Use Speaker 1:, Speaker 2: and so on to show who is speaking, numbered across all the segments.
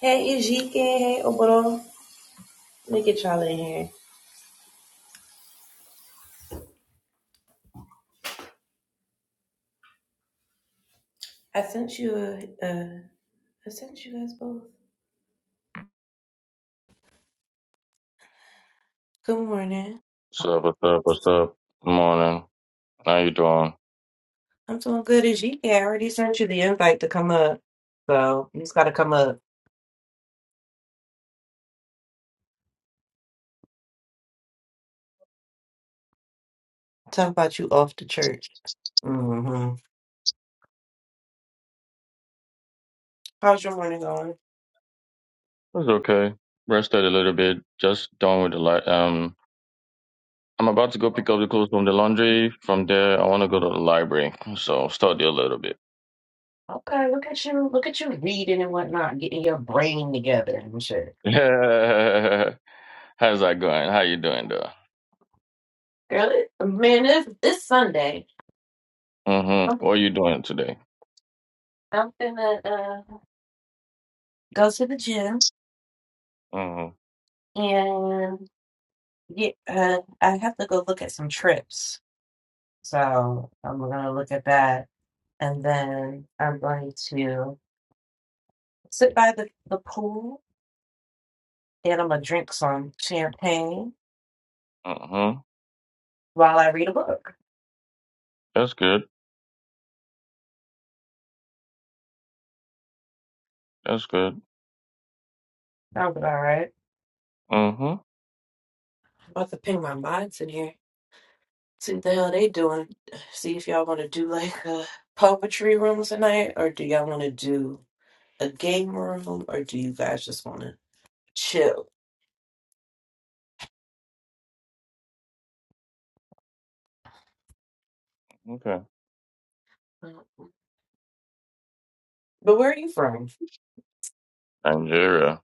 Speaker 1: Hey, Ejike. Hey, Oboro. Look at y'all in here. I sent you a, a, I sent you guys both. Good morning.
Speaker 2: What's up? What's up? What's up? Good morning. How you doing?
Speaker 1: I'm doing good, Ejike. I already sent you the invite to come up. So you just got to come up. Talk about you off to church. Mm-hmm. How's your morning going?
Speaker 2: It's okay. Rested a little bit. Just done with the light. Um, I'm about to go pick up the clothes from the laundry. From there, I want to go to the library. So study a little bit.
Speaker 1: Okay, look at you. Look at you reading and whatnot, getting your brain together and shit.
Speaker 2: How's that going? How you doing, though?
Speaker 1: Girl, it, man, this, this Sunday,
Speaker 2: Mm-hmm.
Speaker 1: I'm,
Speaker 2: What are you doing today?
Speaker 1: I'm gonna uh, go to the gym
Speaker 2: Mm-hmm.
Speaker 1: and Yeah, uh, I have to go look at some trips. So I'm gonna look at that, and then I'm going to sit by the, the pool, and I'm gonna drink some champagne
Speaker 2: Mm-hmm.
Speaker 1: while I read a book.
Speaker 2: That's good. That's good.
Speaker 1: Sounds about right.
Speaker 2: Mm-hmm.
Speaker 1: I'm about to ping my minds in here. See what the hell they doing. See if y'all want to do like a puppetry room tonight, or do y'all want to do a game room, or do you guys just want to chill?
Speaker 2: Okay.
Speaker 1: But where are you from?
Speaker 2: Nigeria.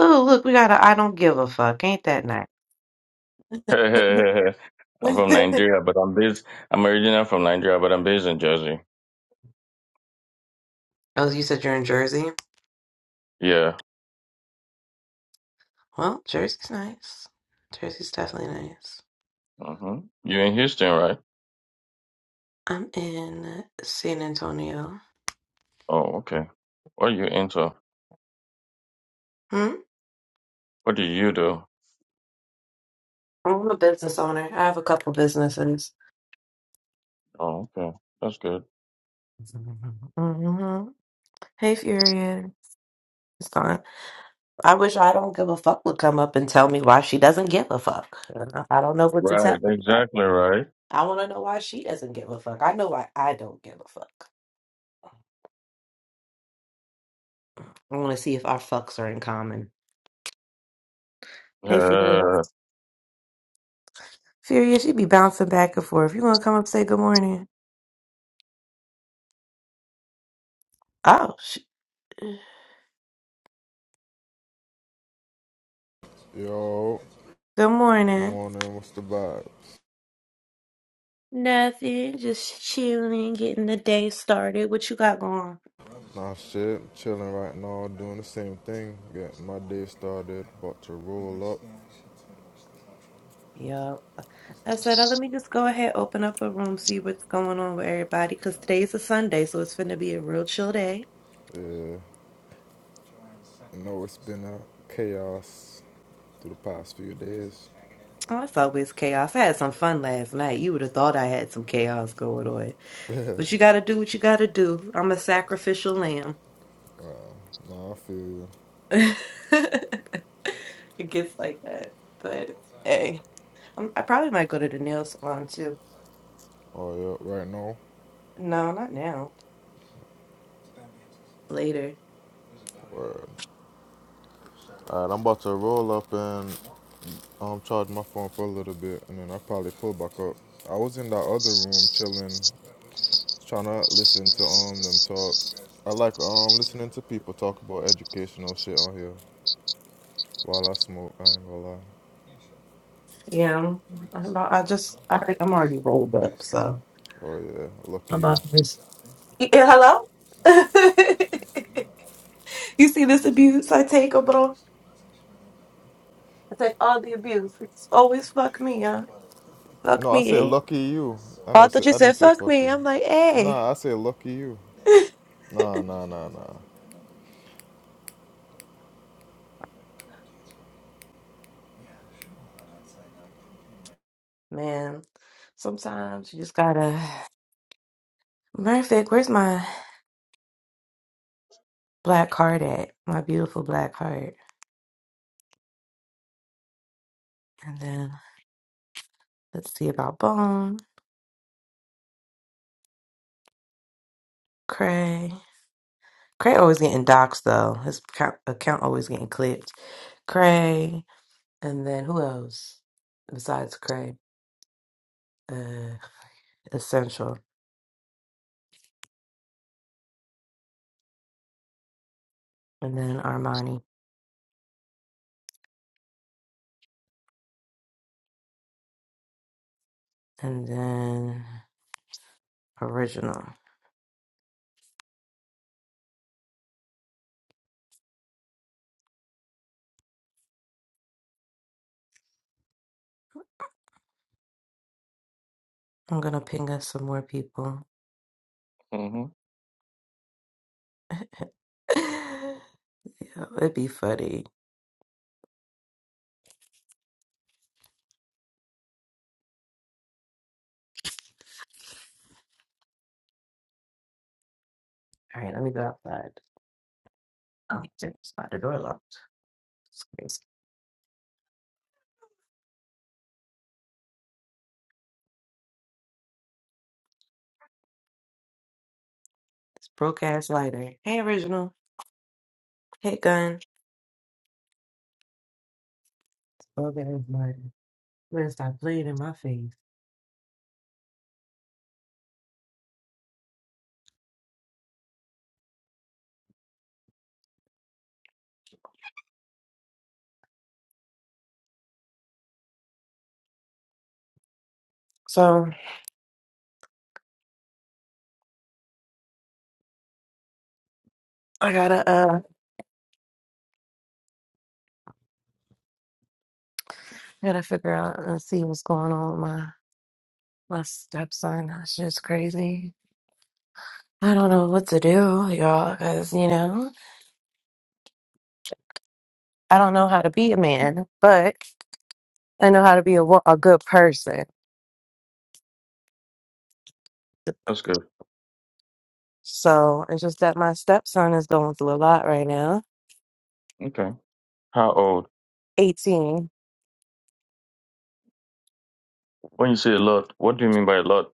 Speaker 1: Oh, look, we got a I don't give a fuck. Ain't that
Speaker 2: I'm from
Speaker 1: oh,
Speaker 2: Nigeria, but I'm based. I'm originally from Nigeria, but I'm based in Jersey.
Speaker 1: you said you're in Jersey?
Speaker 2: Yeah.
Speaker 1: Well, Jersey's nice. Jersey's definitely nice.
Speaker 2: hmm You're in Houston, right?
Speaker 1: I'm in San Antonio.
Speaker 2: Oh, okay. What are you into?
Speaker 1: Hmm?
Speaker 2: What do you do?
Speaker 1: I'm a business owner. I have a couple businesses.
Speaker 2: Oh, okay. That's good.
Speaker 1: hmm Hey, Furion. It's fine. I wish I don't give a fuck would come up and tell me why she doesn't give a fuck. I don't know what to
Speaker 2: Right.
Speaker 1: tell you about.
Speaker 2: Exactly right.
Speaker 1: I want to know why she doesn't give a fuck. I know why I don't give a fuck. I want to see if our fucks are in common. Hey, Furion.
Speaker 2: Yeah.
Speaker 1: Furious, she be bouncing back and forth. You gonna come up and say good morning? Oh, sh-
Speaker 3: Yo,
Speaker 1: good morning.
Speaker 3: morning, what's the vibe?
Speaker 1: Nothing, just chilling, getting the day started. What you got going?
Speaker 3: Nah, shit, chilling right now, doing the same thing. Got my day started, about to roll up.
Speaker 1: Yup. I said, oh, let me just go ahead, open up a room, see what's going on with everybody, because today's a Sunday, so it's finna be a real chill day.
Speaker 3: Yeah, I Know it's been a chaos through the past few days.
Speaker 1: Oh, it's always chaos. I had some fun last night. You would have thought I had some chaos going on. But you gotta do what you gotta do. I'm a sacrificial lamb.
Speaker 3: Well, No, I feel you.
Speaker 1: It gets like that, but it's
Speaker 3: Yeah.
Speaker 1: hey, I'm, I probably might go to the nail salon too.
Speaker 3: Oh, yeah, right now.
Speaker 1: No, not now. Later.
Speaker 3: Word. All right, I'm about to roll up and um, charge my phone for a little bit, and then I'll probably pull back up. I was in that other room chilling Trying to listen to um them talk. I like um listening to people talk about educational shit on here while I smoke. I ain't gonna lie.
Speaker 1: Yeah, I'm, I'm not- I just I think I'm already rolled up, so
Speaker 3: Oh yeah,
Speaker 1: I'm
Speaker 3: lucky you.
Speaker 1: about to just. Yeah, hello. you see this abuse I take, over all I take all the abuse. It's always fuck me, huh? Fuck
Speaker 3: No, I
Speaker 1: me.
Speaker 3: said
Speaker 1: Eh?
Speaker 3: lucky you. I
Speaker 1: Oh, I
Speaker 3: never
Speaker 1: thought
Speaker 3: said
Speaker 1: you
Speaker 3: I
Speaker 1: said
Speaker 3: didn't say
Speaker 1: fuck
Speaker 3: fuck
Speaker 1: me.
Speaker 3: you.
Speaker 1: I'm like, hey,
Speaker 3: Nah, I said lucky you. Nah, nah, nah, nah.
Speaker 1: man. Sometimes you just gotta. Murphy, where's my? black heart, at, my beautiful black heart. And then let's see about Bone, Cray. Cray always getting doxxed though. His account, account always getting clipped. Cray, and then who else besides Cray? Uh, Essential, and then Armani, and then Original. I'm gonna ping us some more people.
Speaker 2: hmm
Speaker 1: yeah, it'd be funny. All right, let me go outside. Oh, shit, it's not the door locked. It's crazy. It's broke ass lighter. Hey, Original. Hey, gun. Okay, everybody. Better stop playing in my face. So I gotta uh gotta figure out and see what's going on with my my stepson. That's just crazy. I don't know what to do, y'all, because you know I don't know how to be a man, but I know how to be a wo- a good person.
Speaker 2: That's good.
Speaker 1: So it's just that my stepson is going through a lot right now.
Speaker 2: Okay. How old?
Speaker 1: Eighteen.
Speaker 2: When you say a lot, what do you mean by a lot?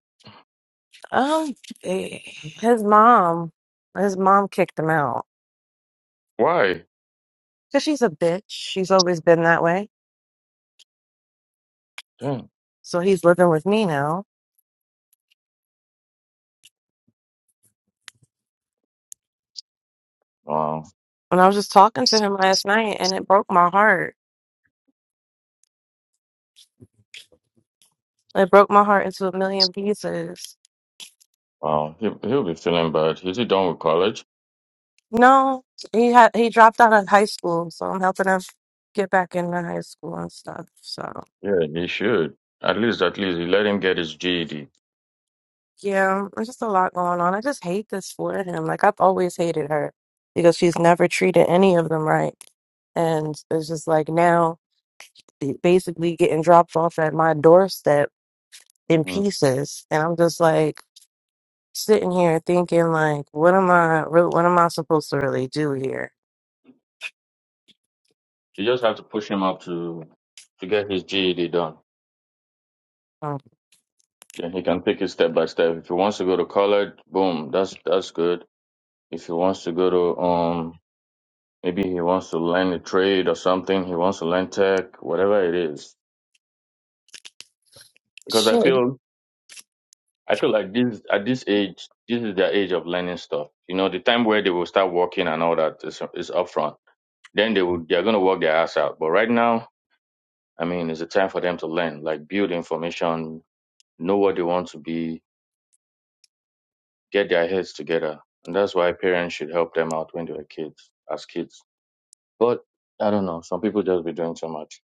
Speaker 1: Um, eh, his mom, his mom kicked him out
Speaker 2: Why?
Speaker 1: because she's a bitch. She's always been that way.
Speaker 2: Damn.
Speaker 1: So he's living with me now.
Speaker 2: Wow.
Speaker 1: When I was just talking to him last night and it broke my heart. It broke my heart into a million pieces.
Speaker 2: Wow. He, he'll be feeling bad. Is he done with college?
Speaker 1: No, he had he dropped out of high school, so I'm helping him get back into high school and stuff. So
Speaker 2: Yeah, he should. At least, at least, you let him get his GED.
Speaker 1: yeah, there's just a lot going on. I just hate this for him. Like I've always hated her because she's never treated any of them right. And it's just like now basically getting dropped off at my doorstep in
Speaker 2: hmm
Speaker 1: pieces. And I'm just like sitting here thinking like, what am I? re- What am I supposed to really do here?
Speaker 2: You just have to push him up to to get his GED done.
Speaker 1: Um,
Speaker 2: Then he can pick it step by step. If he wants to go to college, boom, that's that's good. If he wants to go to um maybe he wants to learn a trade or something, he wants to learn tech, whatever it is. Because I
Speaker 1: shit.
Speaker 2: feel I feel like this at this age, this is their age of learning stuff. You know, the time where they will start working and all that is is upfront. Then they will they're gonna work their ass out. But right now, I mean it's a time for them to learn, like build information, know what they want to be, get their heads together. And that's why parents should help them out when they were kids, as kids. But I don't know. Some people just be doing too much.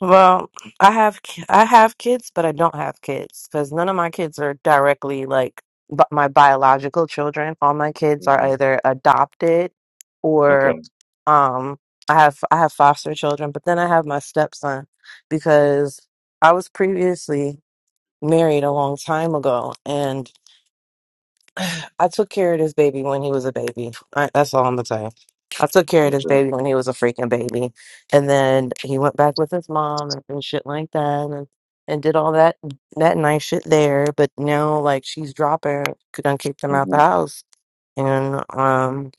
Speaker 1: Well, I have ki- I have kids, but I don't have kids because none of my kids are directly like b- my biological children. All my kids are
Speaker 2: hmm
Speaker 1: either adopted
Speaker 2: Okay.
Speaker 1: or um I have I have foster children, but then I have my stepson because I was previously married a long time ago I took care of this baby when he was a baby. I, that's all I'm gonna say. I took care of this
Speaker 2: Okay.
Speaker 1: baby when he was a freaking baby, and then he went back with his mom and, and shit like that, and and did all that that nice shit there. But now, like, she's dropping, couldn't kick them out the
Speaker 2: hmm
Speaker 1: house, and um,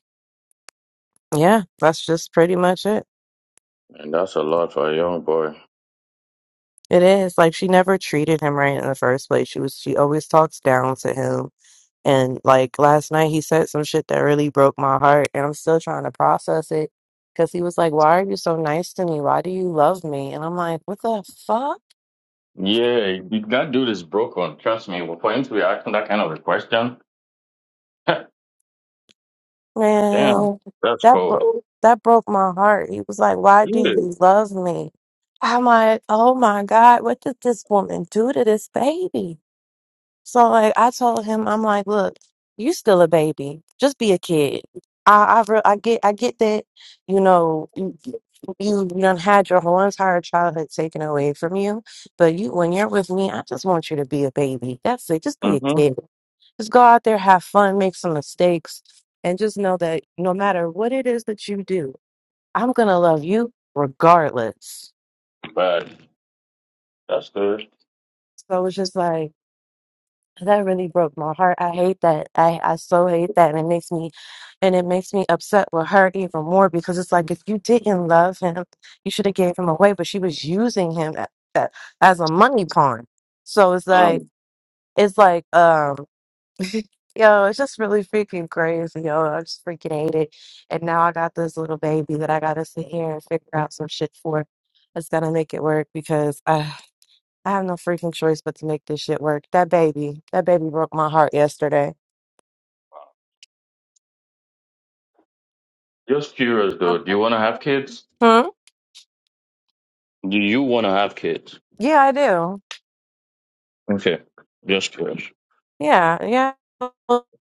Speaker 1: yeah, that's just pretty much it.
Speaker 2: And that's a lot for a young boy.
Speaker 1: It is like she never treated him right in the first place. She was she always talks down to him And like last night, he said some shit that really broke my heart, and I'm still trying to process it. Cause he was like, "Why are you so nice to me? Why do you love me?" And I'm like, "What the fuck,
Speaker 2: Yeah, that dude is broken. Trust me. For him to be asking that kind of a question, damn,
Speaker 1: man?
Speaker 2: that's
Speaker 1: That
Speaker 2: cold.
Speaker 1: broke that broke my heart." He was like, "Why do
Speaker 2: Yeah.
Speaker 1: you love me?" I'm like, "Oh my god, what did this woman do to this baby?" So like I told him, I'm like, look, you still a baby. Just be a kid. I I, re- I get I get that. You know, you you done had your whole entire childhood taken away from you. But you, when you're with me, I just want you to be a baby. That's it. Just be a
Speaker 2: hmm
Speaker 1: kid. Just go out there, have fun, make some mistakes, and just know that no matter what it is that you do, I'm gonna love you regardless.
Speaker 2: But that's good.
Speaker 1: So it's just like. That really broke my heart. I hate that. I, I so hate that. And it makes me and it makes me upset with her even more because it's like if you didn't love him, you should have gave him away, but she was using him a- a- as a money pawn. So it's like
Speaker 2: Um,
Speaker 1: it's like um yo, it's just really freaking crazy, yo. I just freaking hate it. And now I got this little baby that I gotta sit here and figure out some shit for. It's gonna make it work because uh, I have no freaking choice but to make this shit work. That baby, that baby broke my heart yesterday.
Speaker 2: just curious, though. Do you want to have kids?
Speaker 1: Hmm?
Speaker 2: Do you want to have kids?
Speaker 1: Yeah, I do.
Speaker 2: Okay. Just curious.
Speaker 1: Yeah, yeah.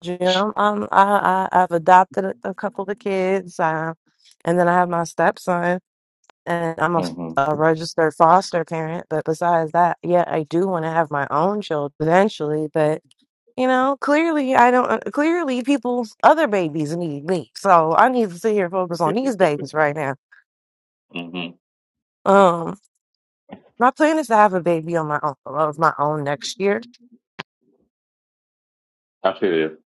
Speaker 1: Jim, um, I, I I've adopted a couple of kids, uh, and then I have my stepson, and I'm a,
Speaker 2: Mm-hmm.
Speaker 1: a registered foster parent. But besides that, yeah, I do want to have my own children eventually. But you know, clearly I don't. uh, Clearly, people's other babies need me, so I need to sit here and focus on these babies right now.
Speaker 2: hmm
Speaker 1: Um, my plan is to have a baby on my own of my own next year
Speaker 2: I feel you.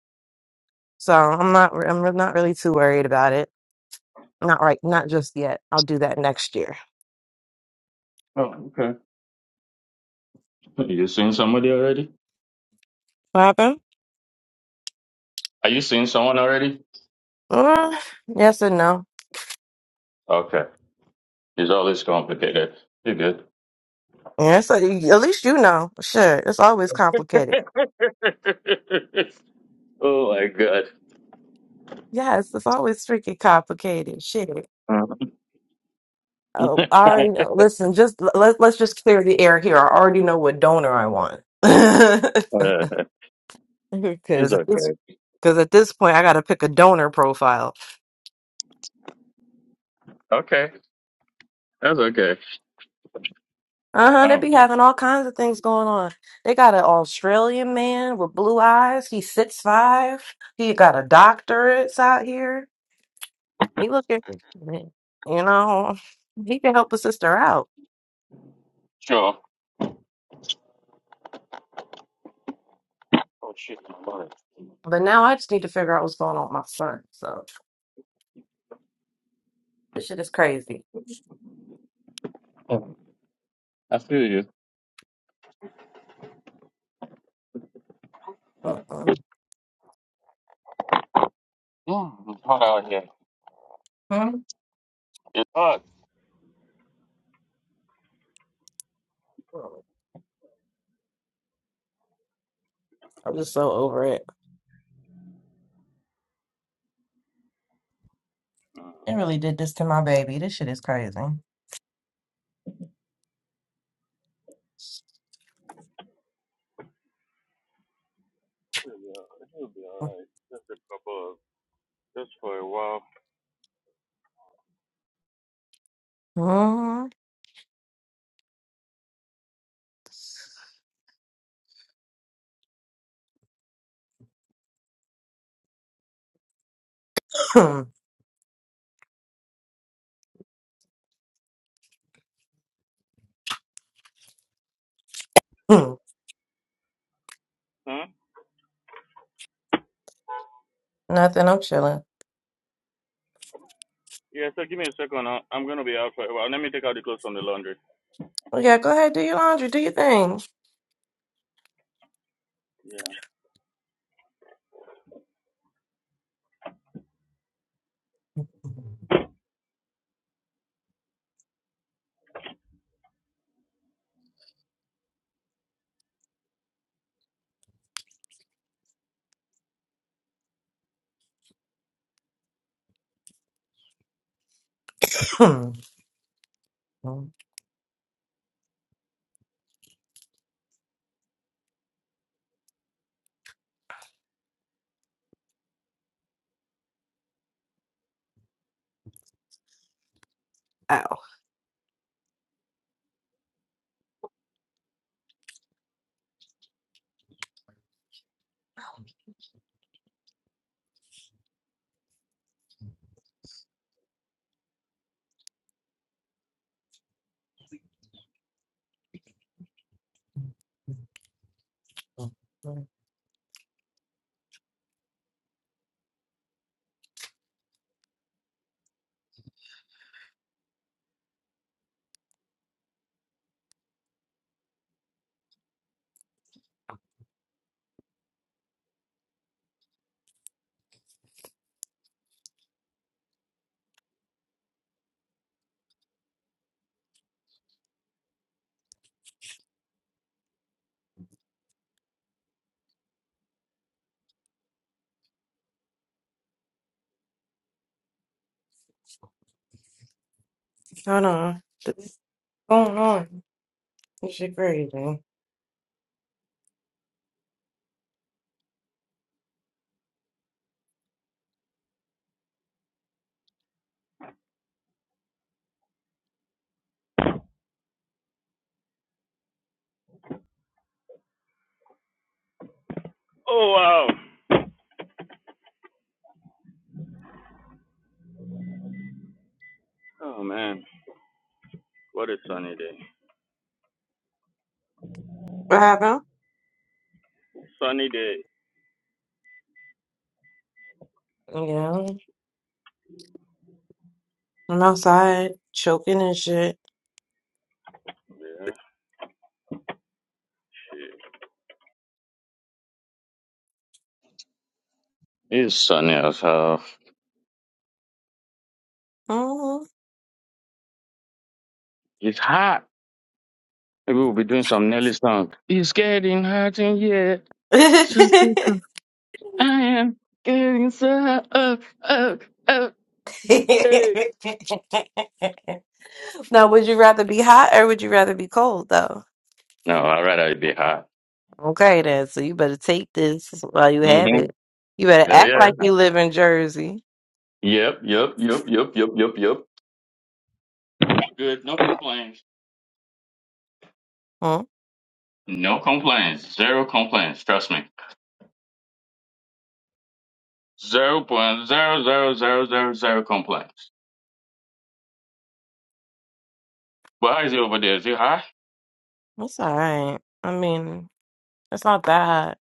Speaker 1: So I'm not I'm re- not really too worried about it. Not right, not just yet. I'll do that next year.
Speaker 2: Oh, okay. You seen somebody already?
Speaker 1: What happened?
Speaker 2: Are you seeing someone already?
Speaker 1: Uh, yes and no.
Speaker 2: Okay. It's all this complicated. You're good.
Speaker 1: Yes, at least you know. Sure, it's always complicated.
Speaker 2: oh my god.
Speaker 1: Yes, it's always freaking complicated. Shit. Oh, I already know. Listen, just l- let's let's just clear the air here. I already know what donor I want.
Speaker 2: Uh, it's
Speaker 1: Because at this
Speaker 2: okay.
Speaker 1: because at this point, I got to pick a donor profile.
Speaker 2: Okay. That's okay.
Speaker 1: Uh-huh, they
Speaker 2: Oh
Speaker 1: be
Speaker 2: my-
Speaker 1: having all kinds of things going on. They got an Australian man with blue eyes. He's six five. He got a doctorate out here. He looking, you know, he can help his sister out.
Speaker 2: sure. Oh shit, my wallet.
Speaker 1: But now I just need to figure out what's going on with my son. So this shit is crazy.
Speaker 2: Oh, I feel you.
Speaker 1: Mm-mm.
Speaker 2: Mm, it's hot out here.
Speaker 1: Hmm?
Speaker 2: It's hot.
Speaker 1: I'm just so over it. It really did this to my baby. This shit is crazy.
Speaker 2: Yeah, it'll be alright. Just a couple of, just for a while.
Speaker 1: Mhm. Nothing. I'm chilling.
Speaker 2: Yeah, so give me a second. I- I'm gonna be out for a while. Let me take out the clothes from the laundry.
Speaker 1: Well, yeah, go ahead. Do your laundry. Do your thing.
Speaker 2: Yeah.
Speaker 1: Oh, hold on. going on. This shit crazy.
Speaker 2: Oh wow. Oh man, what a sunny day.
Speaker 1: What happened?
Speaker 2: Sunny day.
Speaker 1: Yeah, I'm outside choking and shit.
Speaker 2: Yeah. It's sunny as hell.
Speaker 1: Mhm.
Speaker 2: It's hot. Maybe we'll be doing some Nelly song. It's getting hot in here. So because I am getting so hot. Oh, oh, oh, hey.
Speaker 1: now, would you rather be hot or would you rather be cold, though?
Speaker 2: No, I'd rather it be hot.
Speaker 1: Okay, then. So you better take this while you have
Speaker 2: Mm-hmm.
Speaker 1: it. You better
Speaker 2: Yeah,
Speaker 1: act
Speaker 2: yeah.
Speaker 1: like you live in Jersey.
Speaker 2: Yep, yep, yep, yep, yep, yep, yep. Good. No complaints.
Speaker 1: Huh?
Speaker 2: No complaints. Zero complaints. Trust me. Zero point zero zero zero zero zero complaints. But how is it over there? Is it high?
Speaker 1: That's all right. I mean, it's not that hot.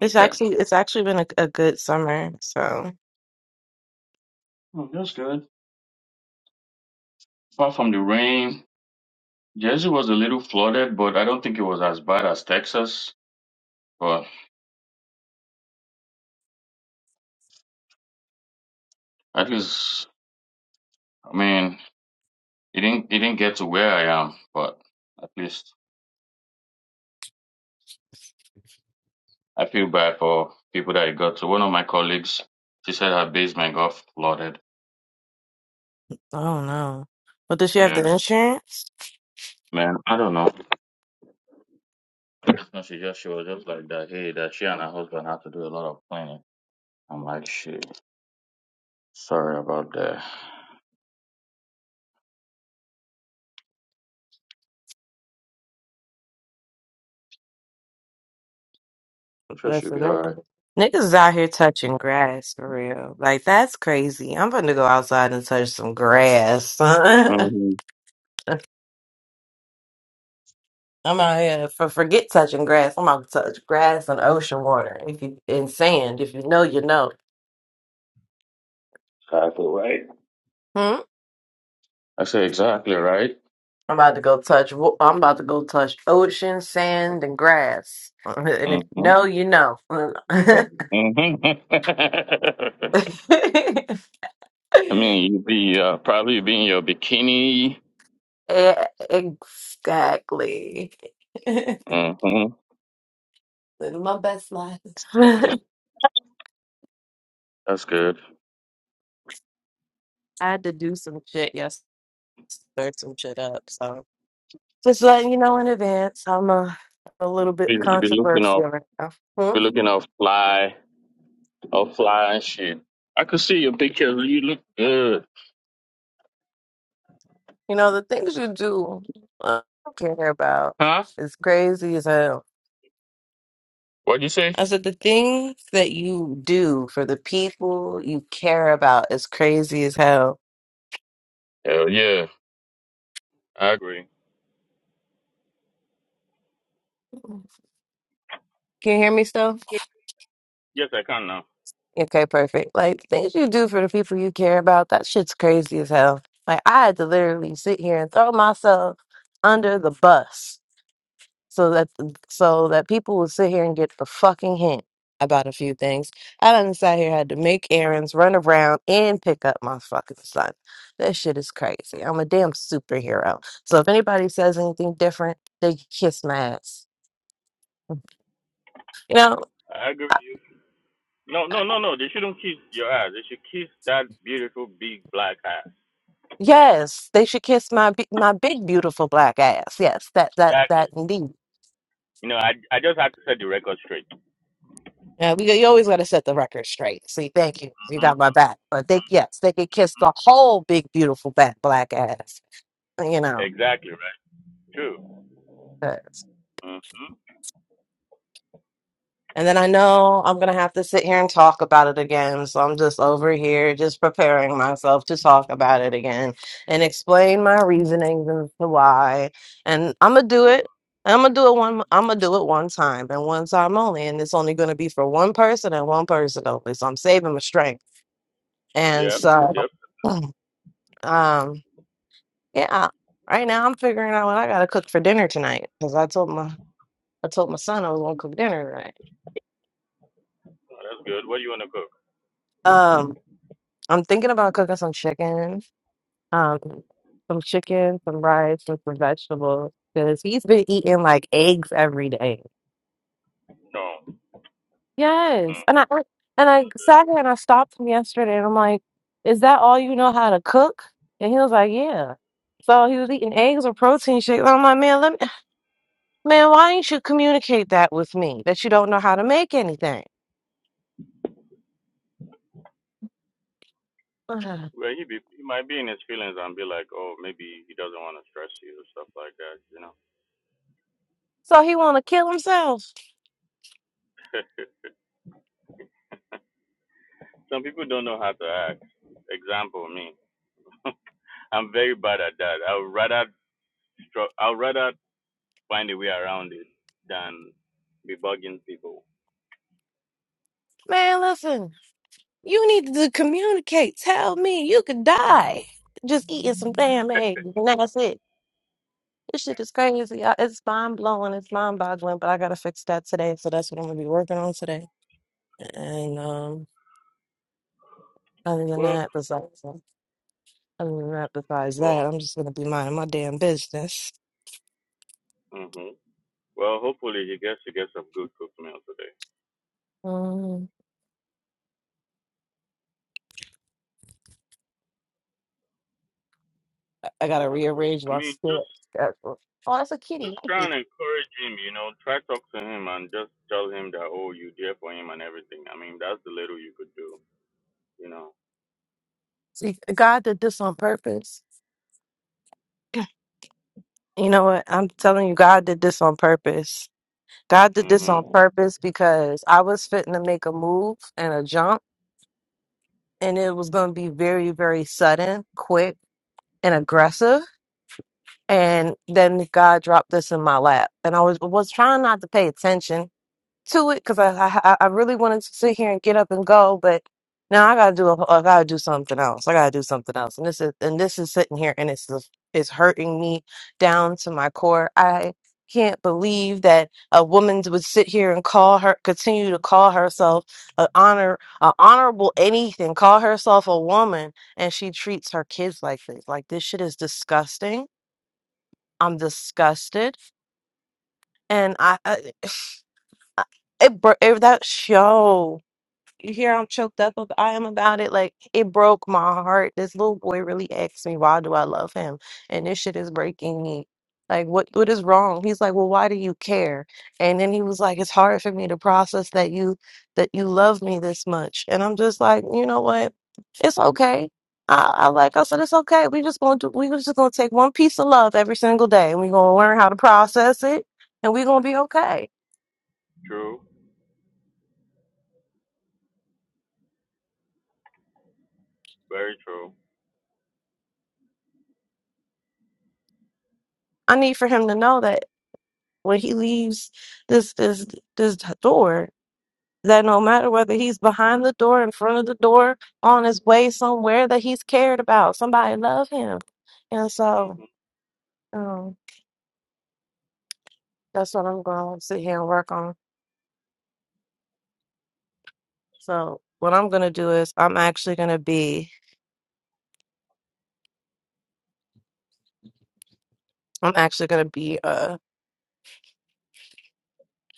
Speaker 1: It's
Speaker 2: Okay.
Speaker 1: actually it's actually been a, a good summer. So.
Speaker 2: Oh, that's good. Apart from the rain, Jersey was a little flooded, but I don't think it was as bad as Texas. But at least, I mean, it didn't it didn't get to where I am. But at least I feel bad for people that it got to. One of my colleagues, she said her basement got flooded.
Speaker 1: Oh no. But does she have
Speaker 2: Yeah,
Speaker 1: the insurance?
Speaker 2: man, I don't know. No, She just she was just like that. Hey, that she and her husband had to do a lot of planning. I'm like, shit. Sorry about that. I'm sure she'll
Speaker 1: Listen,
Speaker 2: be
Speaker 1: that-
Speaker 2: all right.
Speaker 1: niggas is out here touching grass for real. Like that's crazy. I'm gonna go outside and touch some grass. I'm
Speaker 2: Mm-hmm.
Speaker 1: out here for forget touching grass. I'm about to touch grass and ocean water. If you and sand, if you know, you know.
Speaker 2: Exactly right.
Speaker 1: Hmm?
Speaker 2: I say exactly right.
Speaker 1: I'm about to go touch. wa- I'm about to go touch ocean, sand, and grass. And if you
Speaker 2: Mm-hmm.
Speaker 1: know, you know.
Speaker 2: Mm-hmm. I mean, you'd be uh, probably be in your bikini.
Speaker 1: E- Exactly.
Speaker 2: Mm-hmm.
Speaker 1: Living my best life. I
Speaker 2: That's good.
Speaker 1: had to do some shit yesterday, stirred some shit up. So just letting you know in advance, I'm a, a little bit
Speaker 2: You- You'd be looking
Speaker 1: controversial
Speaker 2: all,
Speaker 1: right now.
Speaker 2: you'd
Speaker 1: Hmm?
Speaker 2: be looking all fly, all fly and shit. I could see your picture. You look good.
Speaker 1: You know, the things you do uh, care about
Speaker 2: Huh?
Speaker 1: is crazy as hell.
Speaker 2: What'd you say?
Speaker 1: I said the things that you do for the people you care about is crazy as hell.
Speaker 2: Hell yeah, I agree.
Speaker 1: Can you hear me still?
Speaker 2: Yes, I can now.
Speaker 1: Okay, perfect. Like things you do for the people you care about, that shit's crazy as hell. Like I had to literally sit here and throw myself under the bus so that so that people would sit here and get the fucking hint about a few things. I done sat here had to make errands, run around, and pick up my fucking son. That shit is crazy. I'm a damn superhero. So if anybody says anything different, they can kiss my ass. You know.
Speaker 2: I agree. No, no, no, no. They shouldn't kiss your ass. They should kiss that beautiful big black ass.
Speaker 1: Yes, they should kiss my bi- my big beautiful black ass. Yes, that that that
Speaker 2: Exactly.
Speaker 1: indeed.
Speaker 2: You know, I I just have to set the record straight.
Speaker 1: Yeah, we you always got to set the record straight. See, thank you, you
Speaker 2: hmm
Speaker 1: got my back. But they yes, they could kiss the whole big beautiful fat black ass. You know,
Speaker 2: Exactly right. True. Mm-hmm.
Speaker 1: And then I know I'm going to have to sit here and talk about it again. So I'm just over here, just preparing myself to talk about it again and explain my reasonings and the why. And I'm going to do it. I'm going to do it one I'm going to do it one time and one time only and it's only going to be for one person and one person only. So I'm saving my strength. And
Speaker 2: Yep.
Speaker 1: so
Speaker 2: Yep.
Speaker 1: um yeah, right now I'm figuring out what I got to cook for dinner tonight cuz I told my I told my son I was going to cook dinner tonight.
Speaker 2: Oh, That's good. What do you want to cook?
Speaker 1: Um, I'm thinking about cooking some chicken, um, some chicken, some rice, and some vegetables. Because he's been eating like eggs every day.
Speaker 2: No.
Speaker 1: Yes, and I and I sat here and I stopped him yesterday, and I'm like, "Is that all you know how to cook?" And he was like, "Yeah." So he was eating eggs or protein shakes. I'm like, "Man, let me, man, why didn't you communicate that with me that you don't know how to make anything?"
Speaker 2: Well, he be he might be in his feelings and be like, oh, maybe he doesn't want to stress you or stuff like that. You know,
Speaker 1: So he want to kill himself.
Speaker 2: some people don't know how to act. Example, me. I'm very bad at that. I would rather stru- I would rather find a way around it than be bugging people.
Speaker 1: Man, listen. You need to communicate. Tell me you could die just eating some damn eggs, and that's it. This shit is crazy. I, it's mind blowing. It's mind boggling. But I gotta fix that today, so that's what I'm gonna be working on today. And um, other than
Speaker 2: Well.
Speaker 1: that, besides other than that, besides
Speaker 2: Well,
Speaker 1: that, I'm just gonna be minding my damn business.
Speaker 2: hmm well, hopefully he gets to get some good cooked meal today.
Speaker 1: Um, I I gotta
Speaker 2: Well, that's good.
Speaker 1: rearrange
Speaker 2: I
Speaker 1: my
Speaker 2: mean, just
Speaker 1: schedule. Oh, that's a kitty.
Speaker 2: just try and encourage him. You know, try talk to him and just tell him that oh, you're there for him and everything. I mean, that's the little you could do. You know.
Speaker 1: See, God did this on purpose. You know what? I'm telling you, God did this on purpose. God did this on
Speaker 2: hmm
Speaker 1: purpose because I was fitting to make a move and a jump, and it was going to be very, very sudden, quick, and aggressive. And then God dropped this in my lap, and I was was trying not to pay attention to it because I, I I really wanted to sit here and get up and go, but now I gotta do a, I gotta do something else. I gotta do something else, and this is and this is sitting here and it's just- it's hurting me down to my core. I can't believe that a woman would sit here and call her continue to call herself a honor a honorable anything, call herself a woman, and she treats her kids like this. Like this shit is disgusting. I'm disgusted, and I, I it, bur- it that show. You hear I'm choked up ab- I am about it. Like it broke my heart. This little boy really asked me, why do I love him? And this shit is breaking me. Like what what is wrong? He's like, Well, why do you care? And then he was like, It's hard for me to process that you that you love me this much. And I'm just like, you know what? It's okay. I, I like I said, it's okay. We just gonna do we just gonna take one piece of love every single day and we're gonna learn how to process it and we're gonna be okay.
Speaker 2: True. Very true.
Speaker 1: I need for him to know that. when he leaves this this this door that no matter whether he's behind the door in front of the door on his way somewhere that he's cared about somebody love him and
Speaker 2: hmm
Speaker 1: so um, that's what i'm going to sit here and work on so what i'm going to do is i'm actually going to be i'm actually going to be uh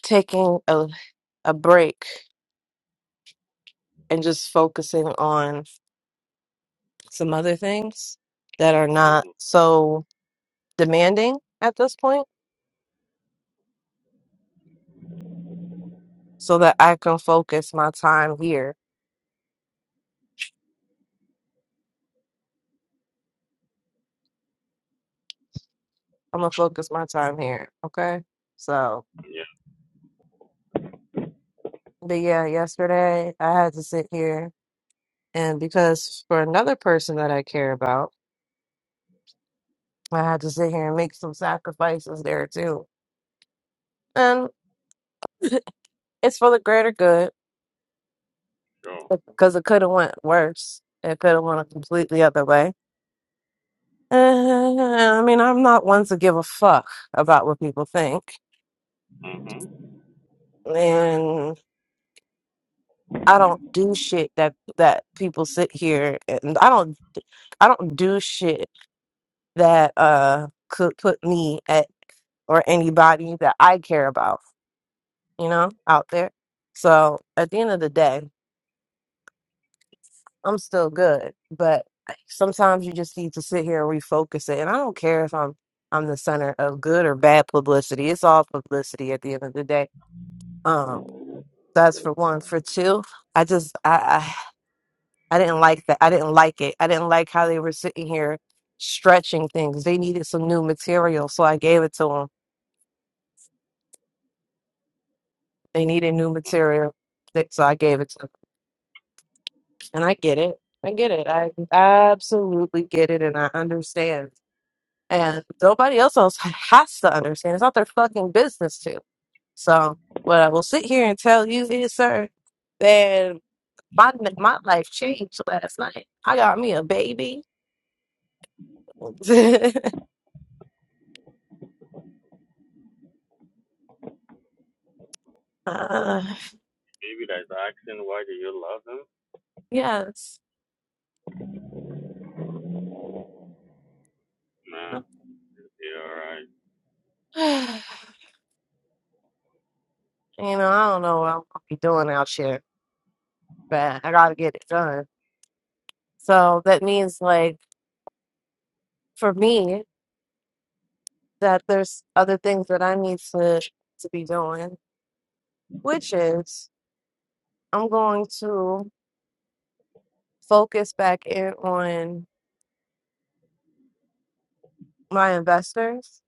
Speaker 1: taking a, a break and just focusing on some other things that are not
Speaker 2: hmm
Speaker 1: so demanding at this point so that I can focus my time here. I'm gonna focus my time here. Okay. So,
Speaker 2: Yeah.
Speaker 1: but yeah, yesterday I had to sit here, and because for another person that I care about, I had to sit here and make some sacrifices there too. And it's for the greater good
Speaker 2: Sure.
Speaker 1: because it could have went worse. It could have went a completely other way. And, I mean, I'm not one to give a fuck about what people think.
Speaker 2: hmm
Speaker 1: and. I don't do shit that that people sit here and I don't I don't do shit that uh could put me at or anybody that I care about, you know, out there. So at the end of the day, I'm still good. But sometimes you just need to sit here and refocus it. And I don't care if I'm I'm the center of good or bad publicity. It's all publicity at the end of the day. Um that's for one. For two, I just I, I didn't like that. I didn't like it. I didn't like how they were sitting here stretching things. They needed some new material, so I gave it to them. They needed new material, th- so I gave it to them. And I get it. I get it. I absolutely get it, and I understand. And nobody else else has to understand. It's not their fucking business to. So, what I will sit here and tell you is, sir, that my my life changed last night. I got me a baby. uh,
Speaker 2: Maybe that's asking why do you love him?
Speaker 1: Yes.
Speaker 2: Nah. Yeah. All right.
Speaker 1: You know, I don't know what I'm gonna be doing out here, but I gotta get it done. So that means, like, for me, that there's other things that I need to to be doing, which is I'm going to focus back in on my investors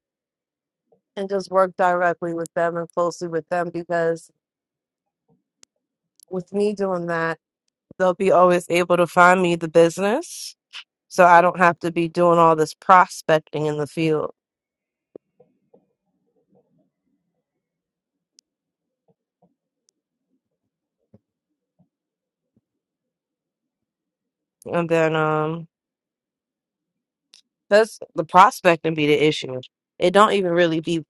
Speaker 1: and just work directly with them and closely with them because with me doing that, they'll be always able to find me the business. So I don't
Speaker 2: Mm-hmm.
Speaker 1: have to be doing all this prospecting in the field. And then um that's the prospecting be the issue. It don't even really be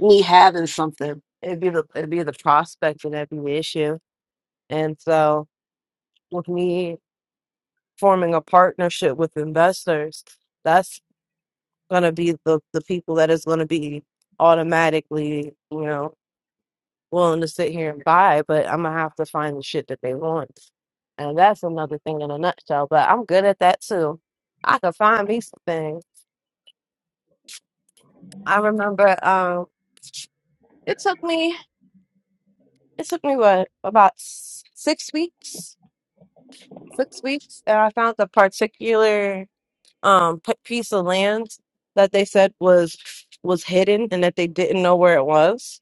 Speaker 1: me having something. It'd be the it'd be the prospecting that be the issue. And so with me forming a partnership with investors, that's gonna be the, the people that is gonna be automatically, you know, willing to sit here and buy, but I'm gonna have to find the shit that they want. And that's another thing in a nutshell. But I'm good at that too. I could find me some things. I remember. um. It took me, it took me what, about s- six weeks? Six weeks. And I found the particular um p- piece of land that they said was was hidden and that they didn't know where it was.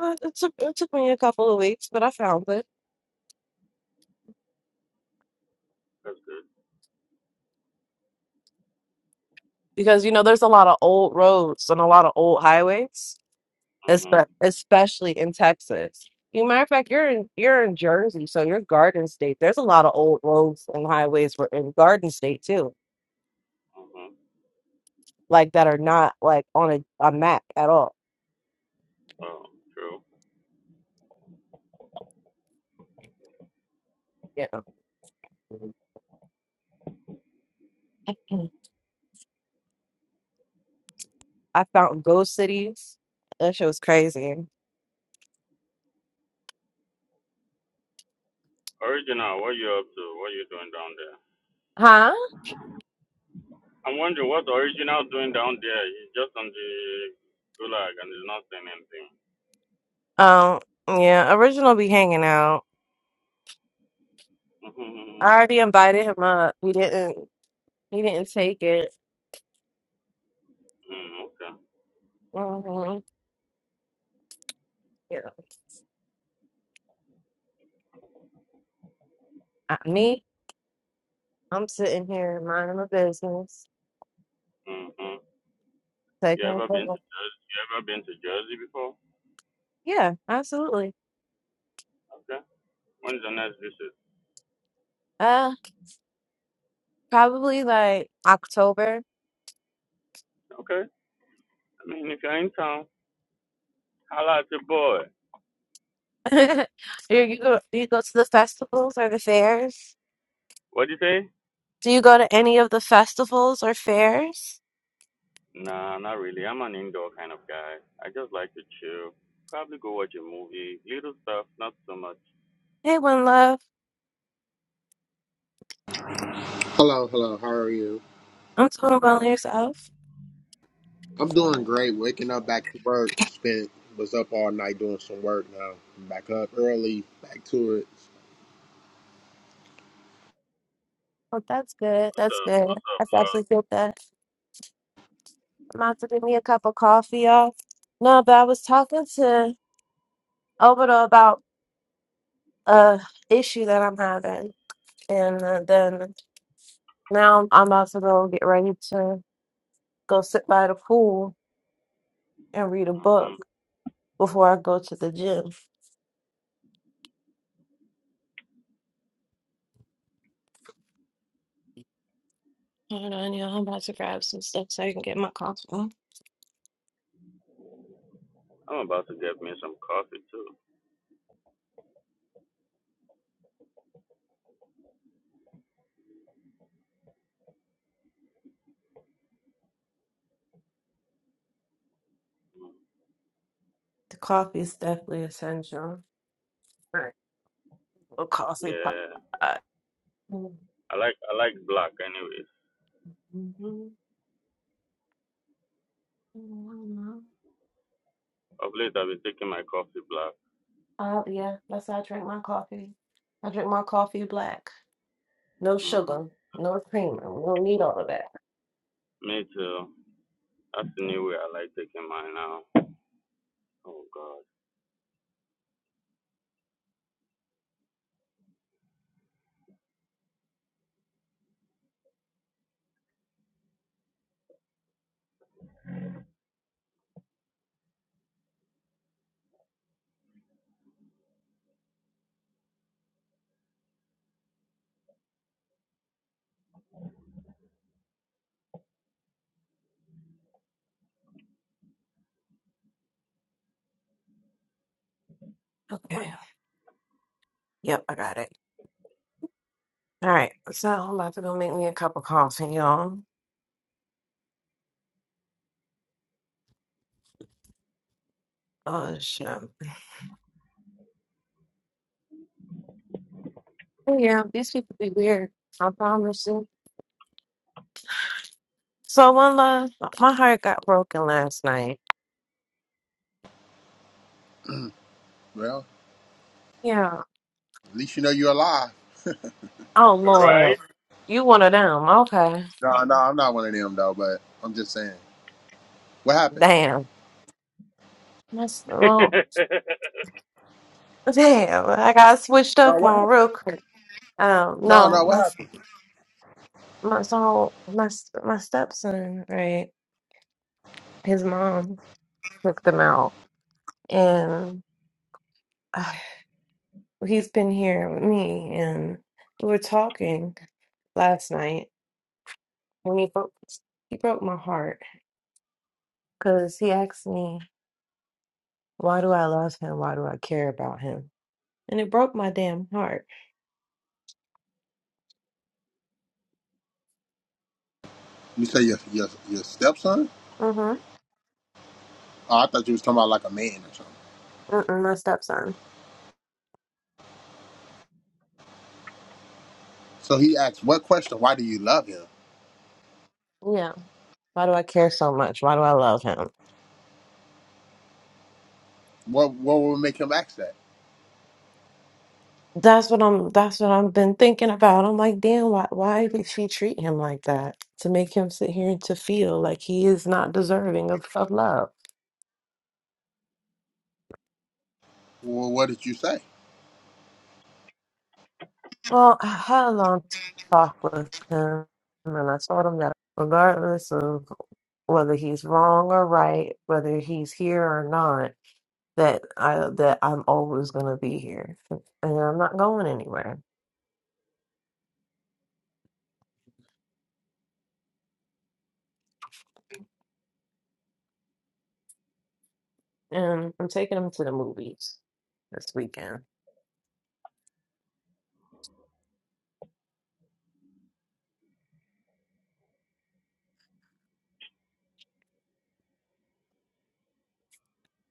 Speaker 1: Uh, It took it took me a couple of weeks, but I found it
Speaker 2: That's good.
Speaker 1: because you know there's a lot of old roads and a lot of old highways, espe-
Speaker 2: hmm
Speaker 1: especially in Texas. You matter of fact, you're in you're in Jersey, so you're Garden State. There's a lot of old roads and highways were in Garden State too.
Speaker 2: hmm
Speaker 1: like that are not like on a, a map at all.
Speaker 2: Oh, true.
Speaker 1: Yeah. I found Ghost Cities. That shit was crazy.
Speaker 2: Original, what you up to? What you doing down there?
Speaker 1: Huh?
Speaker 2: I'm wondering what the original doing down there. He's just on the gulag and he's not saying anything.
Speaker 1: Um, yeah, original be hanging out.
Speaker 2: Mm-hmm.
Speaker 1: I already invited him up. He didn't he didn't take it.
Speaker 2: Mm, okay.
Speaker 1: hmm Yeah. Uh, me, I'm sitting here minding my business.
Speaker 2: Mm-hmm. You
Speaker 1: Taking a
Speaker 2: ever been to
Speaker 1: photo.
Speaker 2: Jersey? You ever been to Jersey before?
Speaker 1: Yeah, absolutely.
Speaker 2: Okay. When's the next visit?
Speaker 1: Uh probably like October.
Speaker 2: Okay. I mean, if you're in town, holla at your boy.
Speaker 1: you, you go you go to the festivals or the fairs.
Speaker 2: What'd you say?
Speaker 1: Do you go to any of the festivals or fairs?
Speaker 2: Nah, not really. I'm an indoor kind of guy. I just like to chill. Probably go watch a movie. Little stuff, not so much.
Speaker 1: Hey, one love.
Speaker 4: Hello, hello. How are you?
Speaker 1: I'm doing well and yourself.
Speaker 4: I'm doing great. Waking up back to work. Spent was up all night doing some work. Now I'm back up early. Back to it.
Speaker 1: Oh, that's good.
Speaker 2: What's
Speaker 1: That's
Speaker 2: up?
Speaker 1: good.
Speaker 2: What's up,
Speaker 1: That's actually
Speaker 2: love?
Speaker 1: good that I'm out to give me a cup of coffee, y'all. No, but I was talking to Obito about a issue that I'm having, and uh, then now I'm about to go get ready to go sit by the pool and read a book
Speaker 2: Mm-hmm.
Speaker 1: before I go to the gym. Hold on, y'all. I'm about to grab some stuff so I can get my coffee.
Speaker 2: I'm about to get me some coffee too.
Speaker 1: The coffee is definitely essential. or coffee pot.
Speaker 2: Yeah. I like I like black anyways. Of late I've been taking my coffee black.
Speaker 1: Uh, yeah, that's how I drink my coffee. I drink my coffee black. No
Speaker 2: hmm
Speaker 1: sugar, no creamer. We don't need all of that.
Speaker 2: Me too. That's the new way I like taking mine now. Oh God.
Speaker 1: Okay. Yep, I got it. All right. So I'm about to go make me a cup of coffee, y'all. Oh, shit. Yeah, these people be weird. I promise you. So, one love, my heart got broken last night.
Speaker 4: Well,
Speaker 1: Yeah.
Speaker 4: at least you know you're alive.
Speaker 1: Oh, Lord.
Speaker 2: Right?
Speaker 1: You one of them. Okay.
Speaker 4: No, no, I'm not one of them though. But I'm just saying. What happened?
Speaker 1: Damn. That's, well,
Speaker 2: you
Speaker 1: Damn, I got switched
Speaker 4: No,
Speaker 1: up
Speaker 4: what
Speaker 1: on
Speaker 4: happened?
Speaker 1: real quick. Um,
Speaker 4: No,
Speaker 1: no,
Speaker 4: no, what
Speaker 1: my s-
Speaker 4: happened?
Speaker 1: my so my s- my stepson, right? His mom took them out, and uh, he's been here with me, and we were talking last night when he broke he broke my heart because he asked me, "Why do I love him? Why do I care about him?" And it broke my damn heart.
Speaker 4: You say your your your stepson?
Speaker 1: Mm-hmm.
Speaker 4: Oh, I thought you was talking about like a man or something.
Speaker 1: Mm-mm, my stepson.
Speaker 4: So he asked, "What question? Why do you love him?
Speaker 1: Yeah. Why do I care so much? Why do I love him?
Speaker 4: What what would make him ask that?
Speaker 1: That's what I'm that's what I've been thinking about. I'm like, damn, why why did she treat him like that? To make him sit here and to feel like he is not deserving of, of love.
Speaker 4: Well, what did you say?
Speaker 1: Well, I had a long talk with him and I told him that regardless of whether he's wrong or right, whether he's here or not, that I that I'm always gonna be here. And I'm not going anywhere. And I'm taking him to the movies this weekend.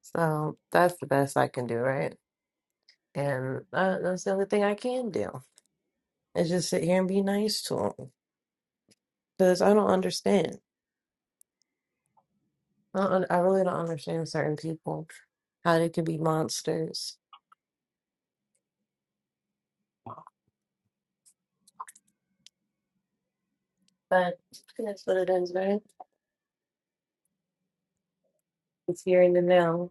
Speaker 1: So that's the best I can do, right? And uh, that's the only thing I can do is just sit here and be nice to them because I don't understand. I, don't, un- I really don't understand certain people, how they can be monsters. But that's what it is, right? It's here in the now.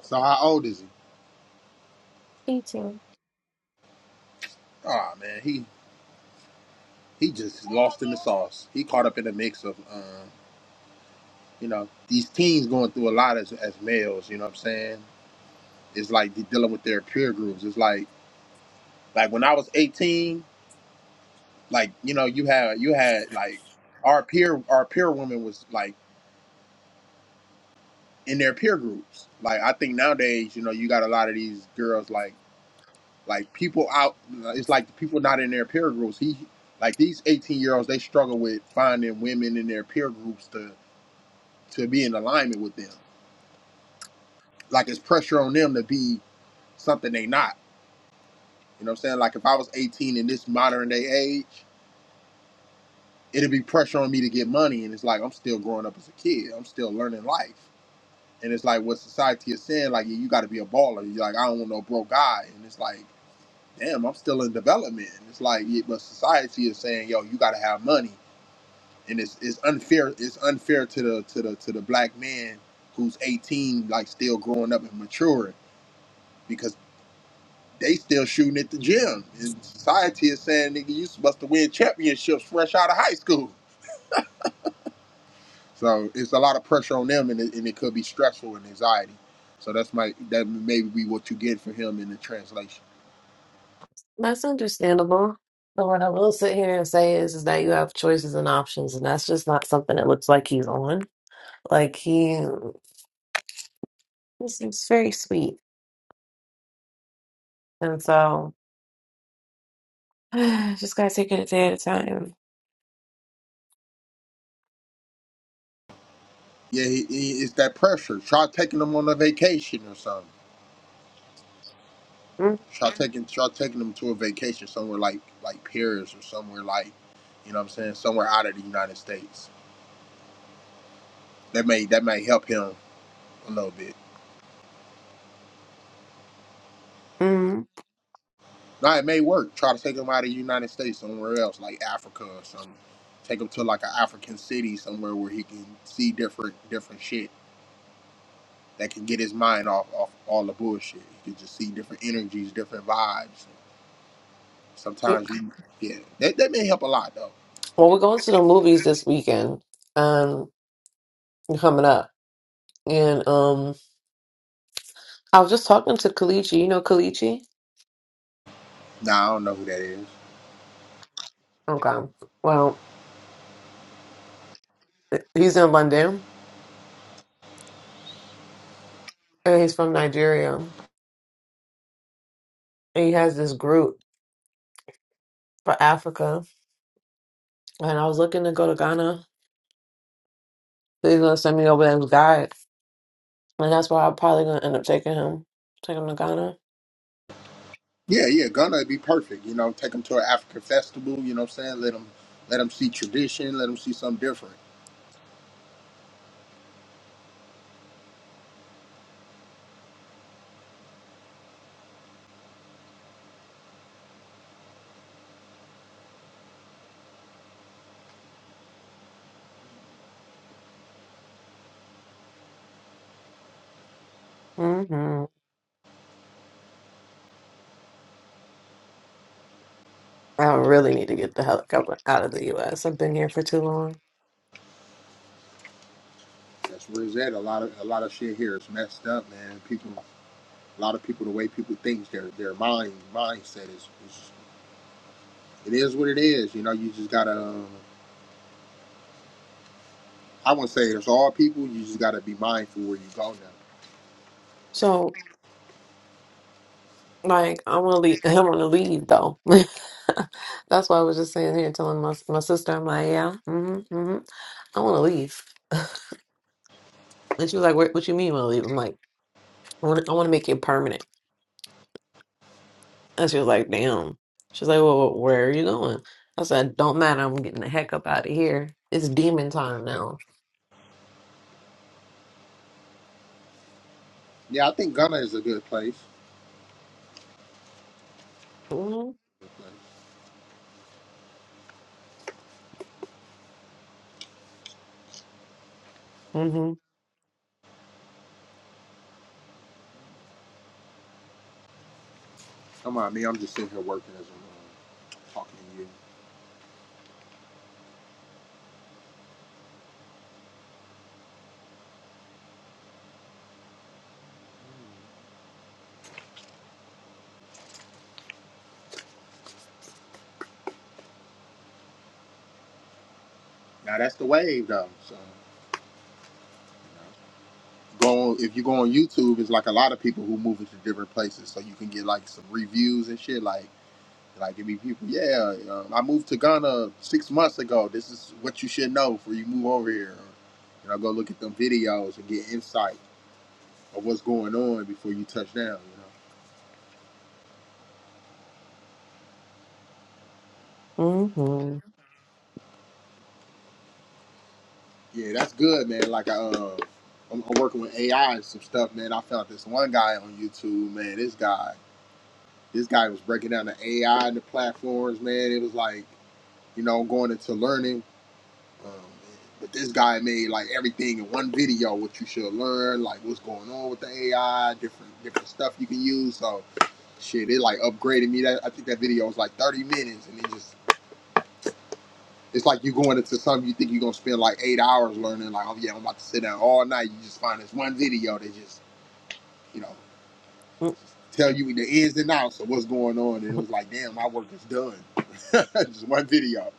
Speaker 4: So how old is he?
Speaker 1: 18.
Speaker 4: Oh man, he he just lost in the sauce. He caught up in the mix of, uh, you know, these teens going through a lot as, as males. You know what I'm saying? It's like de- dealing with their peer groups. It's like like when I was 18, like you know, you had you had like our peer our peer woman was like in their peer groups. Like I think nowadays, you know, you got a lot of these girls like like people out. It's like the people not in their peer groups. He like these 18 year olds, they struggle with finding women in their peer groups to to be in alignment with them. like it's pressure on them to be something they not. You know what I'm saying? Like if I was 18 in this modern day age, it'd be pressure on me to get money, and it's like I'm still growing up as a kid. I'm still learning life, and it's like what society is saying, like yeah, you got to be a baller. You're like I don't want no broke guy, and it's like damn, I'm still in development. And it's like yeah, but society is saying yo, you got to have money, and it's it's unfair. It's unfair to the to the to the black man who's 18, like still growing up and maturing because. They still shooting at the gym, and society is saying, "Nigga, you supposed to win championships fresh out of high school." So it's a lot of pressure on them, and it, and it could be stressful and anxiety. So that's my that maybe be what you get from him in the translation.
Speaker 1: That's understandable. But what I will sit here and say is, is that you have choices and options, and that's just not something that looks like he's on. Like, he, he seems very sweet. And so, just gotta take it a day at a time.
Speaker 4: Yeah, he, he, it's that pressure. Try taking them on a vacation or something.
Speaker 1: mm
Speaker 4: Try taking try taking them to a vacation somewhere like like Paris or somewhere like you know what I'm saying somewhere out of the United States. That may that may help him a little bit.
Speaker 1: mm.
Speaker 4: Now it may work. Try to take them out of the United States somewhere else, like Africa or something. Take him to like an African city somewhere where he can see different different shit that can get his mind off off all the bullshit. He can just see different energies, different vibes. Sometimes you, yeah, that, that may help a lot though.
Speaker 1: Well, we're going to the movies this weekend. Um, coming up, and um, I was just talking to Kalichi. You know Kalichi?
Speaker 4: Nah, I don't know who that is.
Speaker 1: Okay. Well, he's in London and he's from Nigeria. And he has this group for Africa. And I was looking to go to Ghana. He's gonna send me over there as guide, and that's why I'm probably gonna end up taking him, take him to Ghana.
Speaker 4: Yeah, yeah, Ghana would be perfect. You know, take him to an African festival. You know what I'm saying? Let him let him see tradition. Let him see something different.
Speaker 1: hmm I really need to get the hell out of the U.S. I've been here for too long.
Speaker 4: That's where it's at. A lot of a lot of shit here is messed up, man. People. a lot of people the way people think their their mind mindset is, is it is what it is you know you just gotta uh, i wouldn't say it's all people you just gotta be mindful where you go now
Speaker 1: So Like I'm gonna leave. I'm gonna leave though. That's why I was just sitting here telling my my sister. I'm like, yeah, mm-hmm, mm-hmm. I want to leave. And she was like, what, what you mean you want to leave? I'm like, I want to make it permanent. And she was like, damn. She's like, well, where are you going? I said, don't matter. I'm getting the heck up out of here. It's demon time now.
Speaker 4: yeah i think ghana is a good place
Speaker 1: Mm-hmm,
Speaker 4: Good place.
Speaker 1: mm-hmm,
Speaker 4: come on me i'm just sitting here working as i'm uh, talking to you now that's the wave though so you know, go on, if you go on youtube it's like a lot of people who move into different places so you can get like some reviews and shit like Like it be people, yeah. Um, I moved to Ghana six months ago. This is what you should know before you move over here. You know, go look at them videos and get insight of what's going on before you touch down.
Speaker 1: mm-hmm,
Speaker 4: You know, yeah, that's good, man. Like I, uh, I'm, I'm working with AI and some stuff, man. I found this one guy on YouTube, man. This guy, this guy was breaking down the AI and the platforms, man. It was like, you know, going into learning Um, but this guy made like everything in one video, what you should learn, like what's going on with the AI, different different stuff you can use. So shit, it like upgraded me. That I think that video was like 30 minutes, and it just it's like you going into something you think you're gonna spend like eight hours learning. Like oh yeah, I'm about to sit down all night. You just find this one video that just you know tell you the ins and outs of what's going on, and it
Speaker 1: mm-hmm.
Speaker 4: was like damn, my work is done. just one video,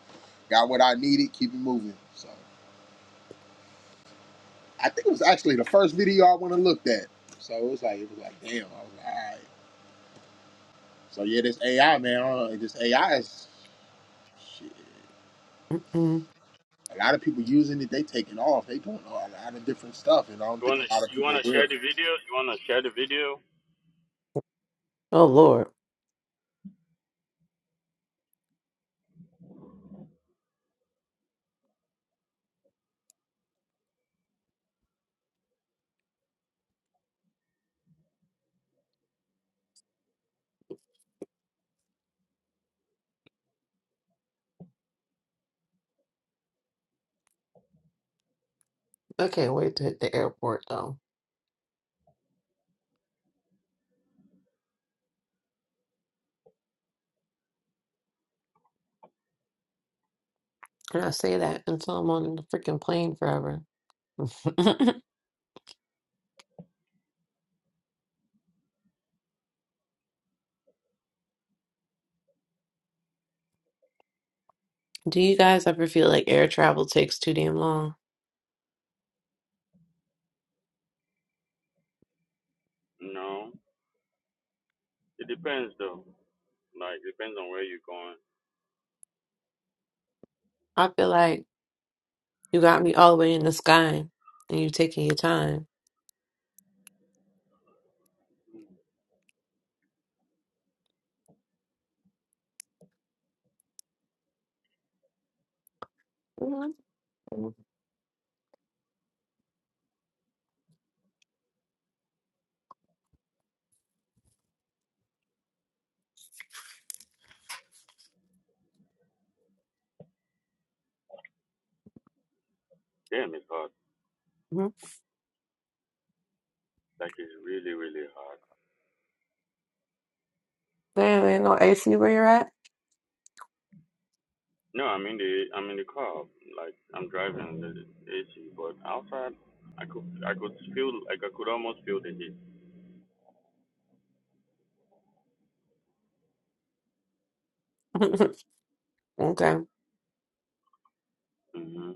Speaker 4: got what I needed, keep it moving. So. I think it was actually the first video I went and looked at. So it was like it was like damn. I was like, all right. So yeah, this AI man, I don't know, this AI is shit.
Speaker 1: mm-hmm.
Speaker 4: A lot of people using it. They taking off. They doing a lot of different stuff, and I don't think
Speaker 2: wanna
Speaker 4: a lot of
Speaker 2: you
Speaker 4: people are
Speaker 2: wanna share
Speaker 4: aware.
Speaker 2: the video? You wanna share the video?
Speaker 1: Oh Lord, I can't wait to hit the airport though. And I say that until I'm on the freaking plane forever. Do you guys ever feel like air travel takes too damn long?
Speaker 2: No. It depends though. Like depends on where you're going.
Speaker 1: I feel like you got me all the way in the sky and you taking your time. Mhm.
Speaker 2: Damn, it's hot.
Speaker 1: Mhm.
Speaker 2: Like it's really really hot.
Speaker 1: Damn, ain't no AC where you're at?
Speaker 2: No, I'm in the I'm in the car. Like I'm driving the AC, but outside I could I could feel like I could almost feel the heat.
Speaker 1: Okay.
Speaker 2: hmm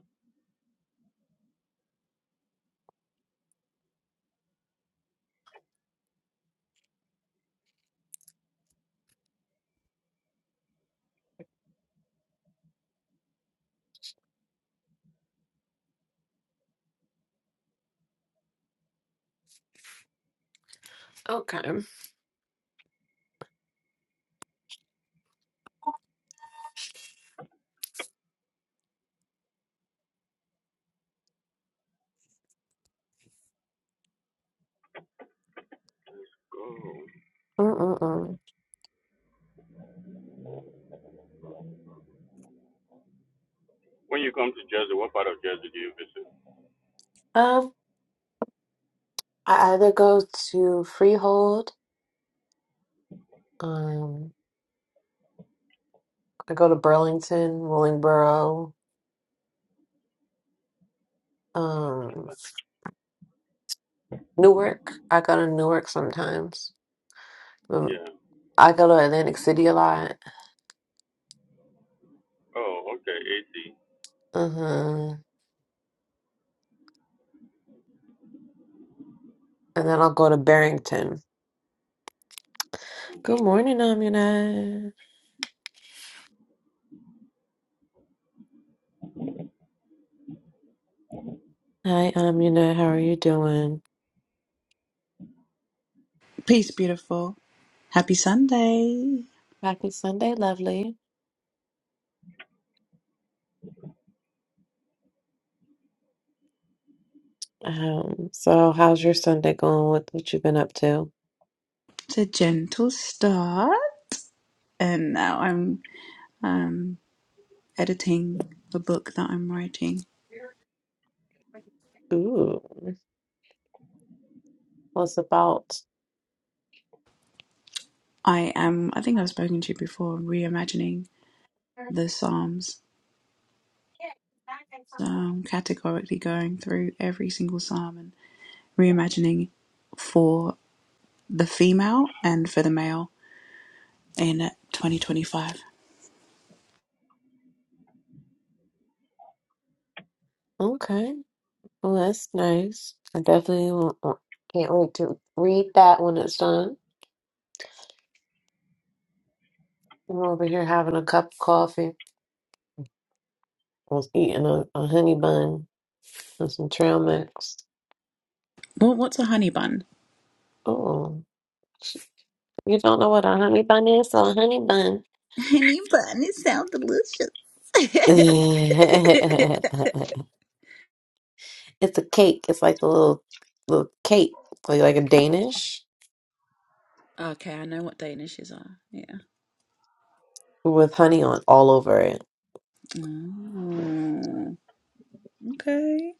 Speaker 1: Okay.
Speaker 2: Go.
Speaker 1: Mm-mm-mm.
Speaker 2: When you come to Jersey, what part of Jersey do you visit?
Speaker 1: Um, I either go to Freehold, um, I go to Burlington, Willingboro, um, Newark. I go to Newark sometimes. Um,
Speaker 2: Yeah.
Speaker 1: I go to Atlantic City a lot.
Speaker 2: Oh, okay,
Speaker 1: Uh-huh. And then I'll go to Barrington. Good morning, Amina. Hi, Amina. How are you doing?
Speaker 5: Peace, beautiful. Happy Sunday.
Speaker 1: Happy Sunday, lovely. Um, so how's your Sunday going? What what you been up to?
Speaker 5: It's a gentle start, and now I'm um, editing the book that I'm writing.
Speaker 1: Ooh, what's about?
Speaker 5: I am. I think I've spoken to you before. Reimagining the Psalms. So I'm categorically going through every single psalm and reimagining for the female and for the male in 2025.
Speaker 1: Okay. Well, that's nice. I definitely won't, won't- can't wait to read that when it's done. I'm over here having a cup of coffee. I was eating a, a honey bun and some trail mix.
Speaker 5: What, what's a honey bun?
Speaker 1: Oh, you don't know what a honey bun is? So a honey bun.
Speaker 5: Honey bun. It sounds delicious.
Speaker 1: It's a cake. It's like a little little cake, like like a Danish
Speaker 5: Okay, I know what Danishes are.
Speaker 1: with honey on all over it.
Speaker 5: Mm, okay.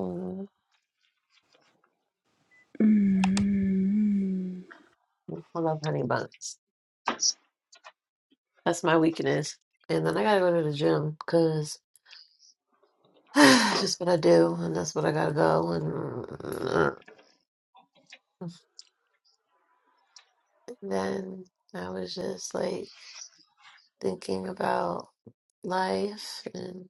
Speaker 1: Mm,
Speaker 5: Mm.
Speaker 1: I love honey buns. That's my weakness. And then I gotta go to the gym because. it's just what I do, and that's what I gotta go. And then I was just like thinking about life, and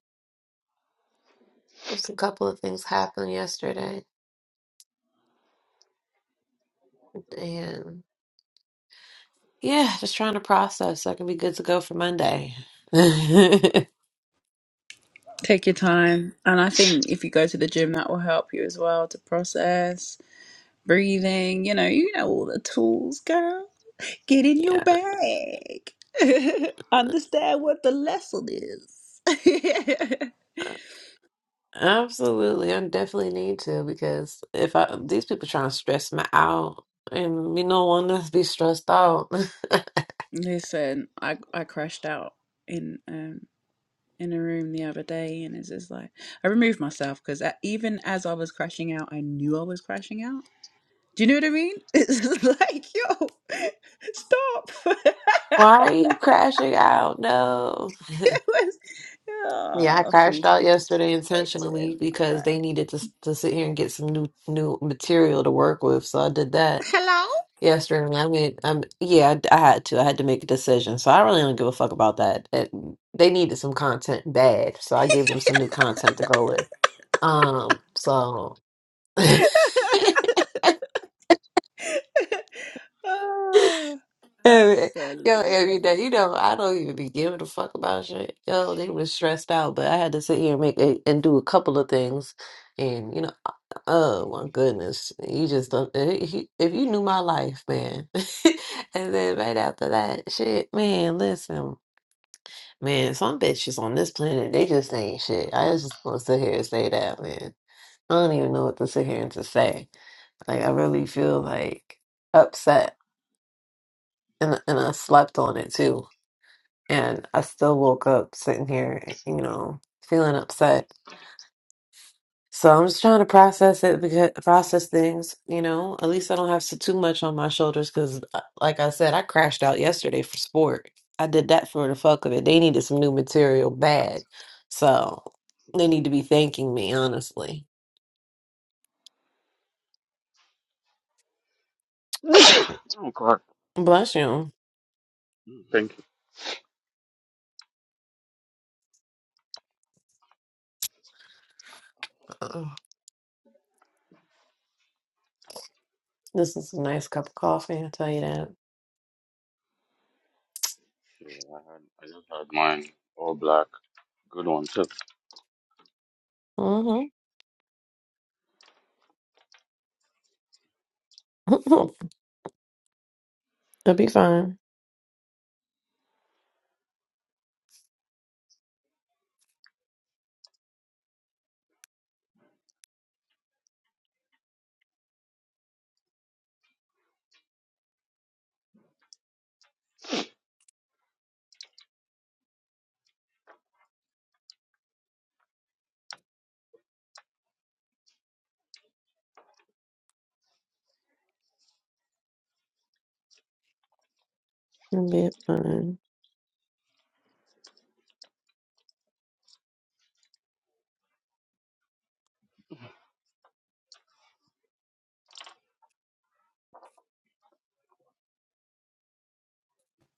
Speaker 1: just a couple of things happened yesterday, and yeah, just trying to process so I can be good to go for Monday. yeah,
Speaker 5: Take your time. And I think if you go to the gym, that will help you as well to process breathing. You know, you know all the tools, girl. Get in your bag. Understand what the lesson is.
Speaker 1: absolutely. I definitely need to because if I these people trying to stress me out. And we don't want us to be stressed out.
Speaker 5: Listen, I I crashed out in um in a room the other day, and it's just like I removed myself because even as I was crashing out, I knew I was crashing out Do you know what I mean? It's like, yo, stop.
Speaker 1: Why are you crashing out? No.
Speaker 5: it was,
Speaker 1: Yeah, I
Speaker 5: oh,
Speaker 1: crashed
Speaker 5: fools
Speaker 1: out
Speaker 5: be
Speaker 1: yesterday intentionally because
Speaker 5: disrespecting.
Speaker 1: they needed to to sit here and get some new new material to work with. So I did that
Speaker 5: Hello?
Speaker 1: yesterday. And I mean, I'm yeah, I, I had to. I had to make a decision. So I really don't give a fuck about that. It, they needed some content bad, so I gave them some new content to go with. Um, so
Speaker 5: oh,
Speaker 1: Yo, every
Speaker 5: absolutely.
Speaker 1: day, you know, I don't even be giving a fuck about shit. Yo, they was stressed out, but I had to sit here and make a, and do a couple of things, and you know, oh my goodness, you just don't. eh, he- If you knew my life, man, and then right after that, shit, man, listen, man, some bitches on this planet, they just ain't shit. I just want to sit here and say that, man. I don't even know what to sit here and to say. Like, I really feel like upset, and and I slept on it too. and I still woke up sitting here, you know, feeling upset. So I'm just trying to process it because process things, you know. At least I don't have s- too much on my shoulders because, like I said, I crashed out yesterday for sport. I did that for the fuck of it. They needed some new material bad, so they need to be thanking me honestly.
Speaker 2: AC. Oh, Okay.
Speaker 1: Bless you.
Speaker 2: Thank you.
Speaker 1: Ugh. This is a nice cup of coffee. I'll tell you that.
Speaker 2: Yeah, I, had, I just had mine all black. Good one too.
Speaker 1: Mm-hmm. It'll be fine. It'll be fine.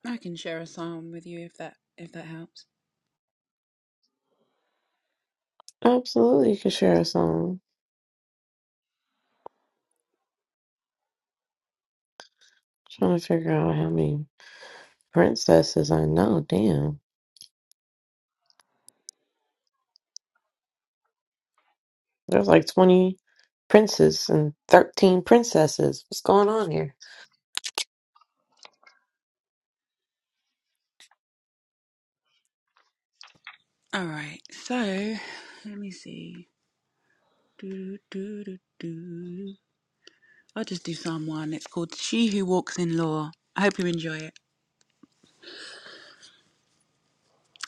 Speaker 5: I can share a song with you if that if that helps.
Speaker 1: Absolutely, you can share a song. Trying to figure out how many princesses I know. Damn. There's like 20 princes and 13 princesses. What's going on here?
Speaker 5: All right, so let me see. Do, do, do, do. I'll just do Psalm one. It's called "She Who Walks in Law." I hope you enjoy it.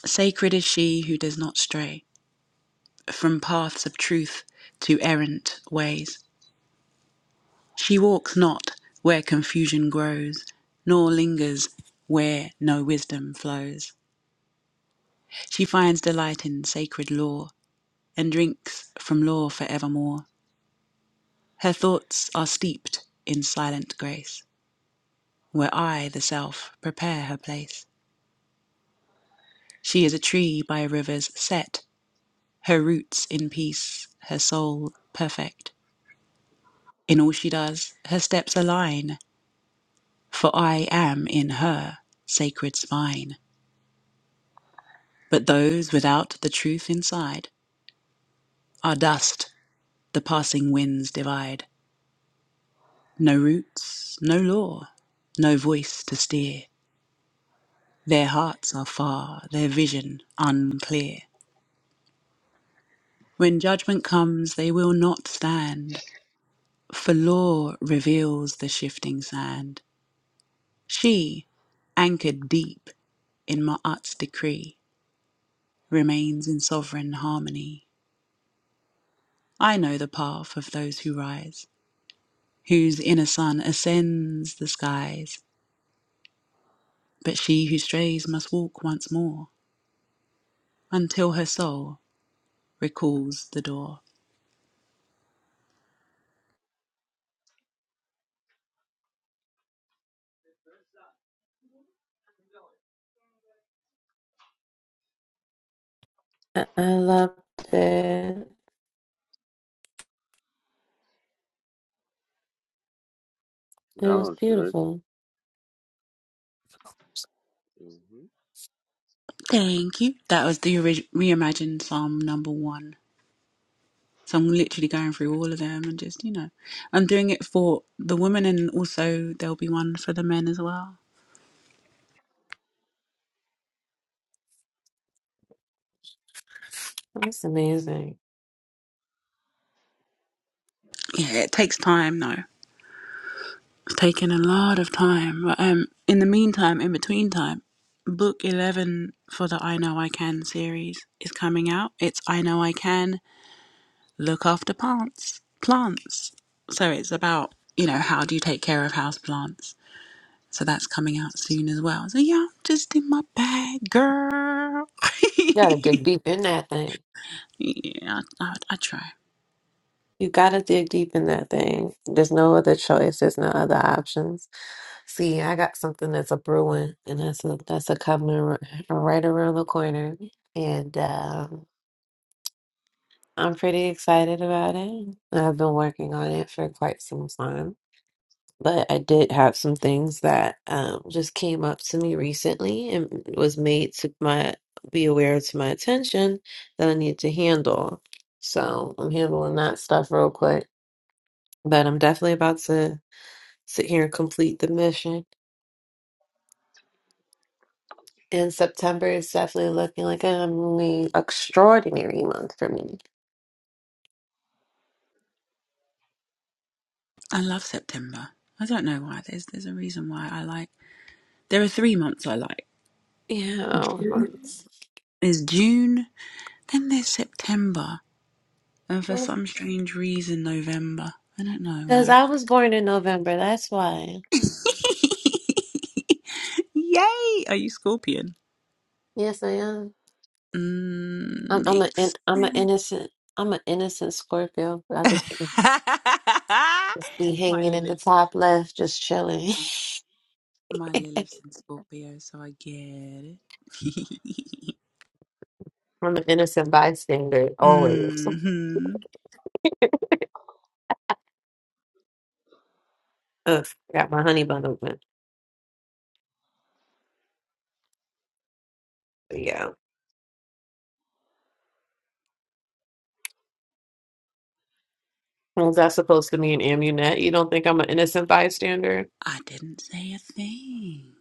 Speaker 5: Sacred is she who does not stray. from paths of truth to errant ways. She walks not where confusion grows, nor lingers where no wisdom flows. She finds delight in sacred lore and drinks from law for evermore. Her thoughts are steeped in silent grace, where I, the self, prepare her place. She is a tree by rivers set, her roots in peace, her soul perfect. In all she does, her steps align. For I am in her, sacred spine. But those without the truth inside are dust the passing winds divide. No roots, no law, no voice to steer. Their hearts are far, their vision unclear. When judgment comes, they will not stand, for law reveals the shifting sand. She, anchored deep in Ma'at's decree, remains in sovereign harmony. I know the path of those who rise, whose inner sun ascends the skies. But she who strays must walk once more until her soul recalls the door.
Speaker 1: I, I loved it. It
Speaker 2: That
Speaker 1: was
Speaker 2: was good.
Speaker 1: beautiful.
Speaker 5: Thank you. That was the ori- reimagined Psalm number one. So I'm literally going through all of them and just, you know, I'm doing it for the women and also there'll be one for the men as well.
Speaker 1: That's amazing.
Speaker 5: Yeah, it takes time though. It's taken a lot of time. But um, in the meantime, in between time, book 11 for the I Know I Can series is coming out. It's I Know I Can Look After Plants. Plants. So it's about, you know, how do you take care of house plants? So that's coming out soon as well. So yeah, I'm just in my bag, girl.
Speaker 1: You gotta dig deep in that thing.
Speaker 5: yeah, I, I, I try.
Speaker 1: You gotta dig deep in that thing. There's no other choice. There's no other options. See, I got something that's a brewing, and that's a that's a coming r- right around the corner. And um I'm pretty excited about it. I've been working on it for quite some time, but I did have some things that um, just came up to me recently and was made to my be aware to my attention that I need to handle. So I'm handling that stuff real quick, but I'm definitely about to sit here and complete the mission. And September is definitely looking like an extraordinary month for me.
Speaker 5: I love September. I don't know why. There's there's a reason why I like. There are three months I like.
Speaker 1: Yeah,
Speaker 5: June
Speaker 1: months.
Speaker 5: is June. Then there's September, and for some strange reason, November. I don't know
Speaker 1: Because
Speaker 5: why.
Speaker 1: I was born in November, that's why.
Speaker 5: Yay! Are you Scorpion?
Speaker 1: Yes, I am.
Speaker 5: Mm,
Speaker 1: I'm, I'm a, in-
Speaker 5: makes
Speaker 1: I'm an
Speaker 5: sense.
Speaker 1: innocent, I'm an innocent Scorpio. I just be
Speaker 5: my
Speaker 1: hanging in the
Speaker 5: Lilith's
Speaker 1: top left, just chilling.
Speaker 5: my Lilith's in Scorpio, so I get it.
Speaker 1: I'm an innocent bystander,
Speaker 5: hmm
Speaker 1: always. Ugh, got my honey bun open. But yeah. Was that supposed to mean Amunet? You don't think I'm an innocent bystander?
Speaker 5: I didn't say a thing.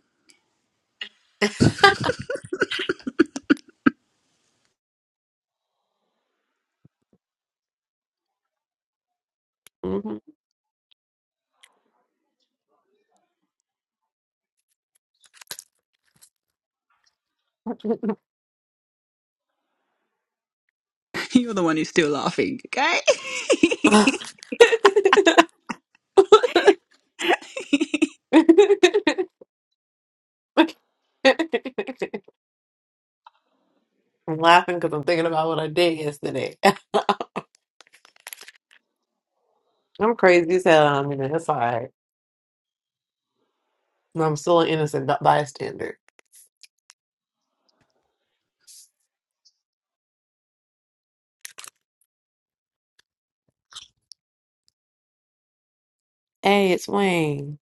Speaker 1: hmm
Speaker 5: You're the one who's still laughing, okay?
Speaker 1: I'm laughing because I'm thinking about what I did yesterday. I'm crazy as hell. I'm in It's all right. I'm still an innocent b- bystander. Hey, it's Wayne.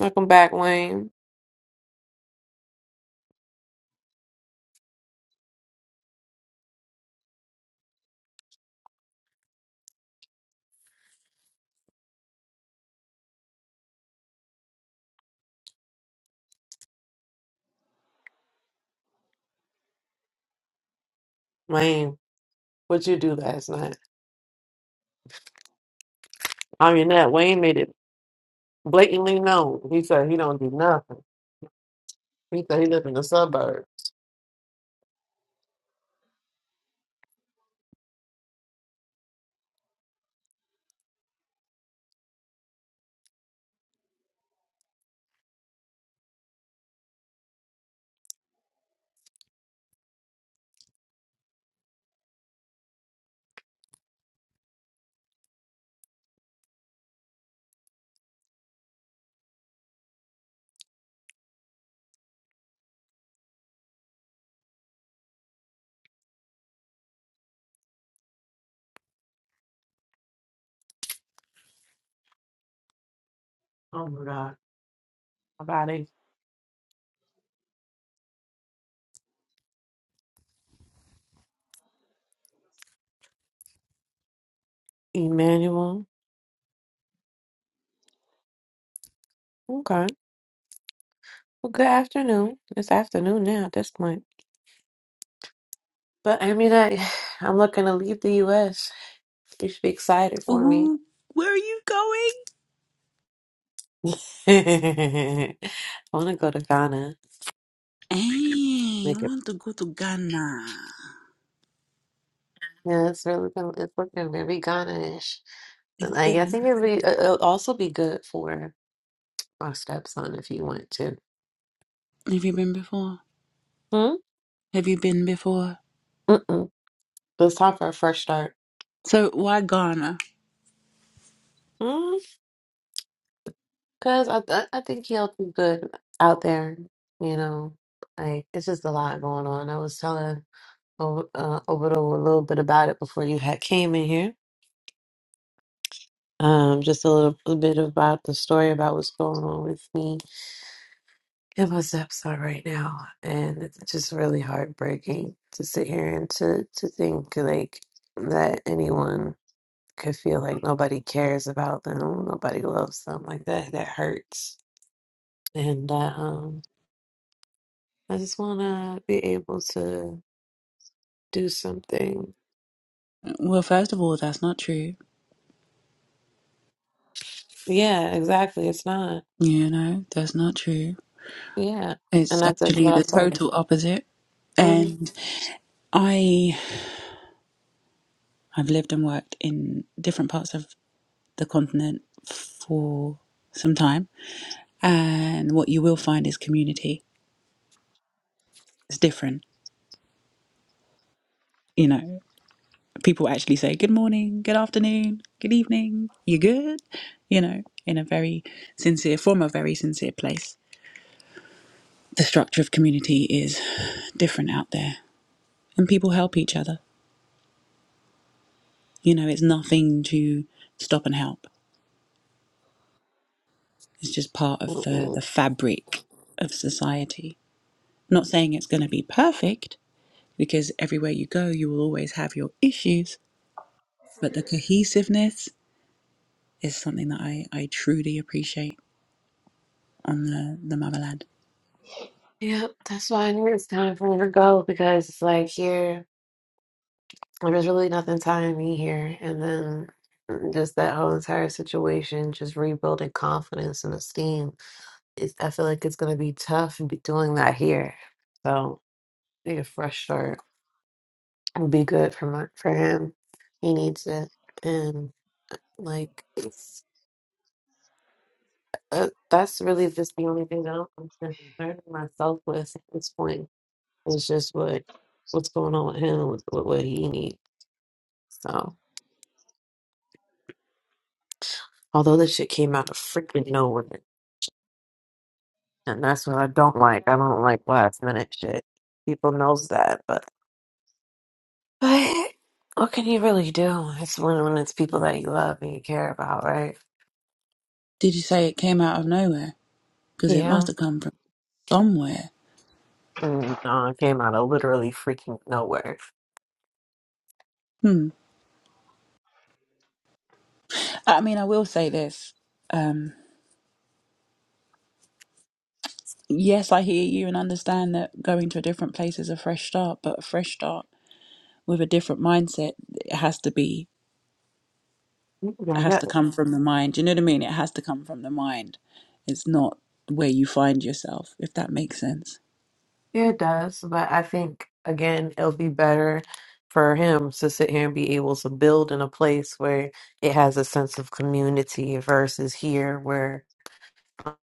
Speaker 1: Welcome back, Wayne. Wayne, what you do last night? I mean, that Wayne made it blatantly known. He said he don't do nothing. He said he lives in the suburbs. Oh my God. About it. Emmanuel. Okay. Well, good afternoon. It's afternoon now at this point. But I mean, I, I'm looking to leave the U.S. You should be excited for me.
Speaker 5: Ooh, where are you going?
Speaker 1: I want to go to Ghana.
Speaker 5: Hey, you
Speaker 1: Make a
Speaker 5: want to go to Ghana?
Speaker 1: Yeah, it's really been, it's looking very Ghana-ish. Like
Speaker 5: Have
Speaker 1: I think it'd be it- it'll also be good for our stepson if you want to.
Speaker 5: you been before?
Speaker 1: Hmm?
Speaker 5: Have you been before?
Speaker 1: Mm-mm. But It's time for a fresh start.
Speaker 5: So why Ghana?
Speaker 1: Hmm? Because I, I I think he'll do good out there. You know, like it's just a lot going on. I was telling over uh, over a little bit about it before you had came in here. Um, just a little bit about the story about what's going on with me in my stepson right now, and it's just really heartbreaking to sit here and to to think like that anyone could feel like nobody cares about them, nobody loves them like that. That hurts, and uh, um, I just want to be able to do something.
Speaker 5: Well, first of all, that's not true.
Speaker 1: Yeah, exactly. It's not.
Speaker 5: You know, that's not true.
Speaker 1: Yeah, and
Speaker 5: It's
Speaker 1: that's that's
Speaker 5: actually
Speaker 1: what I
Speaker 5: the
Speaker 1: told
Speaker 5: total opposite.
Speaker 1: him.
Speaker 5: And I I've lived and worked in different parts of the continent for some time. And what you will find is community. It's different. You know, people actually say good morning, good afternoon, good evening, you good? You know, in a very sincere, from a very sincere place. The structure of community is different out there, and people help each other. You know, it's nothing to stop and help. It's just part of the,
Speaker 1: Mm-hmm.
Speaker 5: the fabric of society. Not saying it's going to be perfect, because everywhere you go, you will always have your issues, but the cohesiveness is something that I, I truly appreciate on the, the motherland.
Speaker 1: Yep, that's why I knew it's time for me to go because it's like here. There was really nothing tying me here. And then just that whole entire situation, just rebuilding confidence and esteem. It's, I feel like it's going to be tough be doing that here. So, need a fresh start would be good for my, for him. He needs it. And, like, it's, uh, that's really just the only thing that I'm concerning myself with at this point. It's just what what's going on with him, and with, with what he needs. So, although this shit came out of freaking nowhere. And that's what I don't like. I don't like last minute shit. People knows that, but but what can you really do? It's when when it's people that you love and you care about, right?
Speaker 5: Did you say it came out of nowhere? Because it must
Speaker 1: Yeah.
Speaker 5: have come from somewhere.
Speaker 1: And uh, it came out of literally freaking nowhere.
Speaker 5: Hmm. I mean, I will say this. Um, yes, I hear you and understand that going to a different place is a fresh start, but a fresh start with a different mindset it has to be
Speaker 1: Yeah,
Speaker 5: has to
Speaker 1: that,
Speaker 5: come from the mind. You know what I mean? It has to come from the mind. It's not where you find yourself, if that makes sense.
Speaker 1: yeah, it does. But I think again, it'll be better for him to sit here and be able to build in a place where it has a sense of community versus here where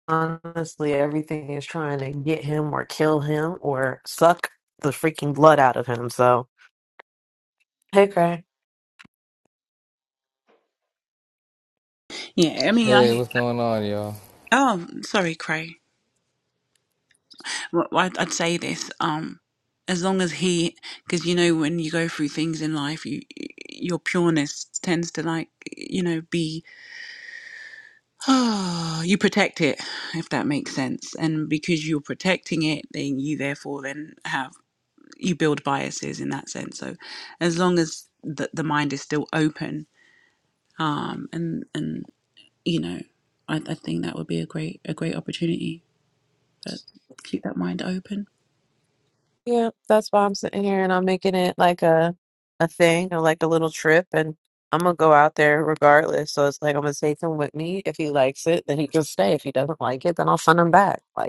Speaker 1: honestly, everything is trying to get him or kill him or suck the freaking blood out of him. So, hey, Cray.
Speaker 5: Yeah, I mean, I
Speaker 6: Hey,
Speaker 5: hear
Speaker 6: what's
Speaker 5: that.
Speaker 6: going on, y'all?
Speaker 5: Oh, sorry, Cray. well, well, I'd, I'd say this um as long as he because you know when you go through things in life you your pureness tends to like you know be you protect it if that makes sense and because you're protecting it then you therefore then have you build biases in that sense so as long as the, the mind is still open um and and you know I, I think that would be a great a great opportunity but keep that mind open
Speaker 1: Yeah, that's why I'm sitting here and I'm making it like a a thing or like a little trip, and I'm gonna go out there regardless. So it's like I'm gonna take him with me. If he likes it, then he can stay. If he doesn't like it, then I'll send him back. Like.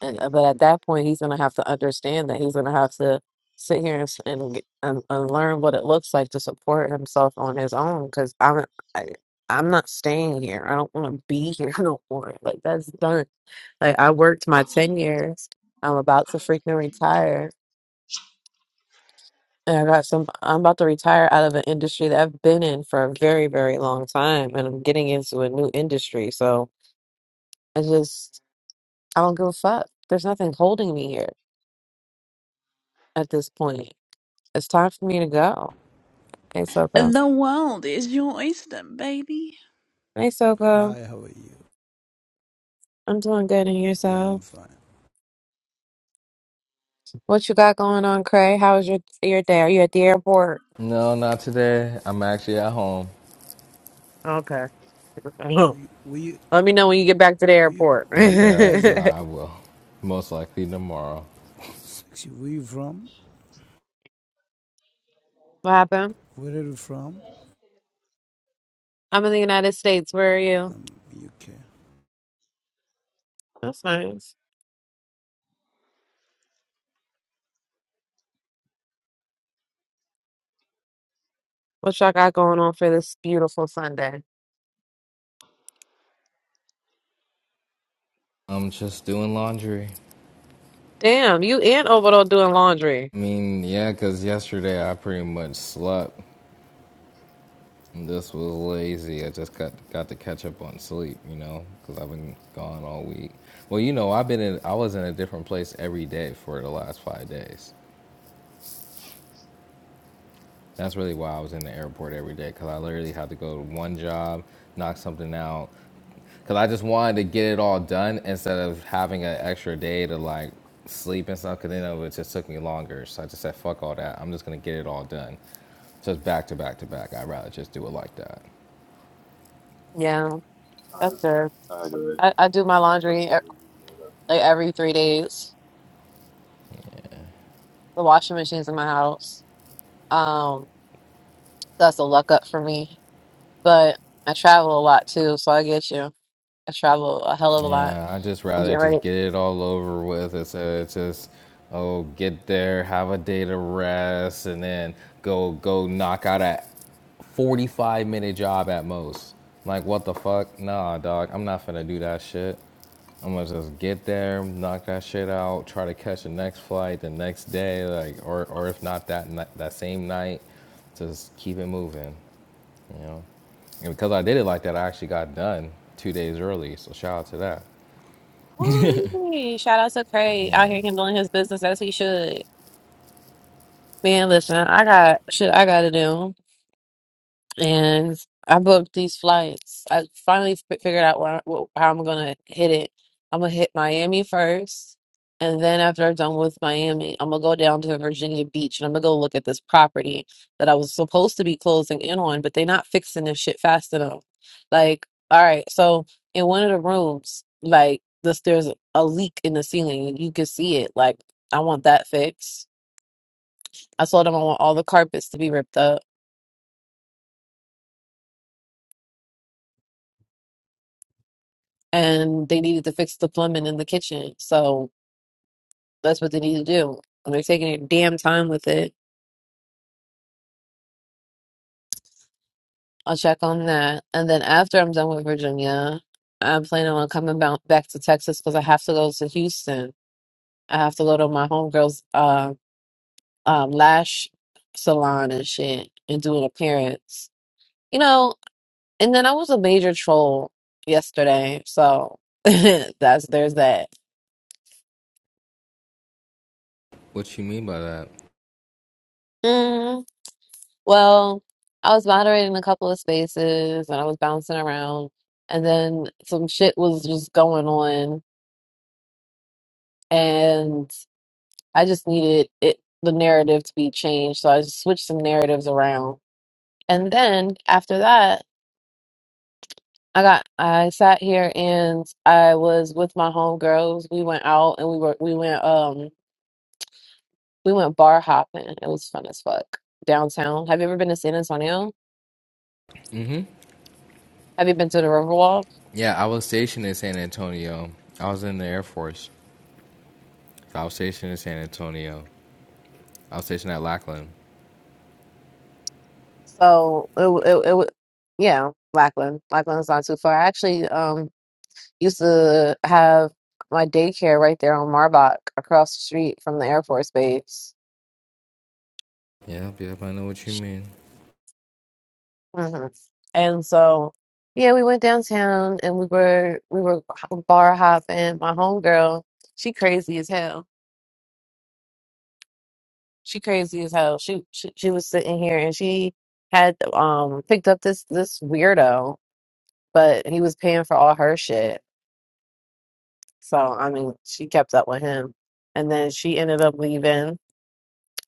Speaker 1: And uh, but at that point, he's gonna have to understand that he's gonna have to sit here and s- and, get- and, and learn what it looks like to support himself on his own. Because I'm I, I'm not staying here. I don't want to be here no more. Like that's done. Like I worked my ten years. I'm about to freaking retire. And I got some. I'm about to retire out of an industry that I've been in for a very, very long time, and I'm getting into a new industry. So I just, I don't give a fuck. There's nothing holding me here at this point. It's time for me to go. Hey, Soko.
Speaker 5: The world is your oyster, baby.
Speaker 1: Hey, Soko.
Speaker 7: Hi, how are you?
Speaker 1: I'm doing good in
Speaker 7: Yeah, I'm
Speaker 1: yourself.
Speaker 7: fine.
Speaker 1: What you got going on, Cray? How was your your day? Are you at the airport?
Speaker 6: No, not today. I'm actually at home.
Speaker 1: Okay.
Speaker 7: Where, where you,
Speaker 1: Let me know when you get back to the
Speaker 7: where you,
Speaker 1: airport.
Speaker 7: where you
Speaker 6: Okay,
Speaker 7: guys? are-
Speaker 1: what
Speaker 6: I will. Most likely tomorrow.
Speaker 7: Sexy. Where you from?
Speaker 1: happened?
Speaker 7: Where are you from?
Speaker 1: I'm in the United States. Where are you?
Speaker 7: UK.
Speaker 1: That's nice. What y'all got going on for this beautiful Sunday?
Speaker 6: I'm just doing laundry.
Speaker 1: Damn, you and Obado doing laundry.
Speaker 6: I mean, yeah, 'cause yesterday I pretty much slept. This was lazy. I just got got to catch up on sleep, you know, 'cause I've been gone all week. Well, you know, I've been in, I was in a different place every day for the last five days. That's really why I was in the airport every day because I literally had to go to one job, knock something out, Cause I just wanted to get it all done instead of having an extra day to like sleep and stuff. Cause then it would- just took me longer. So I just said, fuck all that. I'm just gonna get it all done. Just back to back to back. I'd rather just do it like that.
Speaker 1: Yeah, that's
Speaker 2: Alright.
Speaker 1: good.
Speaker 2: Alright, guys.
Speaker 1: I, I do my
Speaker 2: I'll
Speaker 1: laundry
Speaker 2: talk
Speaker 1: e-
Speaker 2: to you later.
Speaker 1: like every three days. The washing machine's in my house. Um, That's a luck up for me. But I travel a lot too, so I get you. I travel a hell of a lot.
Speaker 6: Yeah, I just
Speaker 1: I'm
Speaker 6: rather
Speaker 1: getting
Speaker 6: just
Speaker 1: ready.
Speaker 6: get it all over with. It's, uh, it's just, oh, get there, have a day to rest, and then go go knock out a 45 minute job at most. Like, what the fuck? Nah, dog, I'm not finna do that shit. I'm gonna just get there, knock that shit out, try to catch the next flight the next day, like, or, or if not that that same night, just keep it moving, you know. And because I did it like that, I actually got done two days early. So shout out to that.
Speaker 1: Woo! Shout out to Craig out
Speaker 6: Yeah.
Speaker 1: here handling his business as he should. Man, listen, I got shit I gotta do. and I booked these flights. I finally fi- figured out where, wh- how I'm gonna hit it. I'm gonna hit Miami first, and then after I'm done with Miami, I'm gonna go down to Virginia Beach and I'm gonna go look at this property that I was supposed to be closing in on, but they're not fixing this shit fast enough. Like, all right, so in one of the rooms, like this, there's a leak in the ceiling. You can see it. Like, I want that fixed. I told them I want all the carpets to be ripped up. and they needed to fix the plumbing in the kitchen. So that's what they need to do. And they're taking their damn time with it. I'll check on that. And then after I'm done with Virginia, I'm planning on coming bou- back to Texas because I have to go to Houston. I have to go to my homegirl's uh, um, lash salon and shit and do an appearance. You know, and then I was a major troll yesterday. So that's there's that.
Speaker 6: What you mean by that?
Speaker 1: Mm-hmm. Well, I was moderating a couple of spaces and I was bouncing around, and then some shit was just going on, and I just needed it the narrative to be changed, so I just switched some narratives around. And then after that, I got I sat here and I was with my homegirls. We went out and we were we went um we went bar hopping. It was fun as fuck downtown. Have you ever been to San Antonio? Have you been to the Riverwalk?
Speaker 6: Yeah, I was stationed in San Antonio. I was in the Air Force. I was stationed in San Antonio. I was stationed at Lackland.
Speaker 1: So it w- it, it w- yeah, Lackland. Lackland's not too far. I actually um used to have my daycare right there on Marbach across the street from the Air Force Base.
Speaker 6: Yep, yep, I know what you mean.
Speaker 1: hmm And so yeah, we went downtown and we were we were h- bar hopping. My homegirl, she crazy as hell. She crazy as hell. She she, she was sitting here and she had um picked up this this weirdo, but he was paying for all her shit So I mean, she kept up with him, and then she ended up leaving.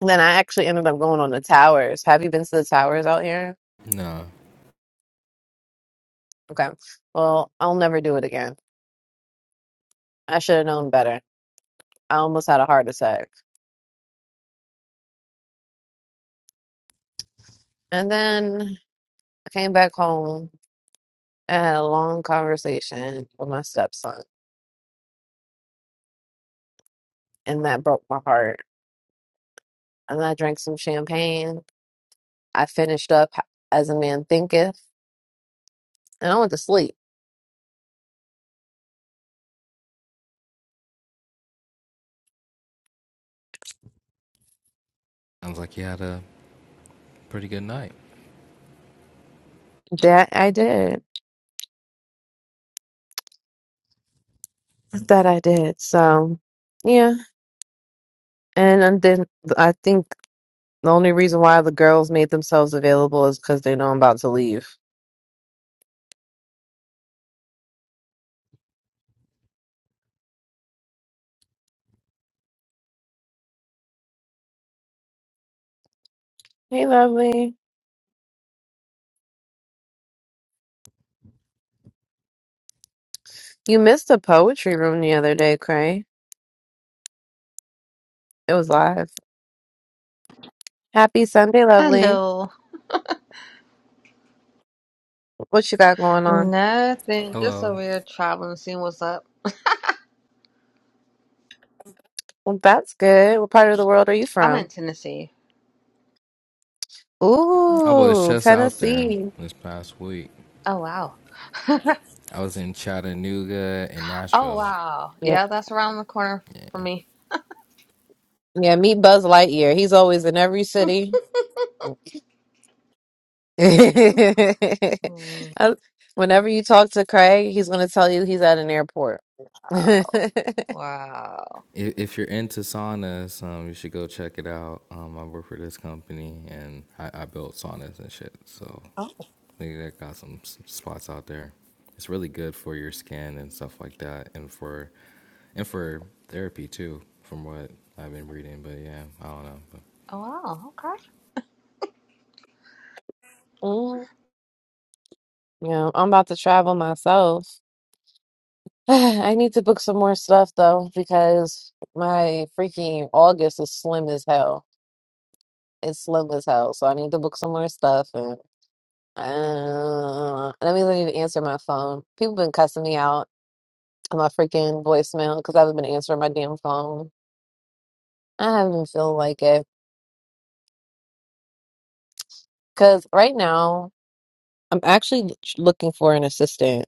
Speaker 1: Then I actually ended up going on the towers. Have you been to the towers out here?
Speaker 6: Nah,
Speaker 1: Okay. Well, I'll never do it again. I should have known better. I almost had a heart attack. And then I came back home and had a long conversation with my stepson, and that broke my heart. And I drank some champagne. I finished up as a man thinketh, and I went to sleep.
Speaker 6: sounds like you had a pretty good night.
Speaker 1: That I did. That I did. So, yeah. And and then I think the only reason why the girls made themselves available is because they know I'm about to leave. Hey, lovely. You missed the poetry room the other day, Cray. It was live. Happy Sunday, lovely.
Speaker 8: Hello.
Speaker 1: What you got going on?
Speaker 8: Nothing. Just a
Speaker 6: Hello.
Speaker 8: weird traveling scene. What's up?
Speaker 1: Well, that's good. What part of the world are you
Speaker 8: I'm in
Speaker 1: from?
Speaker 8: Tennessee.
Speaker 6: I was
Speaker 1: Ooh,
Speaker 6: just out there
Speaker 1: Tennessee.
Speaker 6: this past week.
Speaker 8: Oh wow.
Speaker 6: I was in Chattanooga and
Speaker 8: Oh
Speaker 6: Nashville.
Speaker 8: wow.
Speaker 1: Yeah,
Speaker 8: Yeah, that's around the corner for me.
Speaker 1: yeah. Meet Buzz Lightyear. He's always in every city. I-
Speaker 8: Mm,
Speaker 1: Whenever you talk to Craig, he's going to tell you he's at an airport.
Speaker 8: Wow.
Speaker 6: If, if you're into saunas, um, you should go check it out. Um, I work for this company and I, I built saunas and shit. So
Speaker 8: Oh,
Speaker 6: they got some s- spots out there. It's really good for your skin and stuff like that, and for and for therapy too, from what I've been reading. But yeah, I don't know. But
Speaker 8: oh wow. Okay.
Speaker 1: Mm. Yeah, I'm about to travel myself. I need to book some more stuff though because my freaking August is slim as hell. It's slim as hell, so I need to book some more stuff. And uh, that means I need to answer my phone. People been cussing me out on my freaking voicemail because I haven't been answering my damn phone. I haven't been feeling like it because right now I'm actually looking for an assistant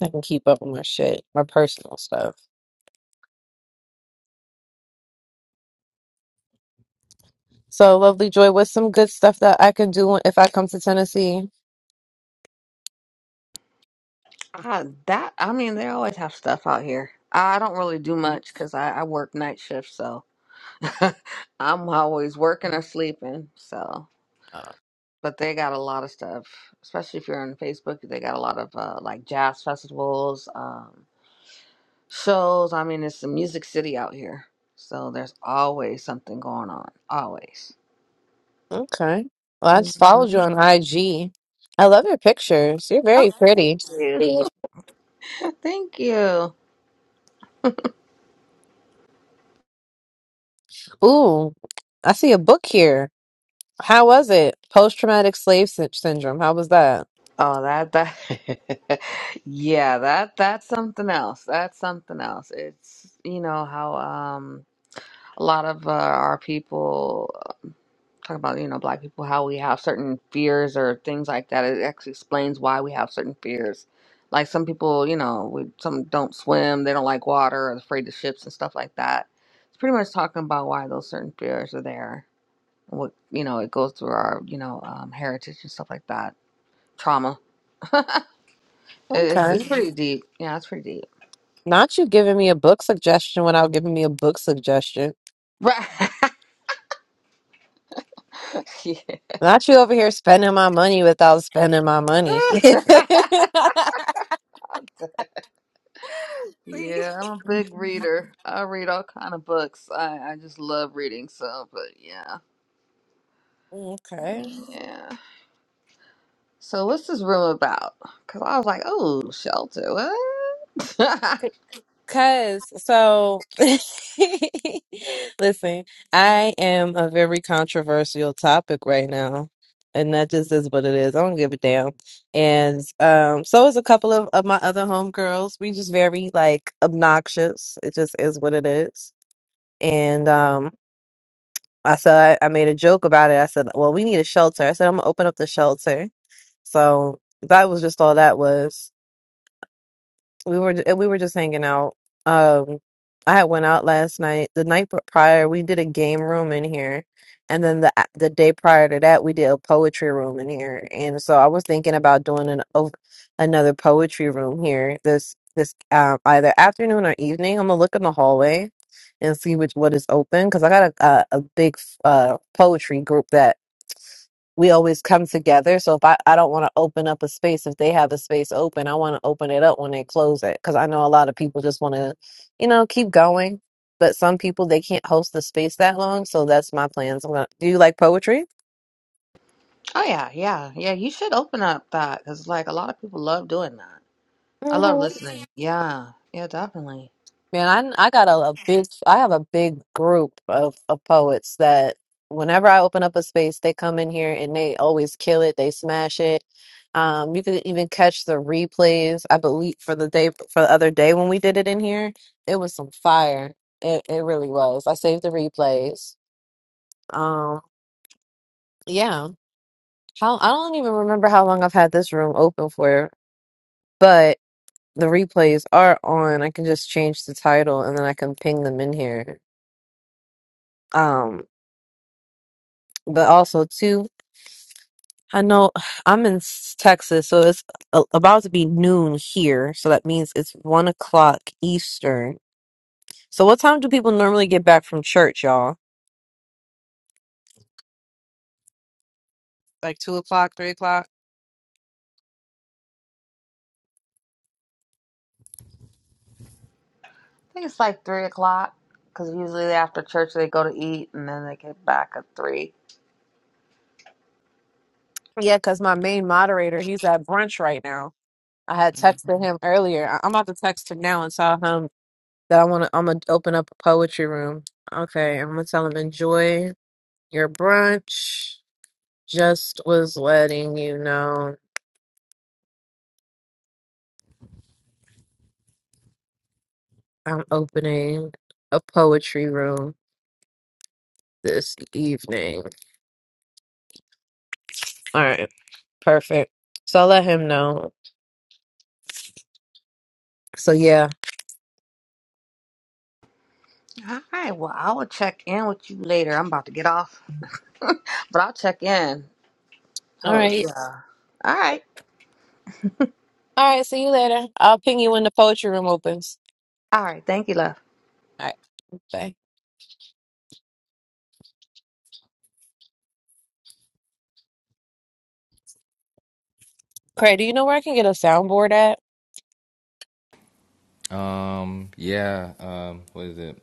Speaker 1: that can keep up with my shit, my personal stuff. So, Lovely Joy, what's some good stuff that I could do if I come to Tennessee?
Speaker 8: Uh, that I mean, they always have stuff out here. I don't really do much because I, I work night shifts, so I'm always working or sleeping. So,
Speaker 1: Uh,
Speaker 8: but they got a lot of stuff, especially if you're on Facebook. They got a lot of uh, like jazz festivals. Um, shows. I mean, it's a music city out here, so there's always something going on. Always.
Speaker 1: Okay. Well, I just followed
Speaker 8: Mhm.
Speaker 1: you on IG. I love your pictures. You're
Speaker 8: Oh,
Speaker 1: very
Speaker 8: thank
Speaker 1: pretty.
Speaker 8: you. Thank you.
Speaker 1: Ooh, I see a book here. How was it? Post traumatic slave sy- syndrome. How was that?
Speaker 8: Oh, that that. yeah, that that's something else. That's something else. It's you know how um a lot of uh, our people talk about you know black people how we have certain fears or things like that it actually explains why we have certain fears like some people you know we, some don't swim they don't like water or afraid of ships and stuff like that it's pretty much talking about why those certain fears are there and what you know it goes through our you know um, heritage and stuff like that trauma It- it's,
Speaker 1: Okay.
Speaker 8: it's pretty deep yeah it's pretty deep
Speaker 1: Not you giving me a book suggestion without giving me a book suggestion.
Speaker 8: right
Speaker 1: Not you over here spending my money without spending my money.
Speaker 8: yeah. Yeah, I'm a big reader. I read all kind of books. I, I just love reading, so but yeah.
Speaker 1: okay.
Speaker 8: Yeah. So what's this room about? Cause I was like, oh, shelter. What?
Speaker 1: Cause so listen, I am a very controversial topic right now. And that just is what it is. I don't give a damn. And um so is a couple of, of my other homegirls. We just very like obnoxious. It just is what it is. And um I said I made a joke about it. I said, Well, we need a shelter. I said I'm gonna open up the shelter. So that was just all that was. We were we were just hanging out. Um, I had went out last night. The night prior, we did a game room in here, and then the the day prior to that, we did a poetry room in here. And so I was thinking about doing an o- another poetry room here this this um either afternoon or evening. I'm gonna look in the hallway and see which what is open because I got a, a a big uh poetry group that we always come together. So if I, I don't want to open up a space, if they have a space open, I want to open it up when they close it. Cause I know a lot of people just want to, you know, keep going. But some people, they can't host the space that long. So that's my plans. I'm gonna, do you like poetry?
Speaker 8: oh yeah, yeah, yeah. You should open up that, cause like a lot of people love doing that. I love listening. Yeah, yeah, definitely.
Speaker 1: Man, I I got a, a big I have a big group of, of poets that whenever I open up a space, they come in here and they always kill it, they smash it. Um, you can even catch the replays, I believe, for the day for the other day when we did it in here. It was some fire. It it really was. I saved the replays. Um, yeah. How I don't even remember how long I've had this room open for, but the replays are on. I can just change the title and then I can ping them in here. Um but also too i know i'm in s- texas so it's a- about to be noon here so that means it's one o'clock eastern so what time do people normally get back from church y'all Like two o'clock, three o'clock.
Speaker 8: I think it's like three o'clock, cause usually after church they go to eat and then they get back at three.
Speaker 1: yeah because my main moderator he's at brunch right now i had texted him earlier I- i'm about to text him now and tell him that i want to i'm gonna open up a poetry room okay i'm gonna tell him enjoy your brunch just was letting you know I'm opening a poetry room this evening. All right. Perfect. So I'll let him know. So yeah.
Speaker 8: All right. Well, I will check in with you later. I'm about to get off, but I'll check in.
Speaker 1: All
Speaker 8: Oh
Speaker 1: right.
Speaker 8: yeah. All right.
Speaker 1: All right. See you later. I'll ping you when the poetry room opens.
Speaker 8: All right. Thank you, love.
Speaker 1: All right. Bye. Craig, do you know where I can get a soundboard at?
Speaker 6: Um, yeah. Um, what is it?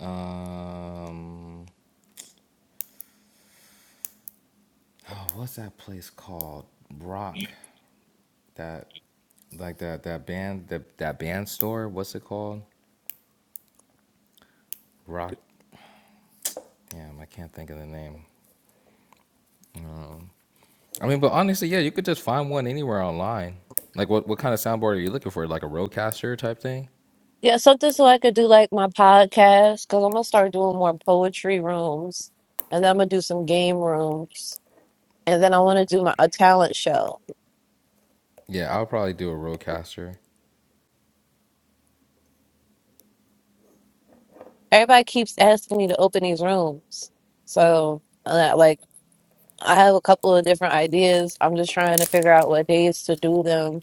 Speaker 6: Um, oh, what's that place called? Rock. That, like that that band that that band store. What's it called? Rock. Damn, I can't think of the name. I mean, but honestly, yeah, you could just find one anywhere online. Like, what what kind of soundboard are you looking for? Like a Rodecaster type thing?
Speaker 1: Yeah, something so I could do like my podcast because I'm gonna start doing more poetry rooms, and then I'm gonna do some game rooms, and then I want to do my a talent show.
Speaker 6: Yeah, I'll probably do a Rodecaster.
Speaker 1: Everybody keeps asking me to open these rooms, so. uh, like. I have a couple of different ideas. I'm just trying to figure out what days to do them.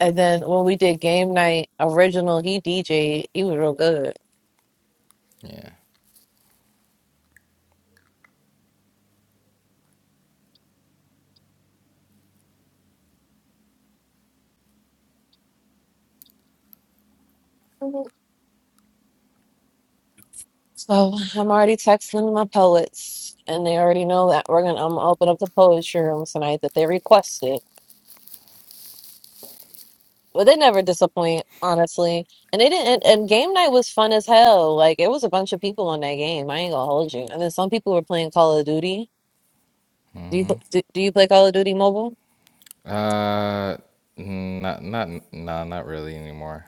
Speaker 1: And then when we did game night original, he DJ'd. He was real good.
Speaker 6: Yeah.
Speaker 1: Mhm. So I'm already texting my poets, and they already know that we're gonna. I'm gonna open up the poetry room tonight that they requested. But they never disappoint, honestly. And they didn't. And, and game night was fun as hell. Like it was a bunch of people on that game. I ain't gonna hold you. And then some people were playing Call of Duty. Do you do, do you play Call of Duty mobile?
Speaker 6: Uh, not not nah, not really anymore.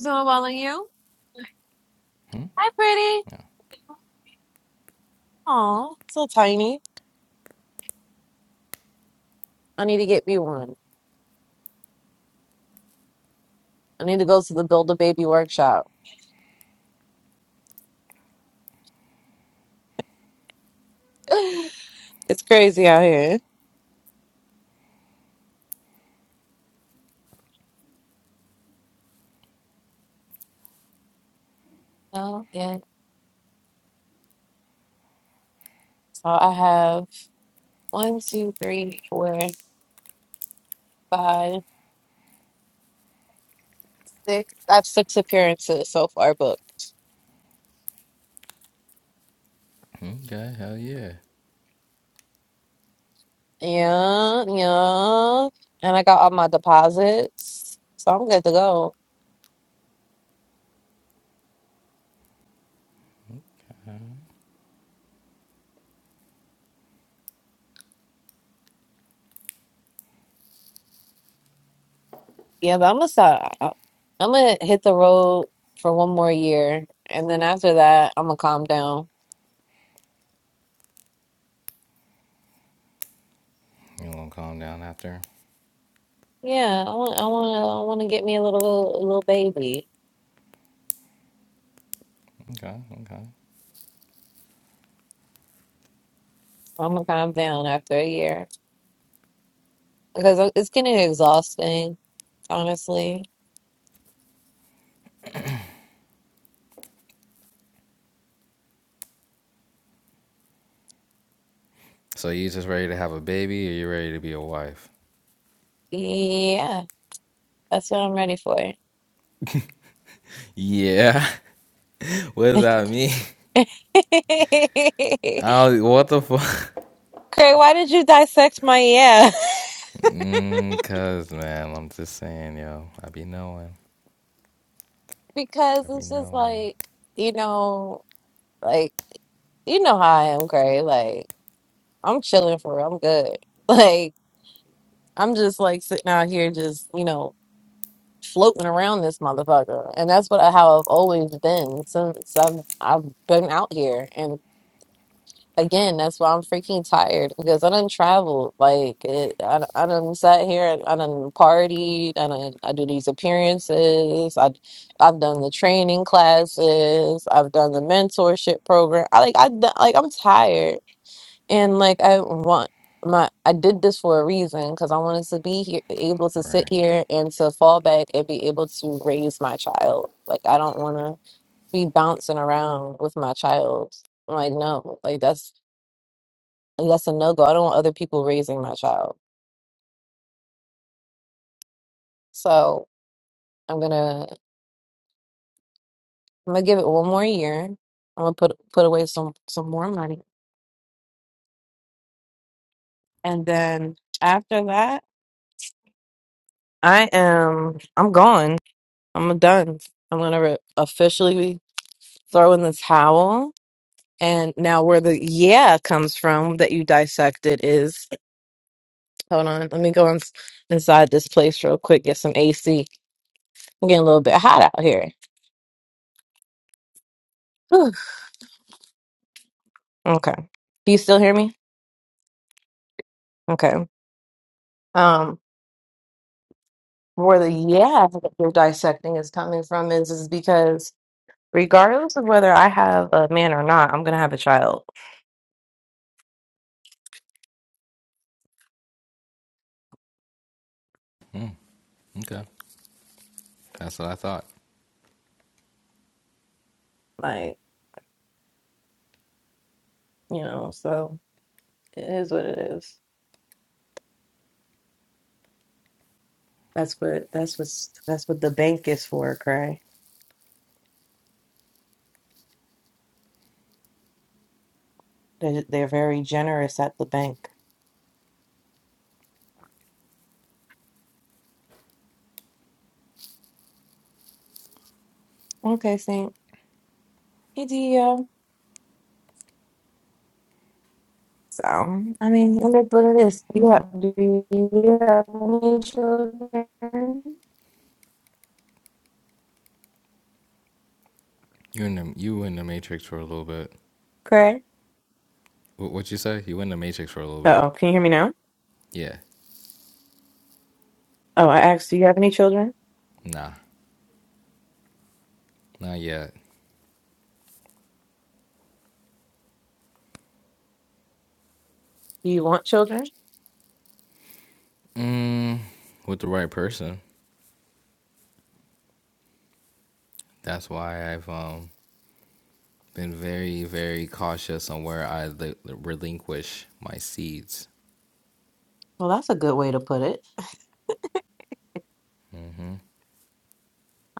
Speaker 1: No, I'm calling you. Hi, pretty. Aw, so tiny. I need to get me one. I need to go to the Build a Baby workshop. it's crazy out here. Oh, yeah. So I have one, two, three, four, five, six. I have six appearances so far booked.
Speaker 6: Okay, hell yeah.
Speaker 1: Yeah, yeah. And I got all my deposits. So I'm good to go. Yeah, but I'm gonna start. I'm gonna hit the road for one more year. And then after that, I'm gonna calm down.
Speaker 6: You wanna calm down after?
Speaker 1: Yeah, I want, I want to, I want to get me a little, little baby.
Speaker 6: Okay, okay.
Speaker 1: I'm gonna calm down after a year because it's getting exhausting, honestly.
Speaker 6: So you just ready to have a baby, or you ready to be a wife?
Speaker 1: Yeah, that's what I'm ready for.
Speaker 6: Yeah. what does
Speaker 1: Craig,
Speaker 6: that mean? I was, what the fuck?
Speaker 1: why did you dissect my yeah?
Speaker 6: Mm, cause man, I'm just saying, yo, I be knowing,
Speaker 1: Because
Speaker 6: I be
Speaker 1: it's just
Speaker 6: knowing,
Speaker 1: like, you know, like you know how I am, Gray. Like, I'm chilling for real. I'm good. Like, I'm just like sitting out here, just, you know. floating around this motherfucker. And that's what how I've always been since I've I've been out here. And again, that's why I'm freaking tired because I done traveled. Like it, I, I done sat here. I done partied. I done, I do these appearances. I I've done the training classes. I've done the mentorship program. I like I d- like I'm tired and like I want my I did this for a reason because I wanted to be here able to sit
Speaker 6: right?
Speaker 1: here and to fall back and be able to raise my child. Like I don't want to be bouncing around with my child. Like no, like that's that's a no go. I don't want other people raising my child. So I'm gonna I'm gonna give it one more year. I'm gonna put put away some some more money, and then after that, I am I'm gone. I'm done. I'm gonna re- officially. throw in the towel. And now where the yeah comes from that you dissected is hold on, let me go ins inside this place real quick, get some AC. am getting a little bit hot out here. Whew. Okay. Do you still hear me? Okay. Um where the yeah that you're dissecting is coming from is is because regardless of whether I have a man or not, I'm gonna have a child.
Speaker 6: Mm, okay, that's what I thought.
Speaker 1: Like, you know, so it is what it is. That's what that's what's that's what the bank is for, Cray. They're, they're very generous at the bank. Okay, Saint. Hey, Dio. So, I mean, look at what it is. You have, do you have any children?
Speaker 6: You in the you in the matrix for a little bit.
Speaker 1: Craig?
Speaker 6: What what you say? You in the matrix for a little bit?
Speaker 1: Uh-oh, can you hear me now?
Speaker 6: Yeah.
Speaker 1: Oh, I asked, do you have any children?
Speaker 6: Nah, not yet.
Speaker 1: Do you want children?
Speaker 6: Mm, with the right person. That's why I've um been very, very cautious on where I li- relinquish my seeds.
Speaker 1: Well, that's a good way to put it.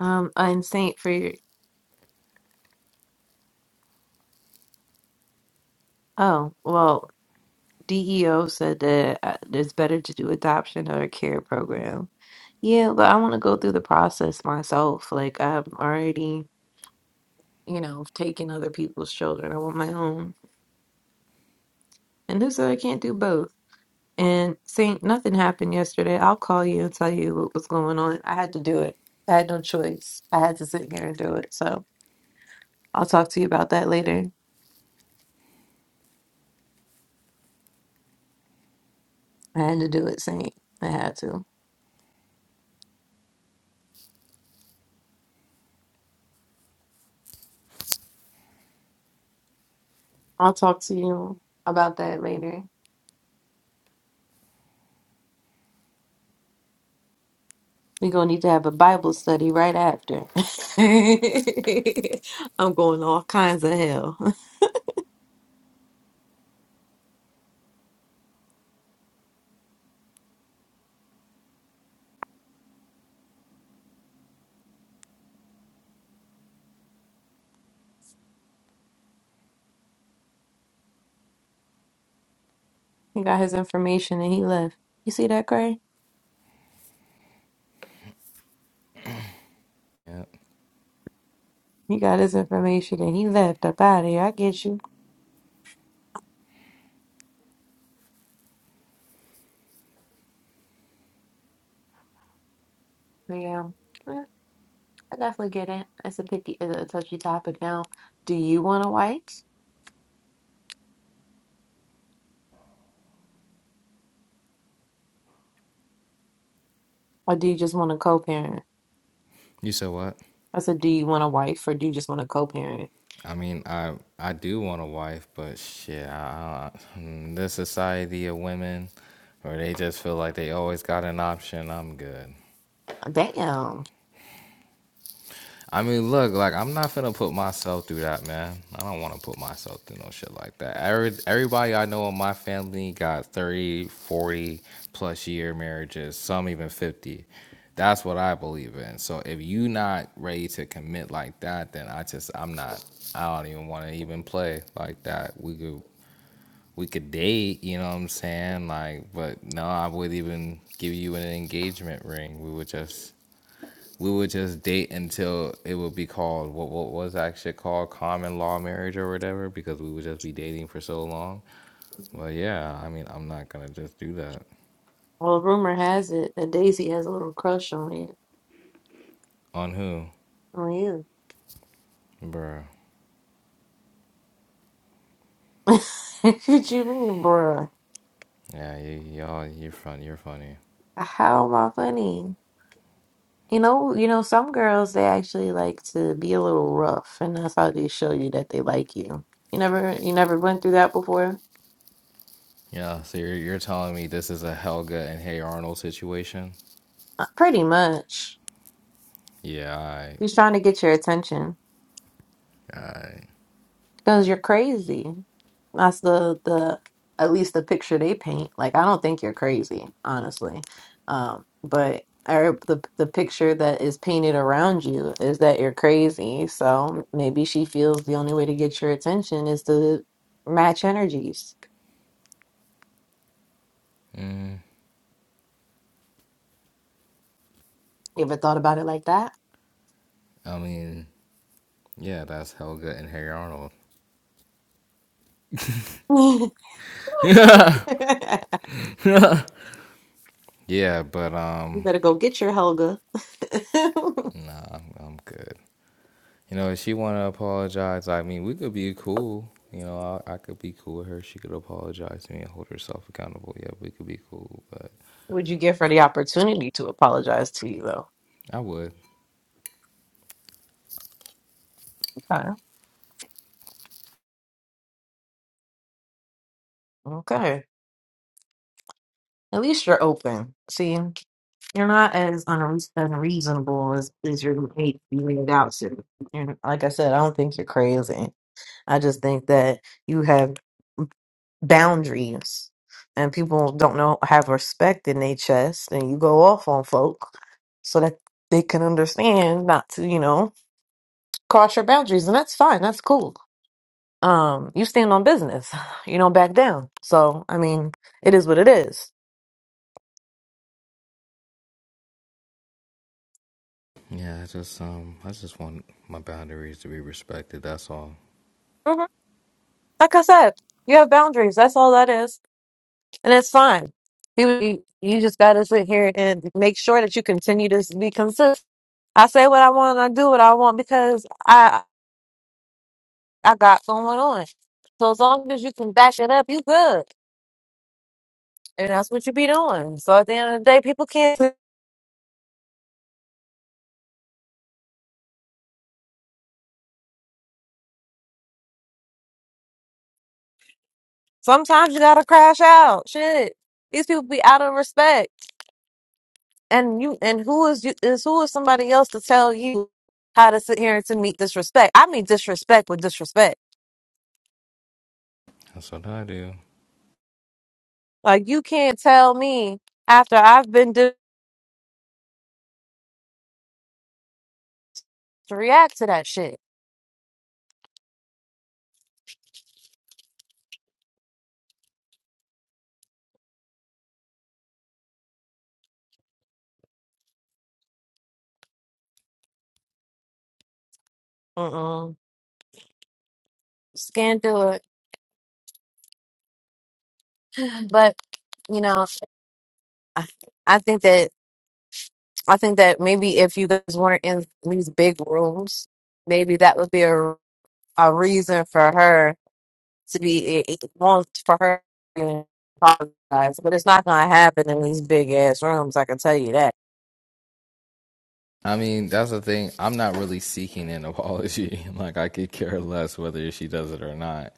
Speaker 1: Um, and Saint for your, oh, well, DEO said that uh, it's better to do adoption or a care program. Yeah, but I want to go through the process myself. Like I'm already, you know, taking other people's children. I want my own, and who said I can't do both. And Saint, nothing happened yesterday. I'll call you and tell you what was going on. I had to do it. I had no choice. I had to sit here and do it. So I'll talk to you about that later. I had to do it, Saint. I had to. I'll talk to you about that later. We're gonna need to have a Bible study right after. I'm going all kinds of hell. He got his information and he left. You see that, Cray?
Speaker 6: Yeah.
Speaker 1: He got his information and he left up out of here. I get you. Yeah, Yeah, I definitely get it. It's a picky, it's a touchy topic now. Do you want a wife or do you just want to co-parent?
Speaker 6: You said what?
Speaker 1: I said, do you want a wife or do you just want to co-parent?
Speaker 6: I mean, I I do want a wife, but shit, I, I, mm, this society of women, where they just feel like they always got an option. I'm good.
Speaker 1: Damn.
Speaker 6: I mean, look, like I'm not finna put myself through that, man. I don't want to put myself through no shit like that. Every, everybody I know in my family got 30, 40 plus year marriages, some even 50. That's what I believe in. So if you not ready to commit like that, then I just I'm not. I don't even want to even play like that. We could we could date, you know what I'm saying? Like, but no, I would not even give you an engagement ring. We would just we would just date until it would be called what what was actually called common law marriage or whatever because we would just be dating for so long. Well, yeah, I mean, I'm not gonna just do that
Speaker 1: Well, rumor has it that Daisy has a little crush on you.
Speaker 6: on who,
Speaker 1: On you.
Speaker 6: bruh.
Speaker 1: what you mean, bruh?
Speaker 6: Yeah, you, y'all, you're funny. You're funny.
Speaker 1: How am I funny? You know, you know, some girls they actually like to be a little rough, and that's how they show you that they like you. You never, you never went through that before.
Speaker 6: Yeah, so you're you're telling me this is a Helga and Hey Arnold situation?
Speaker 1: Uh, Pretty much,
Speaker 6: Yeah,
Speaker 1: she's
Speaker 6: I,
Speaker 1: trying to get your attention.
Speaker 6: I,
Speaker 1: Because you're crazy. That's the the at least the picture they paint. Like I don't think you're crazy, honestly. Um, but or the the picture that is painted around you is that you're crazy. So maybe she feels the only way to get your attention is to match energies. You ever thought about it like that?
Speaker 6: I mean, yeah, that's Helga and Hey Arnold.
Speaker 1: you
Speaker 6: yeah, but um,
Speaker 1: better go get your Helga.
Speaker 6: nah, I'm, I'm good. You know, if she want to apologize, I mean, we could be cool. You know, I, I could be cool with her. She could apologize to me and hold herself accountable. Yeah, we could be cool, but
Speaker 1: Would you give her the opportunity to apologize to you though?
Speaker 6: I would.
Speaker 1: Okay. Okay. At least you're open. See? You're not as unre- unreasonable as, as you're made made out to. And like I said, I don't think you're crazy. I just think that you have boundaries, and people don't know have respect in their chest, and you go off on folk so that they can understand not to, you know, cross your boundaries, and that's fine. That's cool. Um, you stand on business. You don't back down. So I mean, it is what it is.
Speaker 6: Yeah, I just um, I just want my boundaries to be respected. That's all.
Speaker 1: Mhm. Like I said, you have boundaries. That's all that is. And it's fine. You, you you just got to sit here and make sure that you continue to be consistent. I say what I want and I do what I want because I I got going on. So as long as you can back it up, you good. And that's what you be doing. So at the end of the day, people can't. Sometimes you gotta crash out. Shit, these people be out of respect. And you and who is you is who is somebody else to tell you how to sit here and to meet disrespect? I mean disrespect with disrespect.
Speaker 6: That's what I do.
Speaker 1: Like you can't tell me after I've been do- to react to that shit. Mm-mm. Just can't do it. But you know, I, I think that I think that maybe if you guys weren't in these big rooms, maybe that would be a a reason for her to be it, it wants for her to apologize. But it's not gonna happen in these big ass rooms. I can tell you that.
Speaker 6: I mean, that's the thing. I'm not really seeking an apology. Like, I could care less whether she does it or not.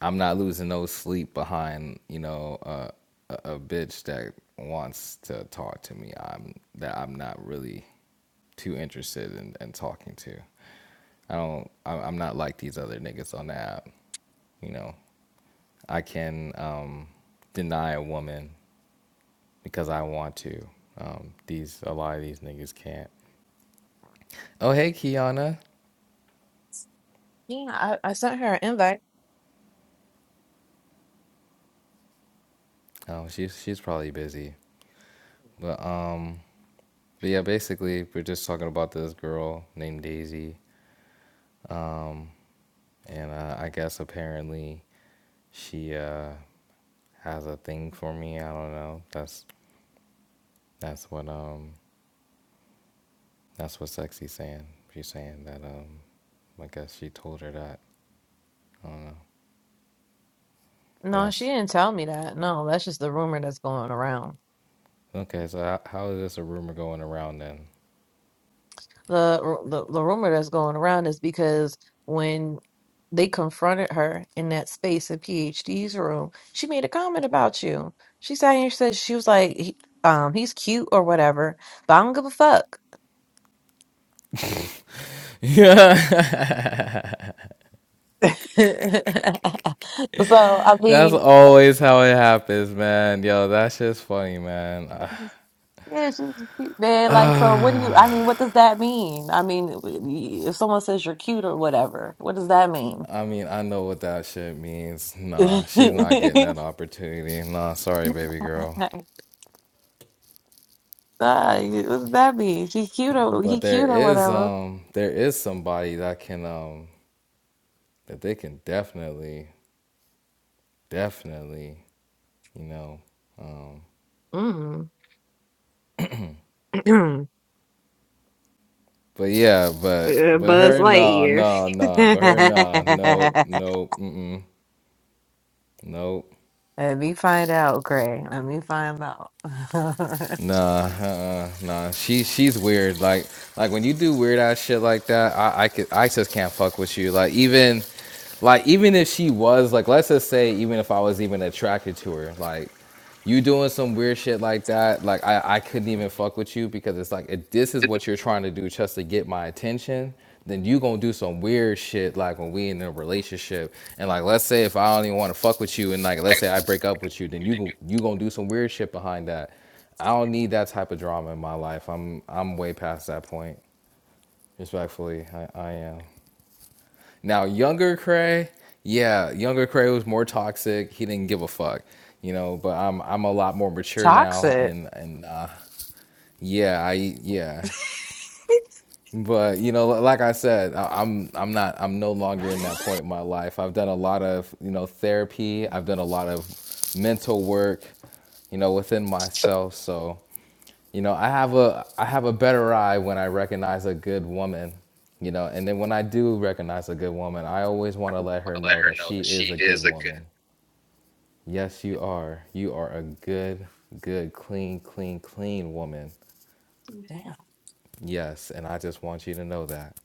Speaker 6: I'm not losing no sleep behind, you know, uh, a, a bitch that wants to talk to me. I'm that I'm not really too interested in, in talking to. I don't. I- am not like these other niggas on the app. You know, I can um, deny a woman because I want to. Um, these a lot of these niggas can't. Oh hey, Kiana.
Speaker 1: Yeah, I, I sent her an invite.
Speaker 6: Oh, she's she's probably busy. But um, but yeah, basically we're just talking about this girl named Daisy, and uh, I guess apparently she uh has a thing for me. I don't know. That's that's what um that's what Sexy's saying. She's saying that um I guess she told her that. I don't know. But
Speaker 1: No, she
Speaker 6: that's
Speaker 1: didn't tell me that. No, that's just the rumor that's going around.
Speaker 6: okay. So how, how is this a rumor going around then?
Speaker 1: The, ru- the the rumor that's going around is because when they confronted her in that space in PhD's room, she made a comment about you. She sat here and said she was like, he, um, he's cute or whatever, but I don't give a fuck.
Speaker 6: Yeah,
Speaker 1: So I
Speaker 6: that's
Speaker 1: mean,
Speaker 6: always how it happens, man. Yo, that's just funny, man.
Speaker 1: yeah, she's cute, man. Like, so what do you? I mean, what does that mean? I mean, if someone says you're cute or whatever, what does that mean?
Speaker 6: I mean, I know what that shit means. Nah, she's not getting that opportunity. Nah, sorry, baby girl.
Speaker 1: Uh, what does that mean? She's cute or
Speaker 6: But
Speaker 1: he
Speaker 6: there
Speaker 1: cute or
Speaker 6: is
Speaker 1: whatever.
Speaker 6: um there is somebody that can um that they can definitely definitely, you know. Um
Speaker 1: Mm.
Speaker 6: but yeah, but
Speaker 1: Uh,
Speaker 6: but
Speaker 1: Buzz
Speaker 6: her nah,
Speaker 1: Lightyear.
Speaker 6: nah, nah, but her nah, nope, nope, mm mm, nope.
Speaker 1: Let me find out, Gray. Let me find out.
Speaker 6: Nah, uh, nah. She she's weird. Like like when you do weird ass shit like that, I I, could, I just can't fuck with you. Like even like even if she was like, let's just say even if I was even attracted to her, like you doing some weird shit like that, like I I couldn't even fuck with you because it's like if this is what you're trying to do just to get my attention. Then you gonna do some weird shit like when we in a relationship and like let's say if I don't even want to fuck with you and like let's say I break up with you then you gon- you gonna do some weird shit behind that I don't need that type of drama in my life. I'm I'm way past that point. Respectfully, I, I am. Now younger Cray, yeah, younger Cray was more toxic. He didn't give a fuck, you know. But I'm I'm a lot more mature now,
Speaker 1: Toxic.
Speaker 6: and and uh, yeah, I yeah. But you know, like I said, I'm I'm not I'm no longer in that point in my life. I've done a lot of you know therapy. I've done a lot of mental work you know, within myself. So You know, I have a I have a better eye when I recognize a good woman. You know, and then when I do recognize a good woman, I always want to let
Speaker 1: want
Speaker 6: her
Speaker 1: to let
Speaker 6: know
Speaker 1: her
Speaker 6: that
Speaker 1: know
Speaker 6: she
Speaker 1: that
Speaker 6: is
Speaker 1: she
Speaker 6: a good
Speaker 1: is a good.
Speaker 6: woman. Yes, you are. You are a good, good, clean, clean, clean woman.
Speaker 1: Damn.
Speaker 6: Yes, and I just want you to know that.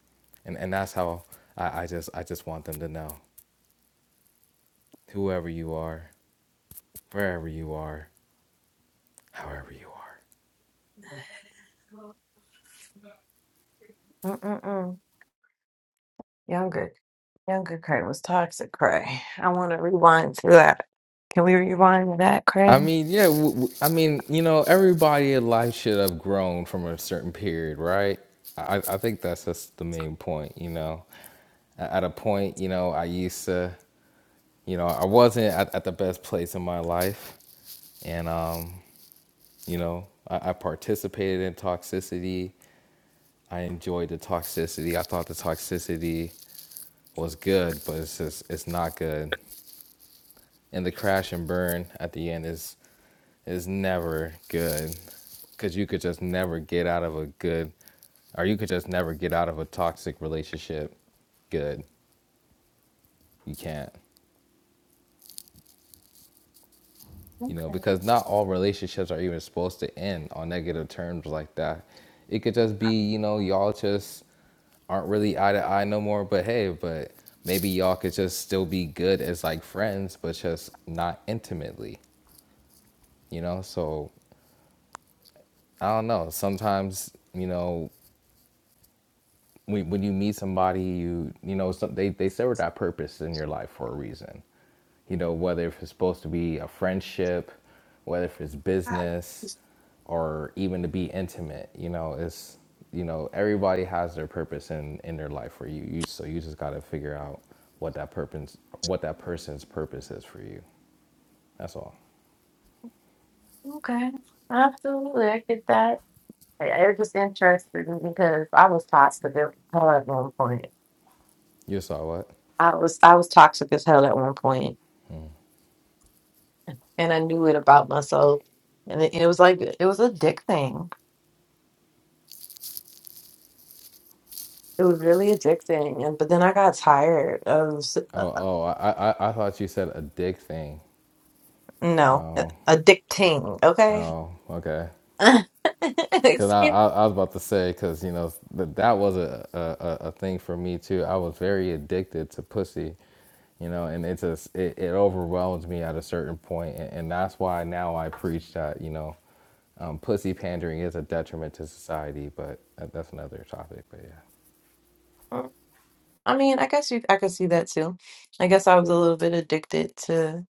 Speaker 6: And and that's how I, I just I just want them to know. Whoever you are, wherever you are, however you are.
Speaker 1: Mm-mm-mm. Younger, younger Cray was toxic Cray. I want to rewind to that. Can we rewind to that,
Speaker 6: I
Speaker 1: Cray?
Speaker 6: mean, yeah. W- w- I mean, you know, everybody in life should have grown from a certain period, right? I, I think that's just the main point. You know, A- at a point, you know, I used to, you know, I wasn't at, at the best place in my life, and um, you know, I, I participated in toxicity. I enjoyed the toxicity. I thought the toxicity was good, but it's just it's not good. and the crash and burn at the end is is never good because you could just never get out of a good or you could just never get out of a toxic relationship good you can't you know because not all relationships are even supposed to end on negative terms like that it could just be you know y'all just aren't really eye to eye no more but hey but maybe y'all could just still be good as like friends but just not intimately you know so I don't know. Sometimes, you know, when, when you meet somebody, you you know, some, they they serve that purpose in your life for a reason. You know, whether if it's supposed to be a friendship, whether if it's business, or even to be intimate. You know, it's you know everybody has their purpose in in their life for you. You so you just got to figure out what that purpose what that person's purpose is for you. That's all.
Speaker 1: Okay, absolutely. I get that. I- It just interested me because I was toxic as hell at one point.
Speaker 6: You saw what?
Speaker 1: I was I was toxic as hell at one point, and I knew it about myself. And it, it was like it was a dick thing. It was really addicting, and but then I got tired of s- uh,
Speaker 6: Oh,
Speaker 1: uh,
Speaker 6: oh, I, I, I thought you said a dick thing.
Speaker 1: no uh, addicting. Okay,
Speaker 6: Oh, okay. Cause I,
Speaker 1: Excuse-
Speaker 6: I, I was about to say, cause you know that that was a, a a a thing for me too. I was very addicted to pussy, you know, and it just it, it overwhelms me at a certain point, and, and that's why now I preach that you know, um, pussy pandering is a detriment to society. But that, that's another topic. But yeah,
Speaker 1: I mean, I guess you, I could see that too. I guess I was a little bit addicted to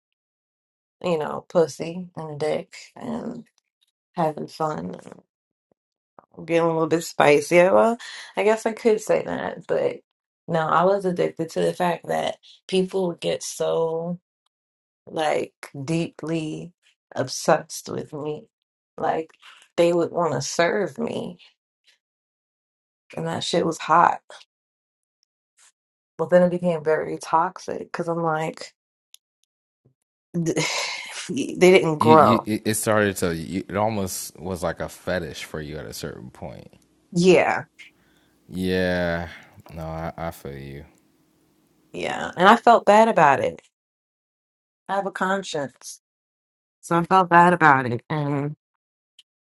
Speaker 1: you know pussy and dick and having fun. getting a little bit spicy. Yeah, Well, I guess I could say that, but no, I was addicted to the fact that people would get so like deeply obsessed with me. Like they would want to serve me, and that shit was hot. But then it became very toxic because I'm like, they didn't
Speaker 6: you, you
Speaker 1: grow.
Speaker 6: it it started to you, it almost was like a fetish for you at a certain point.
Speaker 1: Yeah,
Speaker 6: Yeah, no, I, I feel you.
Speaker 1: yeah. And I felt bad about it. I have a conscience. So I felt bad about it.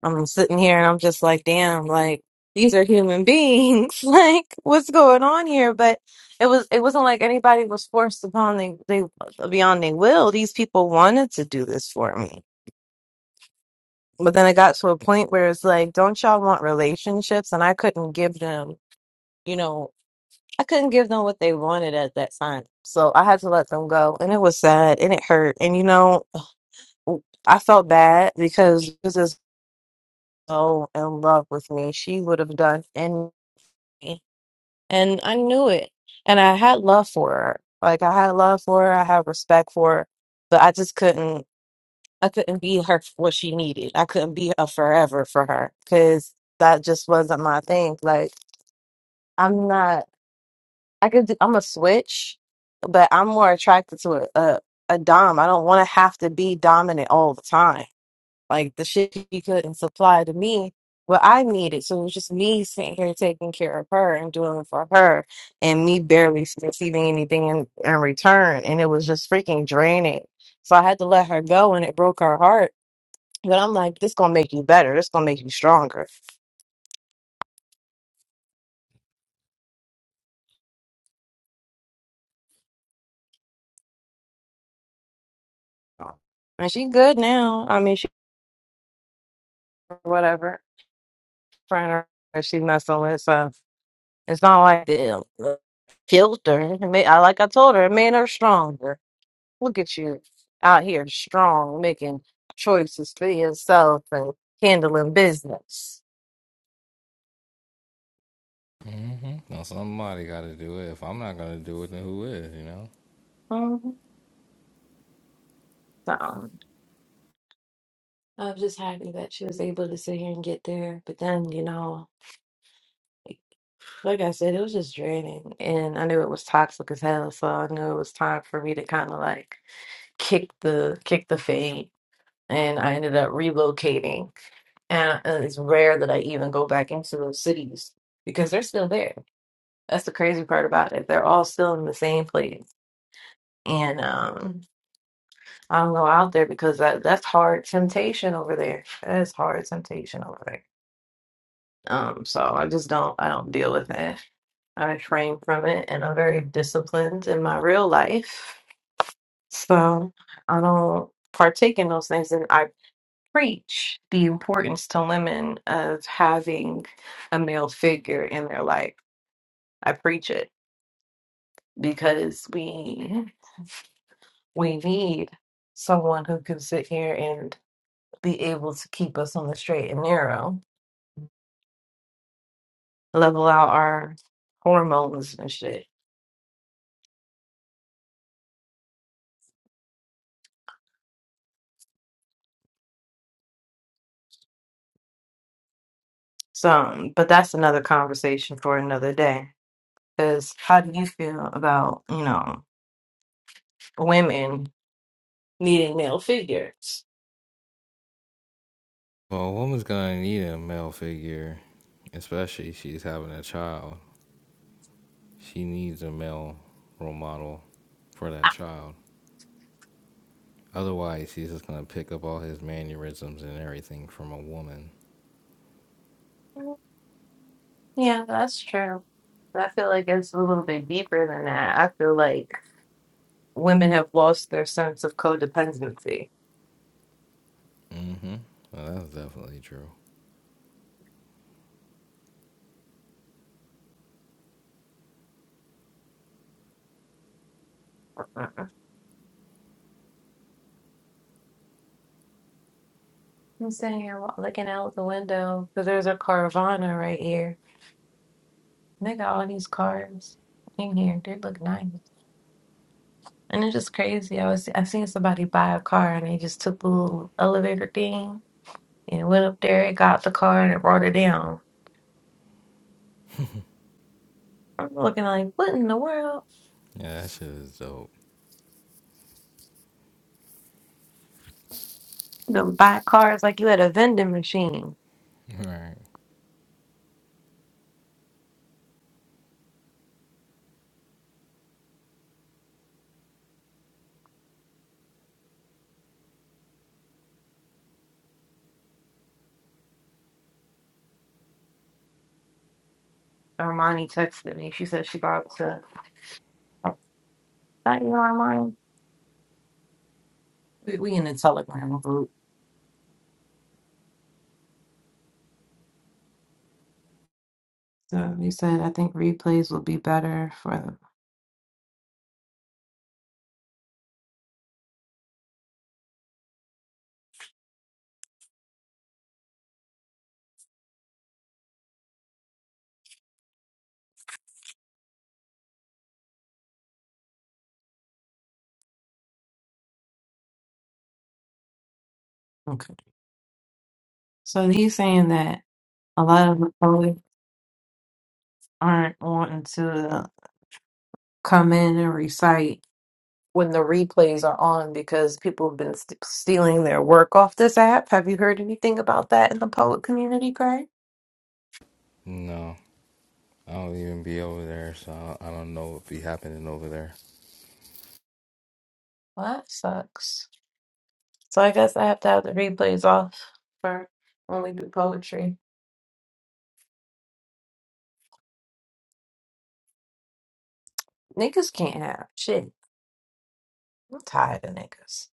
Speaker 1: I'm sitting here and I'm just like, damn, like these are human beings. Like, what's going on here? But it was it wasn't like anybody was forced upon they they beyond their will. These people wanted to do this for me. But then it got to a point where it's like, don't y'all want relationships? And I couldn't give them, you know, I couldn't give them what they wanted at that time. So I had to let them go. And it was sad and it hurt. And you know, I felt bad because this is so in love with me. She would have done And I knew it. And I had love for her. Like I had love for her. I had respect for her. But I just couldn't I couldn't be her for what she needed. I couldn't be a forever for her because that just wasn't my thing. Like I'm not I could do, I'm a switch, but I'm more attracted to a, a, a dom. I don't want to have to be dominant all the time like the shit he couldn't supply to me what I needed. So it was just me sitting here taking care of her and doing it for her and me barely receiving anything in, in return. And it was just freaking draining. So I had to let her go and it broke her heart. But I'm like, this gonna make you better. This gonna make you stronger. And she good now. I mean she whatever friend or that she's messing with. So it's not like it killed her. It made, I like I told her, it made her stronger Look at you out here strong, making choices for yourself and handling business.
Speaker 6: Mm-hmm. Now somebody got to do it. If I'm not gonna do it, then who is? You know.
Speaker 1: Mhm. So I'm just happy that she was able to sit here and get there. But then, you know, like like I said, it was just draining. And I knew it was toxic as hell. So I knew it was time for me to kind of like kick the kick the fade. And I ended up relocating and uh, it's rare that I even go back into those cities because they're still there. That's the crazy part about it. They're all still in the same place. And um I don't go out there because that that's hard temptation over there. That is hard temptation over there. Um so I just don't I don't deal with that. I refrain from it and I'm very disciplined in my real life. So I don't partake in those things and I preach the importance to women of having a male figure in their life. I preach it because we we need someone who can sit here and be able to keep us on the straight and narrow, level out our hormones and shit. So, um, but that's another conversation for another day. Because how do you feel about, you know, women needing male figures?
Speaker 6: Well, a woman's gonna need a male figure, especially if she's having a child. She needs a male role model for that child. Otherwise, she's just gonna pick up all his mannerisms and everything from a woman.
Speaker 1: Mm, Yeah, that's true. But I feel like it's a little bit deeper than that. I feel like women have lost their sense of codependency
Speaker 6: Mm-hmm. Well, that's definitely true.
Speaker 1: Uh-uh. I'm sitting here wa- looking out the window because there's a Carvana right here. And they got all these cars in here. They look nice. And it's just crazy. I was I seen somebody buy a car and they just took the little elevator thing and went up there and got the car and it brought it down. I'm looking like, what in the world?
Speaker 6: Yeah, that shit is dope.
Speaker 1: You know, buy cars like you at a vending machine. Armani texted me. She said she bought to. Not you, Armani. We, we in the Telegram group. So he said, I think replays will be better for. Okay. So he's saying that a lot of the poets aren't wanting to come in and recite when the replays are on because people have been st- stealing their work off this app. Have you heard anything about that in the poet community, Craig?
Speaker 6: No, I don't even be over there, so I don't know what be happening over there.
Speaker 1: Well, that sucks. So I guess I have to have the replays off for when we do poetry. Niggas can't have shit. I'm tired of niggas.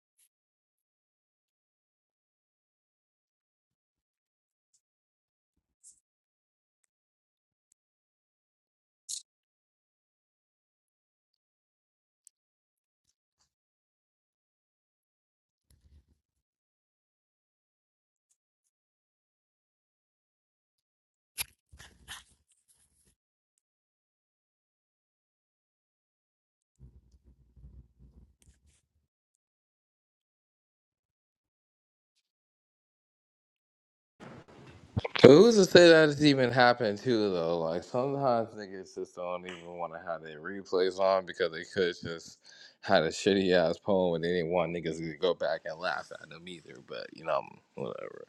Speaker 6: But who's to say that it's even happened too though? Like sometimes niggas just don't even want to have their replays on because they could just had a shitty ass poem and they didn't want niggas to go back and laugh at them either. But you know, whatever.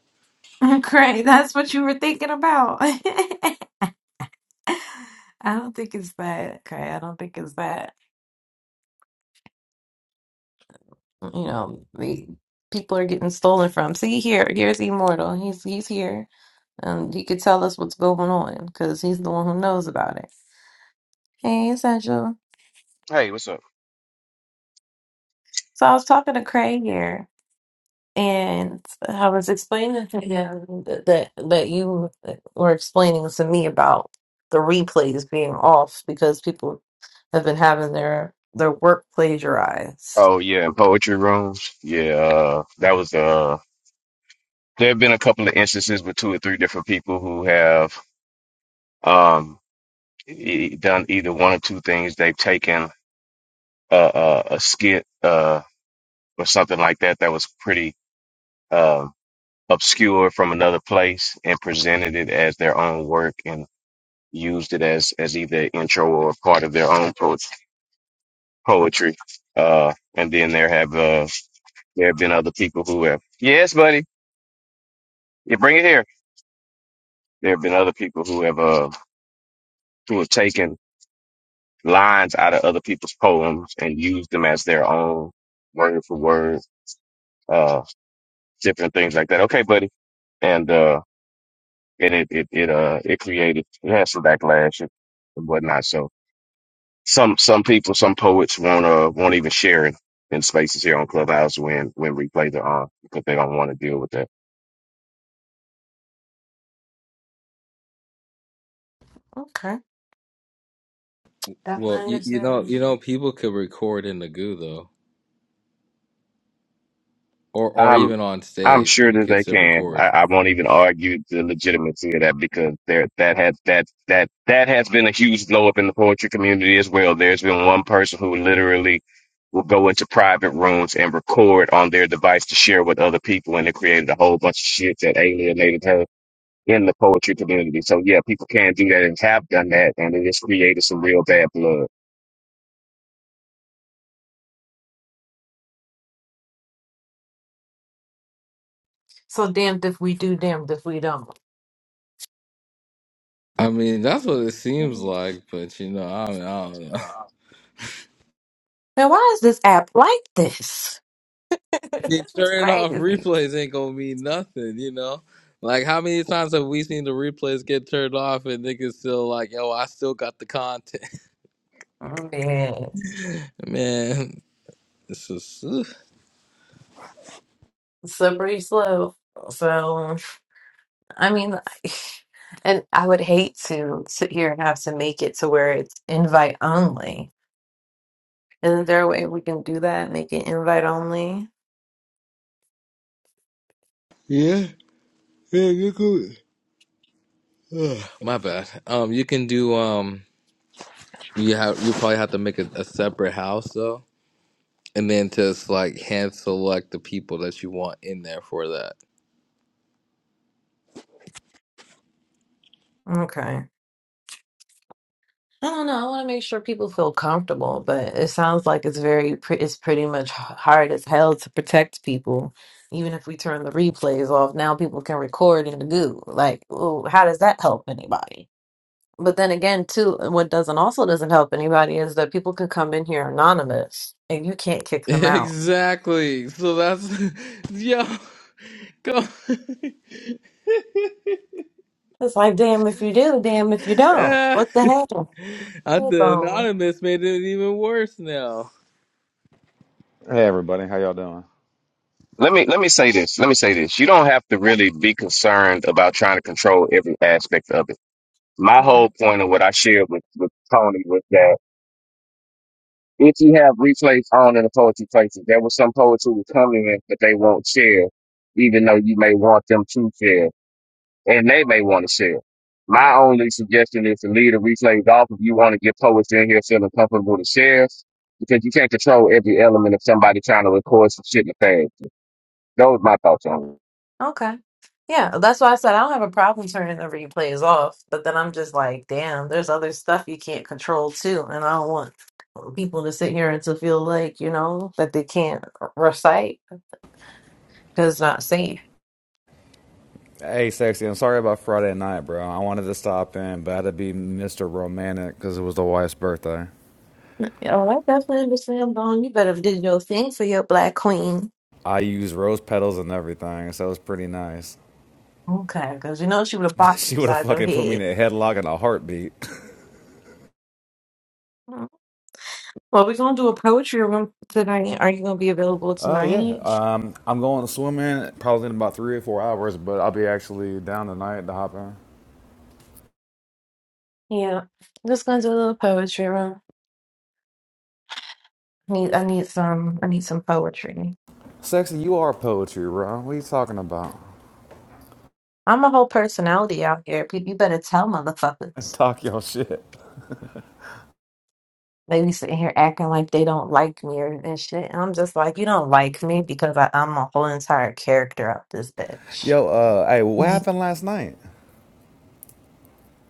Speaker 1: Cray, that's what you were thinking about. I don't think it's that, Cray. I don't think it's that. You know, the people are getting stolen from. See here, here's Immortal. He's he's here, and he could tell us what's going on because he's the one who knows about it. Hey, Essential.
Speaker 9: Hey, what's up?
Speaker 1: So I was talking to Cray here. And I was explaining to him that that, that you were explaining to me about the replays being off because people have been having their their work plagiarized.
Speaker 9: Oh yeah, in poetry rooms. Yeah, uh, that was uh there have been a couple of instances with two or three different people who have um e- e-, done either one or two things. They've taken a a, a skit uh or something like that that was pretty uh, obscure from another place and presented it as their own work and used it as as either intro or part of their own po- poetry. Uh, and then there have uh there have been other people who have yes, buddy. you bring it here There have been other people who have uh who have taken lines out of other people's poems and used them as their own word for word, uh, different things like that. Okay, buddy, and uh, and it it it uh it created it had some backlash and whatnot. So some some people, some poets won't uh won't even share it in spaces here on Clubhouse when when replays are on because they don't want to deal with that.
Speaker 1: Okay,
Speaker 6: Well,
Speaker 1: definitely
Speaker 6: you, you know,
Speaker 1: understand.
Speaker 6: you know, people could record in the goo though, or or
Speaker 9: I'm
Speaker 6: even on
Speaker 9: I'm
Speaker 6: stage,
Speaker 9: sure
Speaker 6: people
Speaker 9: that
Speaker 6: could
Speaker 9: they
Speaker 6: still
Speaker 9: can.
Speaker 6: record.
Speaker 9: I, I won't even argue the legitimacy of that because there that has that that that has been a huge blow up in the poetry community as well. There's been one person who literally will go into private rooms and record on their device to share with other people, and it created a whole bunch of shit that alienated her in the poetry community. So yeah, people can do that and have done that, and it has created some real bad blood.
Speaker 1: So damned if we do, damned if we don't.
Speaker 6: I mean, that's what it seems
Speaker 1: Now,
Speaker 6: like, but you know, I don't, I don't know.
Speaker 1: why is this app like this? this
Speaker 6: Yeah,
Speaker 1: is
Speaker 6: turning off
Speaker 1: crazy.
Speaker 6: replays ain't gonna mean nothing, you know. Like how many times have we seen the replays get turned off and niggas still like, yo, I still got the content,
Speaker 1: Man,
Speaker 6: man. This is ugh.
Speaker 1: slippery slope. So. I mean, and I would hate to sit here and have to make it to where it's invite only. Isn't there a way we can do that? Make it invite only?
Speaker 6: Yeah, yeah, you could. Ugh, my bad. Um, you can do um, you have you probably have to make a, a separate house though, and then just like hand select the people that you want in there for that.
Speaker 1: Okay. I don't know. I want to make sure people feel comfortable, but it sounds like it's very, pre- it's pretty much h- hard as hell to protect people. Even if we turn the replays off, now people can record and do. Like, ooh, how does that help anybody? But then again, too, uh, what doesn't also doesn't help anybody is that people can come in here anonymous and you can't kick them out.
Speaker 6: Exactly. So that's yo go.
Speaker 1: It's like, damn if you do, damn if you don't.
Speaker 6: I
Speaker 1: What the hell? Hold
Speaker 6: the
Speaker 1: on.
Speaker 6: anonymous made it even worse now.
Speaker 10: Hey everybody, how y'all doing?
Speaker 9: Let me let me say this. Let me say this. You don't have to really be concerned about trying to control every aspect of it my whole point of what I shared with, with Tony was that if you have replays on in the poetry places, there was some poets who were coming in, but they won't share, even though you may want them to share, and they may want to share. My only suggestion is to leave the replays off if you want to get poets in here feeling comfortable to share, because you can't control every element of somebody trying to record some shit in the past. Those my thoughts on
Speaker 1: Okay. Yeah, that's why I said I don't have a problem turning the replays off, but then I'm just like, damn, there's other stuff you can't control too, and I don't want people to sit here and to feel like, you know, that they can't recite because it's not safe.
Speaker 10: Hey, sexy. I'm sorry about Friday night, bro. I wanted to stop in, but I had to be Mr. Romantic because it was the wife's birthday.
Speaker 1: You know, I definitely understand, Bone. You better did your thing for your black queen.
Speaker 10: I used rose petals and everything, so it was pretty nice.
Speaker 1: Okay, because you know she would have bopped
Speaker 10: she would have
Speaker 1: upside your
Speaker 10: fucking put me in
Speaker 1: head.
Speaker 10: a headlock in a heartbeat.
Speaker 1: Well, we're gonna do a poetry room tonight. Are you gonna be available
Speaker 10: Uh, yeah.
Speaker 1: tonight?
Speaker 10: Um, I'm going swimming probably in about three or four hours, but I'll be actually down tonight to hop in.
Speaker 1: Yeah, just gonna do a little poetry room. Need I need some I need some poetry.
Speaker 10: Sexy, you are poetry, bro. What are you talking about?
Speaker 1: I'm a whole personality out here. Pe- You better tell motherfuckers.
Speaker 10: Talk your shit.
Speaker 1: They be sitting here acting like they don't like me or and shit. And I'm just like, you don't like me because I, I'm a whole entire character out this bitch.
Speaker 10: Yo, uh, hey, what happened last night?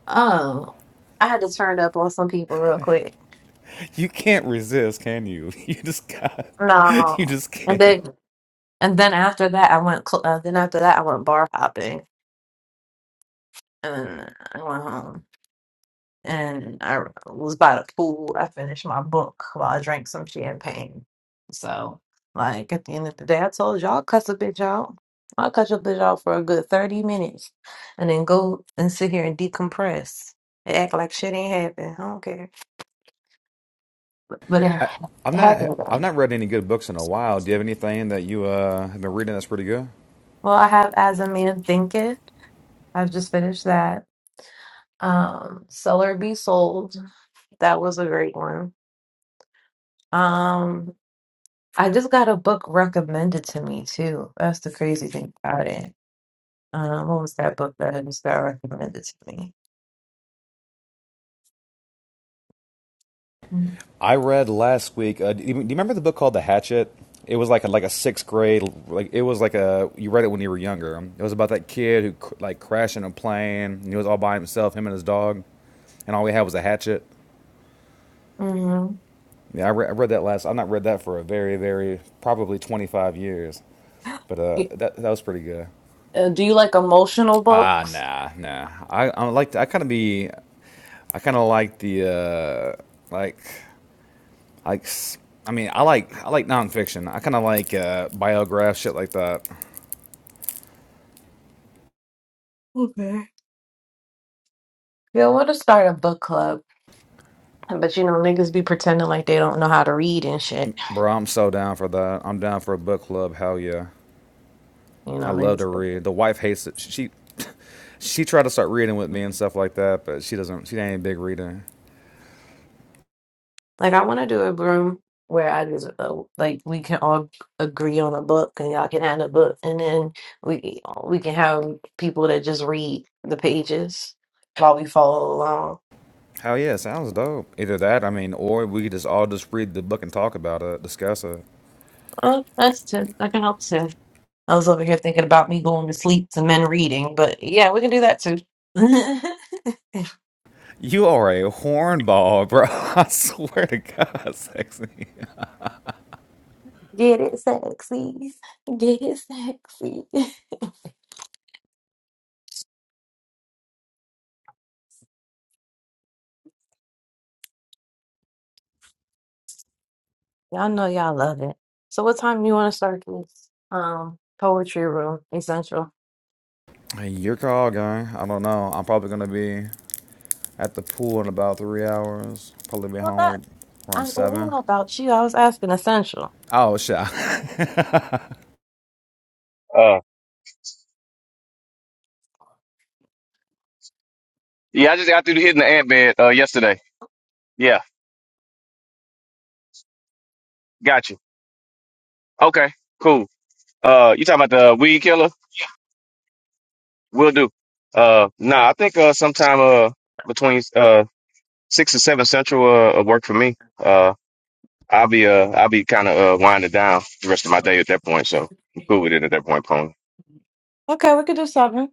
Speaker 1: oh, I had to turn up on some people real quick.
Speaker 10: You can't resist, can you? You just got. You
Speaker 1: No,
Speaker 10: just
Speaker 1: and
Speaker 10: can't.
Speaker 1: then and then after that, I went. Cl- uh, then after that, I went bar hopping and then I went home. and I was by the pool. I finished my book while I drank some champagne. So, like at the end of the day, I told y'all cuss a bitch out. I'll cuss your bitch out for a good thirty minutes, and then go and sit here and decompress and act like shit ain't happened. I don't care, but it,
Speaker 10: I, I've
Speaker 1: it
Speaker 10: not
Speaker 1: happened
Speaker 10: I've
Speaker 1: though.
Speaker 10: not read any good books in a while. Do you have anything that you uh, have been reading that's pretty good?
Speaker 1: Well, I have As a Man Thinketh. I've just finished that. Um, Seller Be Sold. That was a great one. Um, I just got a book recommended to me too. That's the crazy thing about it. Um, what was that book that I just got recommended to me?
Speaker 10: I read last week. Uh, do, you, do you remember the book called The Hatchet? It was like a, like a sixth grade like it was like a you read it when you were younger. It was about that kid who cr- like crashed in a plane. And he was all by himself, him and his dog, and all he had was a hatchet.
Speaker 1: Mm-hmm.
Speaker 10: Yeah, I, re- I read that last. I've not read that for a very very probably twenty five years, but uh, that that was pretty good.
Speaker 1: Uh, do you like emotional
Speaker 10: Ah,
Speaker 1: books?
Speaker 10: nah, nah. I I like to, I kind of be I kind of like the uh like like s- I mean I like I like nonfiction. I kind of like uh biograph shit like that.
Speaker 1: Okay. Yeah, I want to start a book club, but you know, niggas be pretending like they don't know how to read and shit.
Speaker 10: Bro, I'm so down for that. I'm down for a book club. Hell yeah.
Speaker 1: You
Speaker 10: I
Speaker 1: know,
Speaker 10: love to
Speaker 1: niggas.
Speaker 10: read. The wife hates it. She she tried to start reading with me and stuff like that, but she doesn't. She ain't a big reader.
Speaker 1: Like I want to do a room where I just uh, like we can all agree on a book and y'all can add a book and then we we can have people that just read the pages while we follow along.
Speaker 10: Hell yeah, sounds dope. Either that, I mean, or we could just all just read the book and talk about it, discuss it.
Speaker 1: Oh, that's too. That can help too. I was over here thinking about me going to sleep to men reading, but yeah, we can do that too.
Speaker 10: You are a hornball, bro. I swear to God, sexy.
Speaker 1: Get it sexy. Get it sexy. Y'all know y'all love it. So what time do you want to start this um poetry room essential?
Speaker 10: Hey, Your call, guy. I don't know. I'm probably gonna be at the pool in about three hours. Probably be
Speaker 1: Well,
Speaker 10: home
Speaker 1: that.
Speaker 10: around
Speaker 1: I well, we
Speaker 10: seven.
Speaker 1: know about you. I was asking essential.
Speaker 10: Oh shit.
Speaker 9: it. Uh, yeah, I just got through hitting the ant bed uh, yesterday. Yeah, got you. Okay, cool. Uh, you talking about the weed killer? will do. Uh, nah, I think uh, sometime uh between uh six and seven central uh, uh work for me. Uh, I'll be uh I'll be kind of uh winding down the rest of my day at that point, so I'm cool with it at that point, Pony.
Speaker 1: Okay, we could do seven.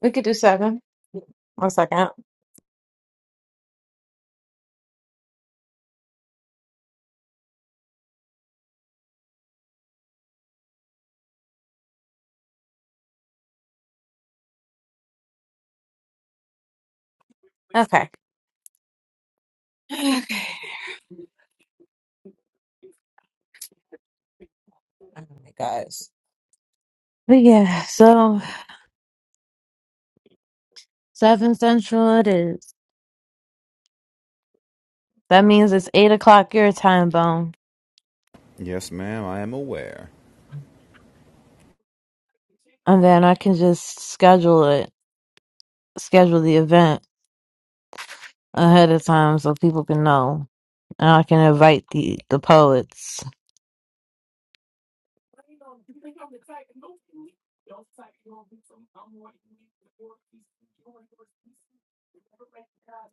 Speaker 1: We could do seven. One second. Okay. Okay. All right, guys. But yeah, so seven central it is. That means it's eight o'clock your time, Bone.
Speaker 10: yes, ma'am. I am aware.
Speaker 1: and then I can just schedule it, schedule the event ahead of time so people can know, and I can invite the the poets.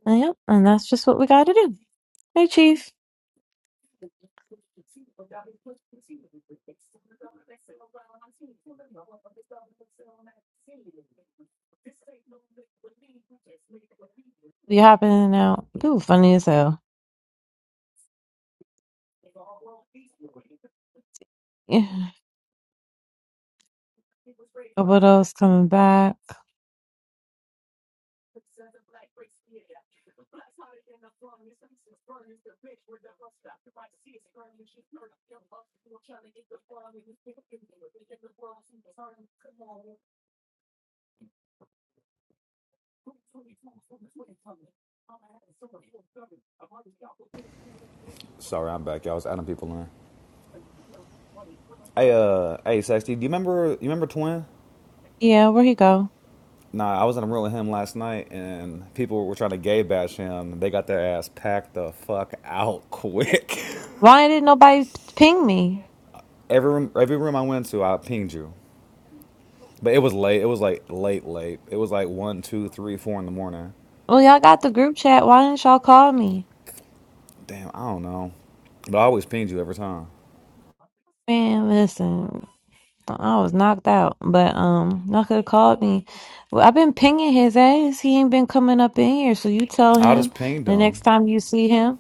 Speaker 1: And yep, and that's just what we got to do. Hey, Chief, you happening now? Ooh, funny as hell. Yeah, Roboto's coming back.
Speaker 10: Sorry, I'm back. Y'all I was adding people in. Hey, uh, hey, sexy. Do you remember? You remember Twin?
Speaker 1: Yeah, where he go?
Speaker 10: Nah, I was in a room with him last night, and people were trying to gay bash him. They got their ass packed the fuck out quick.
Speaker 1: Why didn't nobody ping me?
Speaker 10: every room, every room I went to, I pinged you. But it was late. It was like late, late. It was like one, two, three, four in the morning.
Speaker 1: Well, y'all got the group chat. Why didn't y'all call me?
Speaker 10: Damn, I don't know. But I always pinged you every time.
Speaker 1: Man, listen. I was knocked out, but um, y'all could have called me. Well, I've been pinging his ass. He ain't been coming up in here. So you tell
Speaker 10: I
Speaker 1: him
Speaker 10: just pinged
Speaker 1: the
Speaker 10: him.
Speaker 1: next time you see him.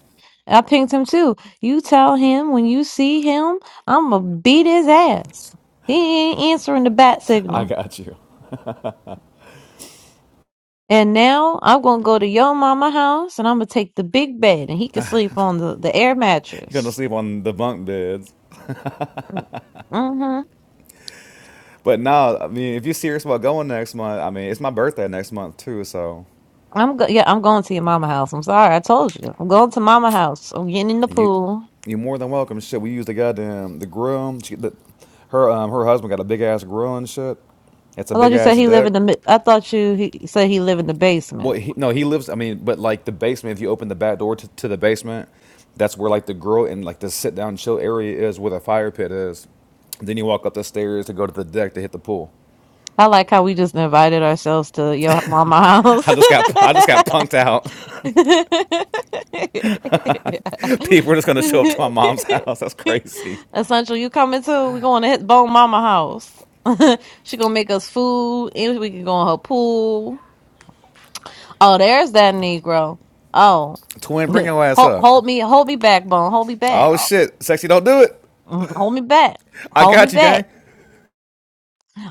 Speaker 1: I pinged him too. You tell him when you see him, I'm gonna beat his ass. He ain't answering the bat
Speaker 10: I
Speaker 1: signal.
Speaker 10: got you.
Speaker 1: And now I'm gonna go to your mama house and I'm gonna take the big bed and he can sleep on the, the air
Speaker 10: You're gonna
Speaker 1: mattress.
Speaker 10: sleep on the bunk beds.
Speaker 1: Mm-hmm.
Speaker 10: But now, I mean, if you're serious about going next month, I mean, it's my birthday next month too. So
Speaker 1: I'm go- yeah, I'm going to your mama house. I'm sorry, I told you. I'm going to mama house. I'm getting in the
Speaker 10: you,
Speaker 1: pool.
Speaker 10: you're more than welcome. Shit, we use the goddamn the grill. She, the, her um her husband got a big ass grill and shit. It's a
Speaker 1: I
Speaker 10: big
Speaker 1: thought you
Speaker 10: ass
Speaker 1: said he live
Speaker 10: deck.
Speaker 1: in the. mi- I thought you he said he live in the
Speaker 10: Well,
Speaker 1: basement.
Speaker 10: he, no, he lives. I mean, but like the basement. If you open the back door to, to the basement, that's where like the grill and like the sit down chill area is, where the fire pit is. Then you walk up the stairs to go to the deck to hit the pool.
Speaker 1: I like how we just invited ourselves to your mama house.
Speaker 10: I just got I just got punked out. People are just gonna show up to my mom's house. That's crazy.
Speaker 1: Essential, you coming too? We going to hit bone mama house. she gonna make us food, and we can go in her pool. Oh, there's that Negro. Oh,
Speaker 10: Twin, bring your ass
Speaker 1: hold,
Speaker 10: up.
Speaker 1: hold me, hold me back, bone. Hold me back.
Speaker 10: Oh shit, sexy, don't do it.
Speaker 1: Mm, Hold me back.
Speaker 10: I
Speaker 1: Hold me
Speaker 10: got you, gang.
Speaker 1: back.
Speaker 10: I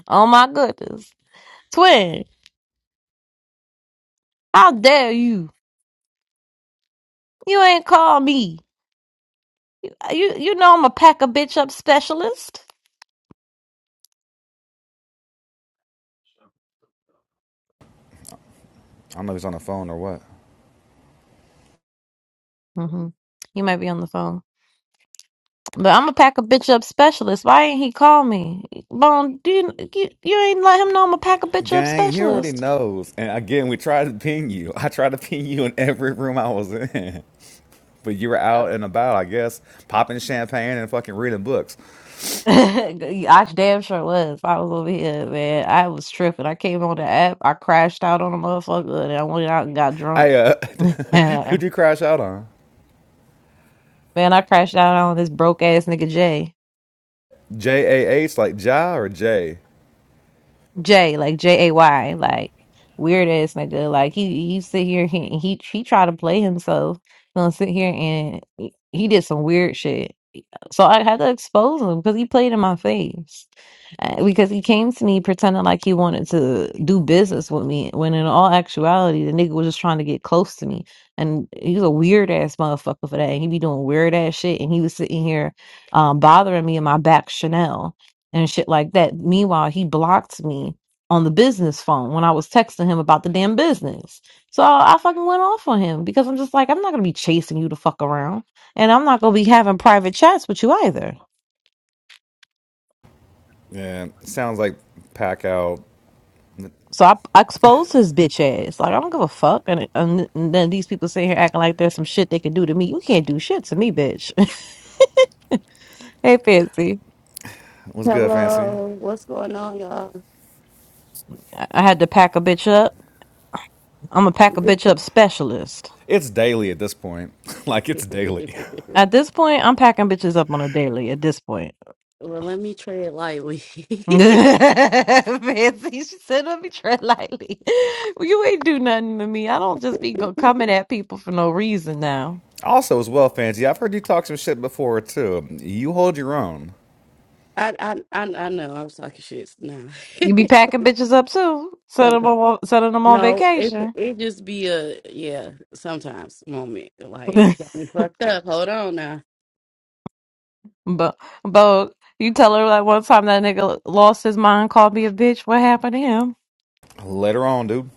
Speaker 1: Oh my goodness. Twin, how dare you? You ain't call me. You you know I'm a pack a bitch up specialist.
Speaker 10: don't know if he's on the phone or what.
Speaker 1: hmm You might be on the phone, but I'm a pack a bitch up specialist. Why ain't he call me? Bone, do you, you you ain't let him know I'm a pack a bitch up
Speaker 10: Gang, he already
Speaker 1: specialist?
Speaker 10: knows. And again, we tried to ping you. I tried to ping you in every room I was in. but you were out and about, I guess, popping champagne and fucking reading books.
Speaker 1: I damn sure was. I was over here, man. I was tripping. I came on the app. I crashed out on a motherfucker, and I went out and got drunk.
Speaker 10: Hey, uh, who'd you crash out on?
Speaker 1: man, I crashed out on this broke ass nigga Jay.
Speaker 10: J A H like Ja or J?
Speaker 1: Jay, like J A Y, like weird ass nigga. Like he he sit here he he he try to play himself. Gonna sit here and he he did some weird shit. So I had to expose him because he played in my face. Uh, Because he came to me pretending like he wanted to do business with me, when in all actuality, the nigga was just trying to get close to me. And he's a weird ass motherfucker for that. And he be doing weird ass shit. And he was sitting here um, bothering me in my back Chanel and shit like that. Meanwhile, he blocked me on the business phone when I was texting him about the damn business. So I fucking went off on him because I'm just like, I'm not gonna be chasing you to fuck around. And I'm not gonna be having private chats with you either.
Speaker 10: Yeah, sounds like pack out.
Speaker 1: So I, I exposed his bitch ass. Like I don't give a fuck. And, and, then these people sitting here acting like there's some shit they can do to me. You can't do shit to me, bitch. hey, fancy.
Speaker 10: What's good, Fancy?
Speaker 11: Hello, what's going on, y'all?
Speaker 1: I I had to pack a bitch up. I'm a pack a
Speaker 11: This-
Speaker 1: bitch up specialist.
Speaker 10: It's daily at this point. like it's daily.
Speaker 1: At this point, I'm packing bitches up on a daily. At this point,
Speaker 11: Well, let me tread lightly.
Speaker 1: fancy. She said, "Let me tread lightly. you ain't do nothing to me. I don't just be go- coming at people for no reason now."
Speaker 10: Also, as well, Fancy, I've heard you talk some shit before too. You hold your own.
Speaker 11: I, I I I know I'm talking shit now.
Speaker 1: You be packing bitches up too, sending them
Speaker 11: sometimes,
Speaker 1: on, sending them on
Speaker 11: no, it
Speaker 1: vacation.
Speaker 11: it just be a yeah. Sometimes moment like you got me fucked up. Hold on now,
Speaker 1: but, but you tell her like one time that nigga lost his mind, called me a bitch. What happened to him?
Speaker 10: Later on, dude.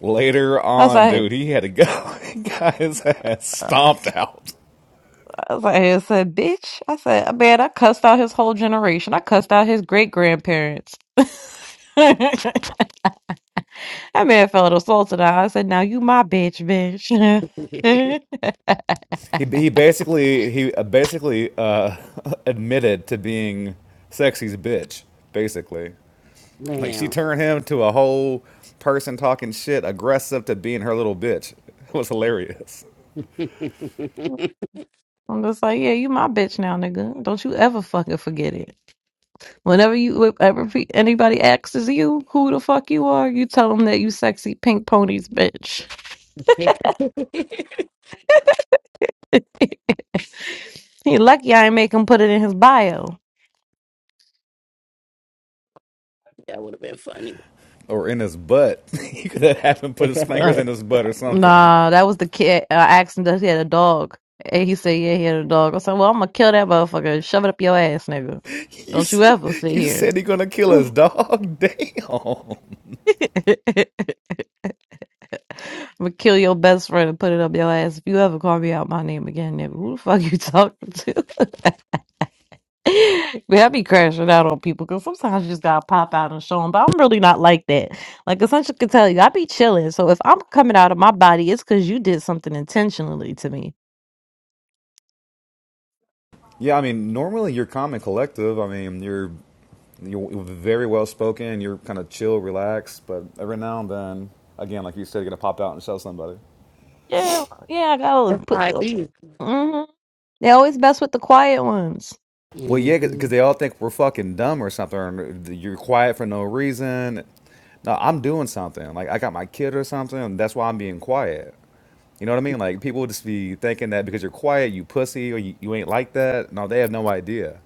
Speaker 10: Later
Speaker 1: I was
Speaker 10: on,
Speaker 1: like,
Speaker 10: dude. He had to go. he got his ass stomped out.
Speaker 1: I was like, I said, bitch. I said, "Uh, man, I cussed out his whole generation. I cussed out his great grandparents. that man felt assaulted. I said, now you my bitch, bitch. I'm
Speaker 10: He he basically he uh, basically uh, admitted to being sexy's bitch. Basically, like she
Speaker 11: man.
Speaker 10: turned him to a whole person talking shit, aggressive to being her little bitch. It was hilarious.
Speaker 11: that
Speaker 1: just like, yeah, you my bitch now, nigga. Don't you ever fucking forget it. Whenever you if ever pe- anybody asks you who the fuck you are, you tell them that you sexy pink ponies bitch. he lucky I ain't make him put it in his bio.
Speaker 11: would have been funny.
Speaker 10: Or in his butt. you could have had him put his fingers in
Speaker 11: That's
Speaker 10: his butt or something.
Speaker 1: Nah, that was the kid. I asked him if he had a dog. And he said, yeah, he had a dog. I said, well, I'm going to kill that motherfucker. and Shove it up your ass, nigga.
Speaker 10: You
Speaker 1: Don't you ever sit
Speaker 10: you
Speaker 1: here.
Speaker 10: said he gonna kill his dog. Damn.
Speaker 1: I'm going to kill your best friend and put it up your ass if you ever call me out my name again, nigga. Who the fuck you talking to? but I be crashing out on people because sometimes you just got to pop out and show them. But I'm really not like that. Like, Essential can tell you, I be chilling. So if I'm coming out of my body, it's because you did something intentionally to me.
Speaker 10: Yeah, I mean, normally you're calm and collective. I mean, you're You're very well spoken. You're kind of chill, relaxed, but every now and then, again, like you said, you're gonna pop out and show somebody.
Speaker 1: Yeah, yeah, I gotta put.
Speaker 11: how it be.
Speaker 1: hmm They always mess with the quiet ones.
Speaker 10: Well, yeah,
Speaker 11: Mm-hmm.
Speaker 10: because they all think we're fucking dumb or something. Or you're quiet for no reason. No, I'm doing something. Like I got my kid or something. And That's why I'm being quiet. You know what I mean? Like people just be thinking that because you're quiet, you pussy, or you, you ain't like that. No, they have no idea.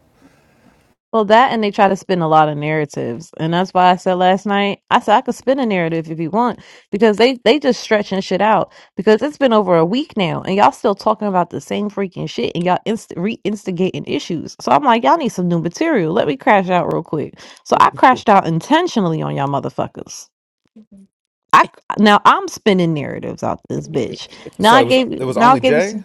Speaker 1: Well, that and they try to spin a lot of narratives, and that's why I said last night, I said I could spin a narrative if you want, because they they just stretching shit out. Because it's been over a week now, and y'all still talking about the same freaking shit, and y'all inst- re-instigating issues. So I'm like, y'all need some new material. Let me crash out real quick. So I crashed out intentionally on y'all motherfuckers. I now I'm spinning narratives out this bitch. Now
Speaker 10: So
Speaker 1: I
Speaker 10: it was
Speaker 1: gave you
Speaker 10: it was
Speaker 1: now I
Speaker 10: only
Speaker 1: gave you some.
Speaker 10: Jay,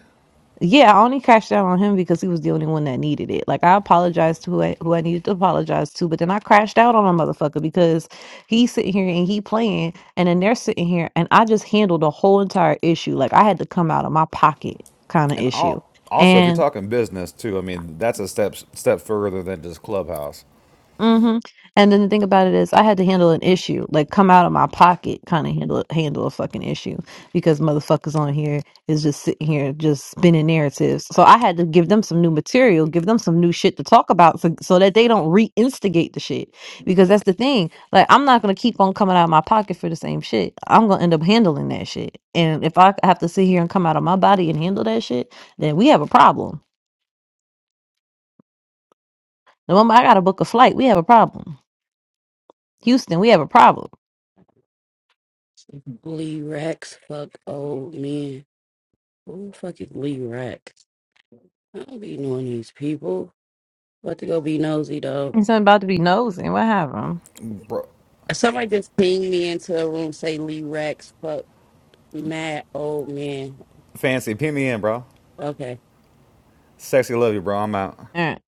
Speaker 1: Yeah, I only cashed out on him because he was the only one that needed it. Like I apologized to who I, who I needed to apologize to, but then I crashed out on a motherfucker because he's sitting here and he playing, and then they're sitting here, and I just handled the whole entire issue. Like I had to come out of my pocket kind of
Speaker 10: and
Speaker 1: issue,
Speaker 10: all, also if you're talking business too, I mean that's a step step further than just clubhouse.
Speaker 1: hmm And then the thing about it is, I had to handle an issue, like come out of my pocket, kind of handle handle a fucking issue because motherfuckers on here is just sitting here just spinning narratives. So I had to give them some new material, give them some new shit to talk about, so, so that they don't re-instigate the shit. Because that's the thing, like I'm not gonna keep on coming out of my pocket for the same shit. I'm gonna end up handling that shit, and if I have to sit here and come out of my body and handle that shit, then we have a problem. The moment I gotta book a flight, we have a problem. Houston, we have a problem
Speaker 11: Lee Rex, fuck old men. Who the fuck is Lee Rex? I don't be knowing these people. About to go be nosy though.
Speaker 1: He's about to be nosing. What happened?
Speaker 10: Bro,
Speaker 11: Somebody just pinged me into a room, say Lee Rex, fuck mad old man.
Speaker 10: Fancy, pin me in, bro.
Speaker 11: Okay.
Speaker 10: Sexy, love you, bro. I'm out.
Speaker 1: All right.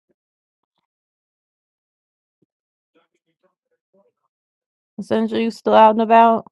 Speaker 1: Sandra, you still out and about?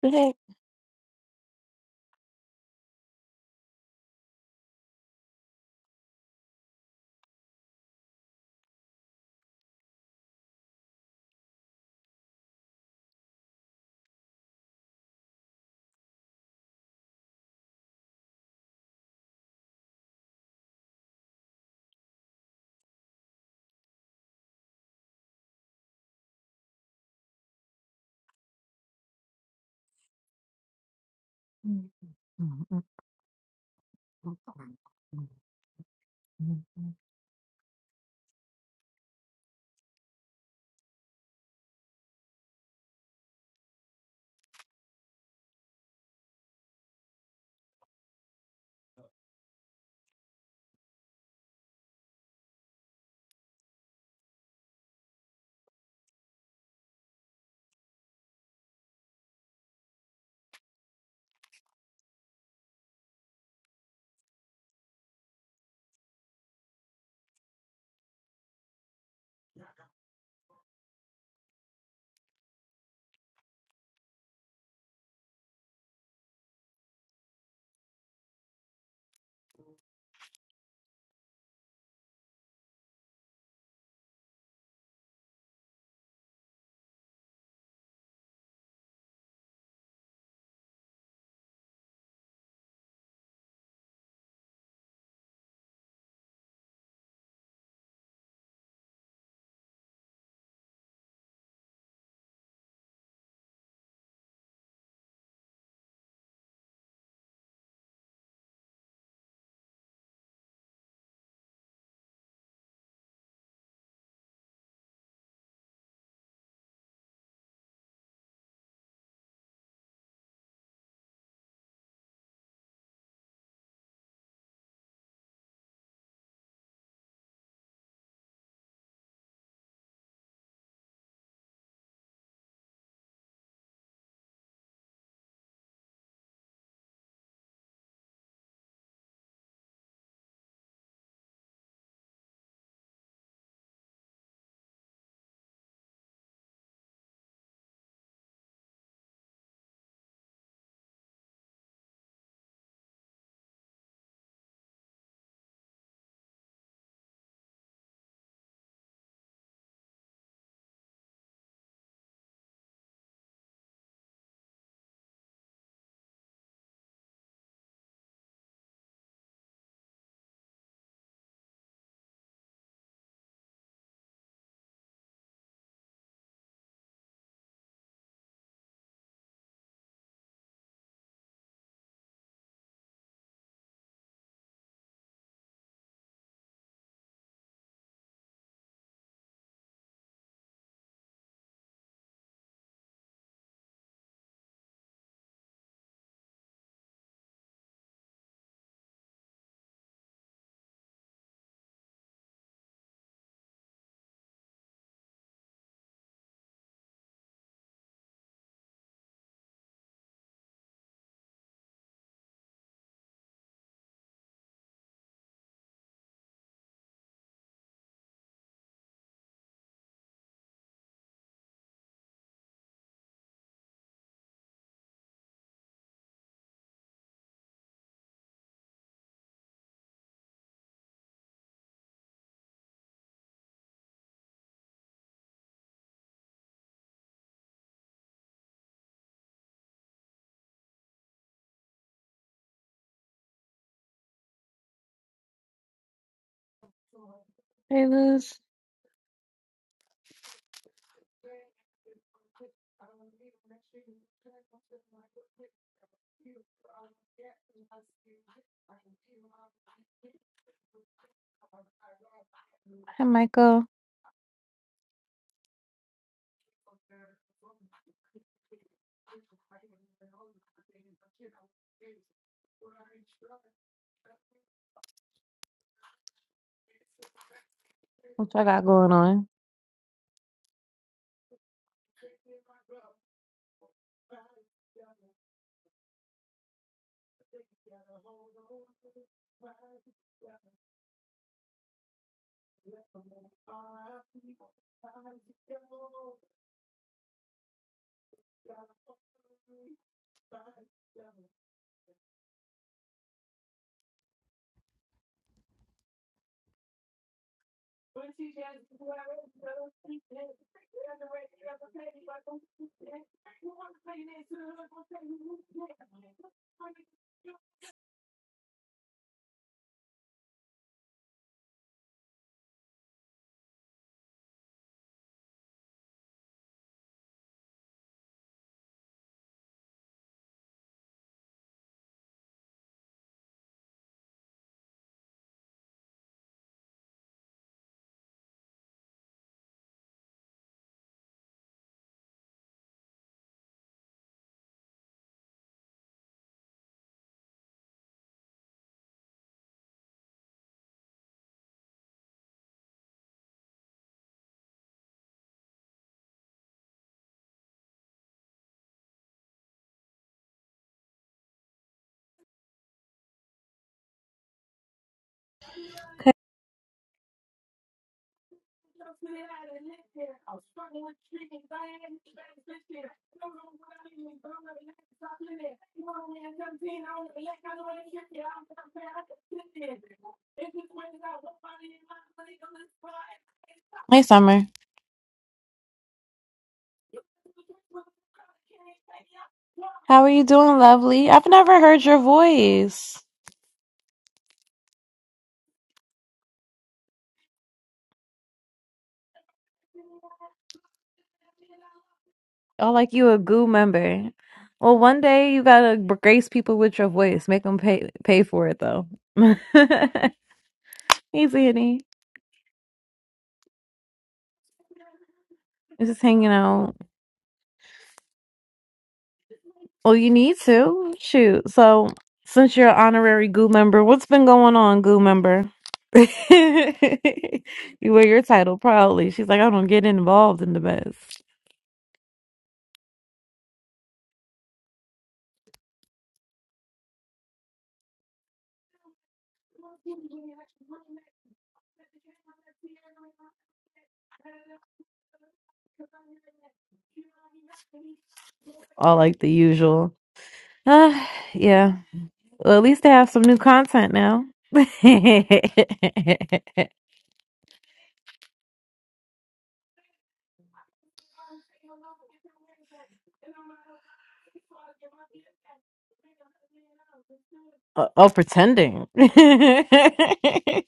Speaker 1: The heck? Hey, Luz. Hi, Michael. What y'all got going on? Hey, Summer. How are you doing, lovely? I've never heard your voice. Oh, like you a goo member. Well, one day you gotta grace people with your voice. Make them pay pay for it though. Easy, eating. Just hanging out. Well, you need to. Shoot. So since you're an honorary goo member, what's been going on, goo member? you wear your title proudly. She's like, I don't get involved in the best. All like the usual. Uh, yeah. Well, at least they have some new content now. Uh, oh, pretending.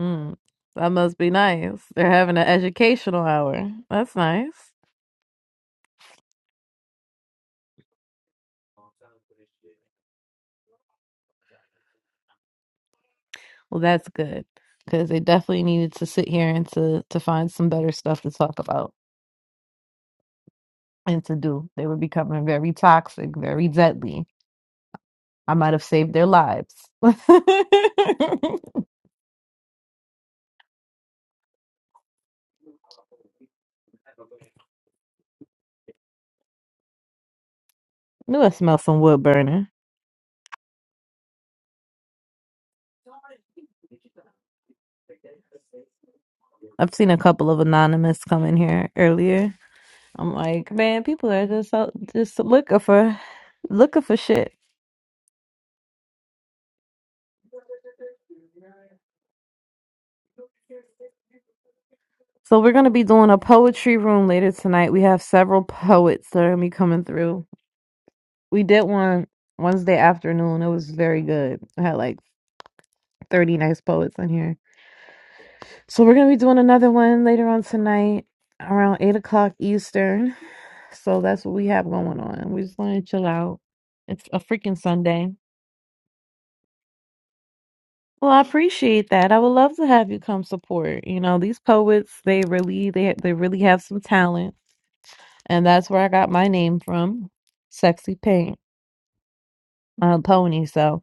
Speaker 1: Mm, that must be nice. They're having an educational hour. That's nice. Well, that's good because they definitely needed to sit here and to to find some better stuff to talk about and to do. They were becoming very toxic, very deadly. I might have saved their lives. Knew I smelled some wood burning. I've seen a couple of anonymous come in here earlier. I'm like, man, people are just out, just looking for looking for shit. So we're gonna be doing a poetry room later tonight. We have several poets that are gonna be coming through. We did one Wednesday afternoon. It was very good. I had like 30 nice poets in here. So we're gonna be doing another one later on tonight around eight o'clock Eastern. So that's what we have going on. We just wanna chill out. It's a freaking Sunday. Well, I appreciate that. I would love to have you come support. You know, these poets, they really they they really have some talent and that's where I got my name from, Sexy Paint uh, Pony. So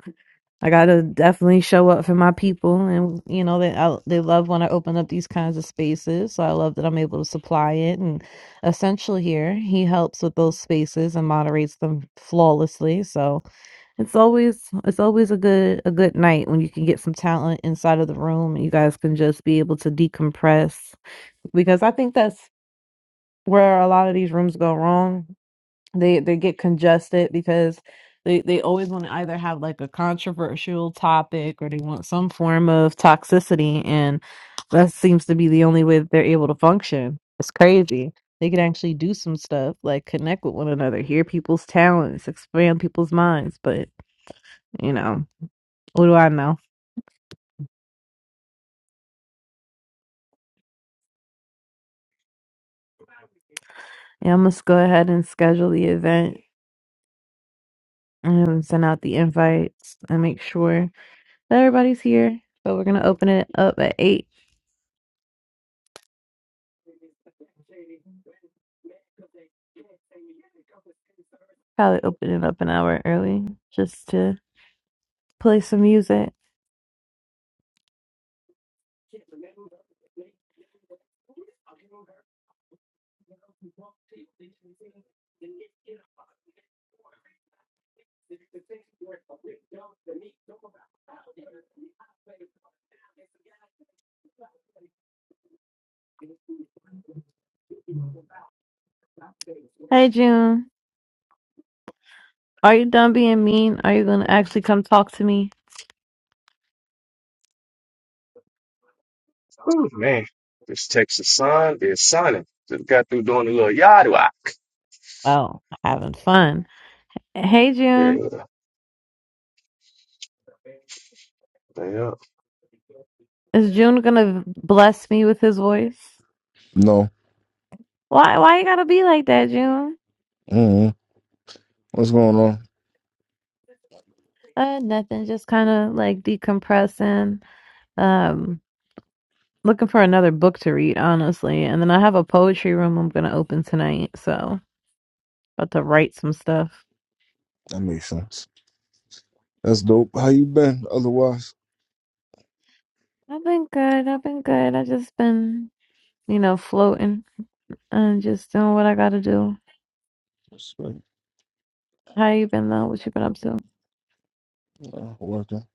Speaker 1: I gotta definitely show up for my people, and you know they I, they love when I open up these kinds of spaces. So I love that I'm able to supply it. And Essential here, he helps with those spaces and moderates them flawlessly. So it's always it's always a good a good night when you can get some talent inside of the room, and you guys can just be able to decompress because I think that's where a lot of these rooms go wrong they they get congested because they they always want to either have like a controversial topic or they want some form of toxicity and that seems to be the only way that they're able to function it's crazy they can actually do some stuff like connect with one another hear people's talents expand people's minds but you know what do i know yeah i must go ahead and schedule the event and send out the invites and make sure that everybody's here so we're gonna open it up at eight Probably open it up an hour early just to play some music. Hey June, are you done being mean? Are you gonna actually come talk to me?
Speaker 9: Whew, man, this Texas sun is sunny. Just got through doing a little yard walk.
Speaker 1: Oh, having fun. Hey
Speaker 9: Yeah,
Speaker 1: June,
Speaker 9: yeah.
Speaker 1: is June gonna bless me with his voice?
Speaker 12: No.
Speaker 1: Why? Why you gotta be like that, June?
Speaker 12: hmm What's going on?
Speaker 1: Uh, nothing. Just kind of like decompressing. Um, looking for another book to read, honestly. And then I have a poetry room I'm gonna open tonight, so about to write some stuff.
Speaker 12: That makes sense. That's dope. How you been otherwise?
Speaker 1: I've been good. I've been good. I just been, you know, floating and just doing what I gotta do.
Speaker 12: Respect.
Speaker 1: How you been though? What you been up to?
Speaker 12: Uh, working.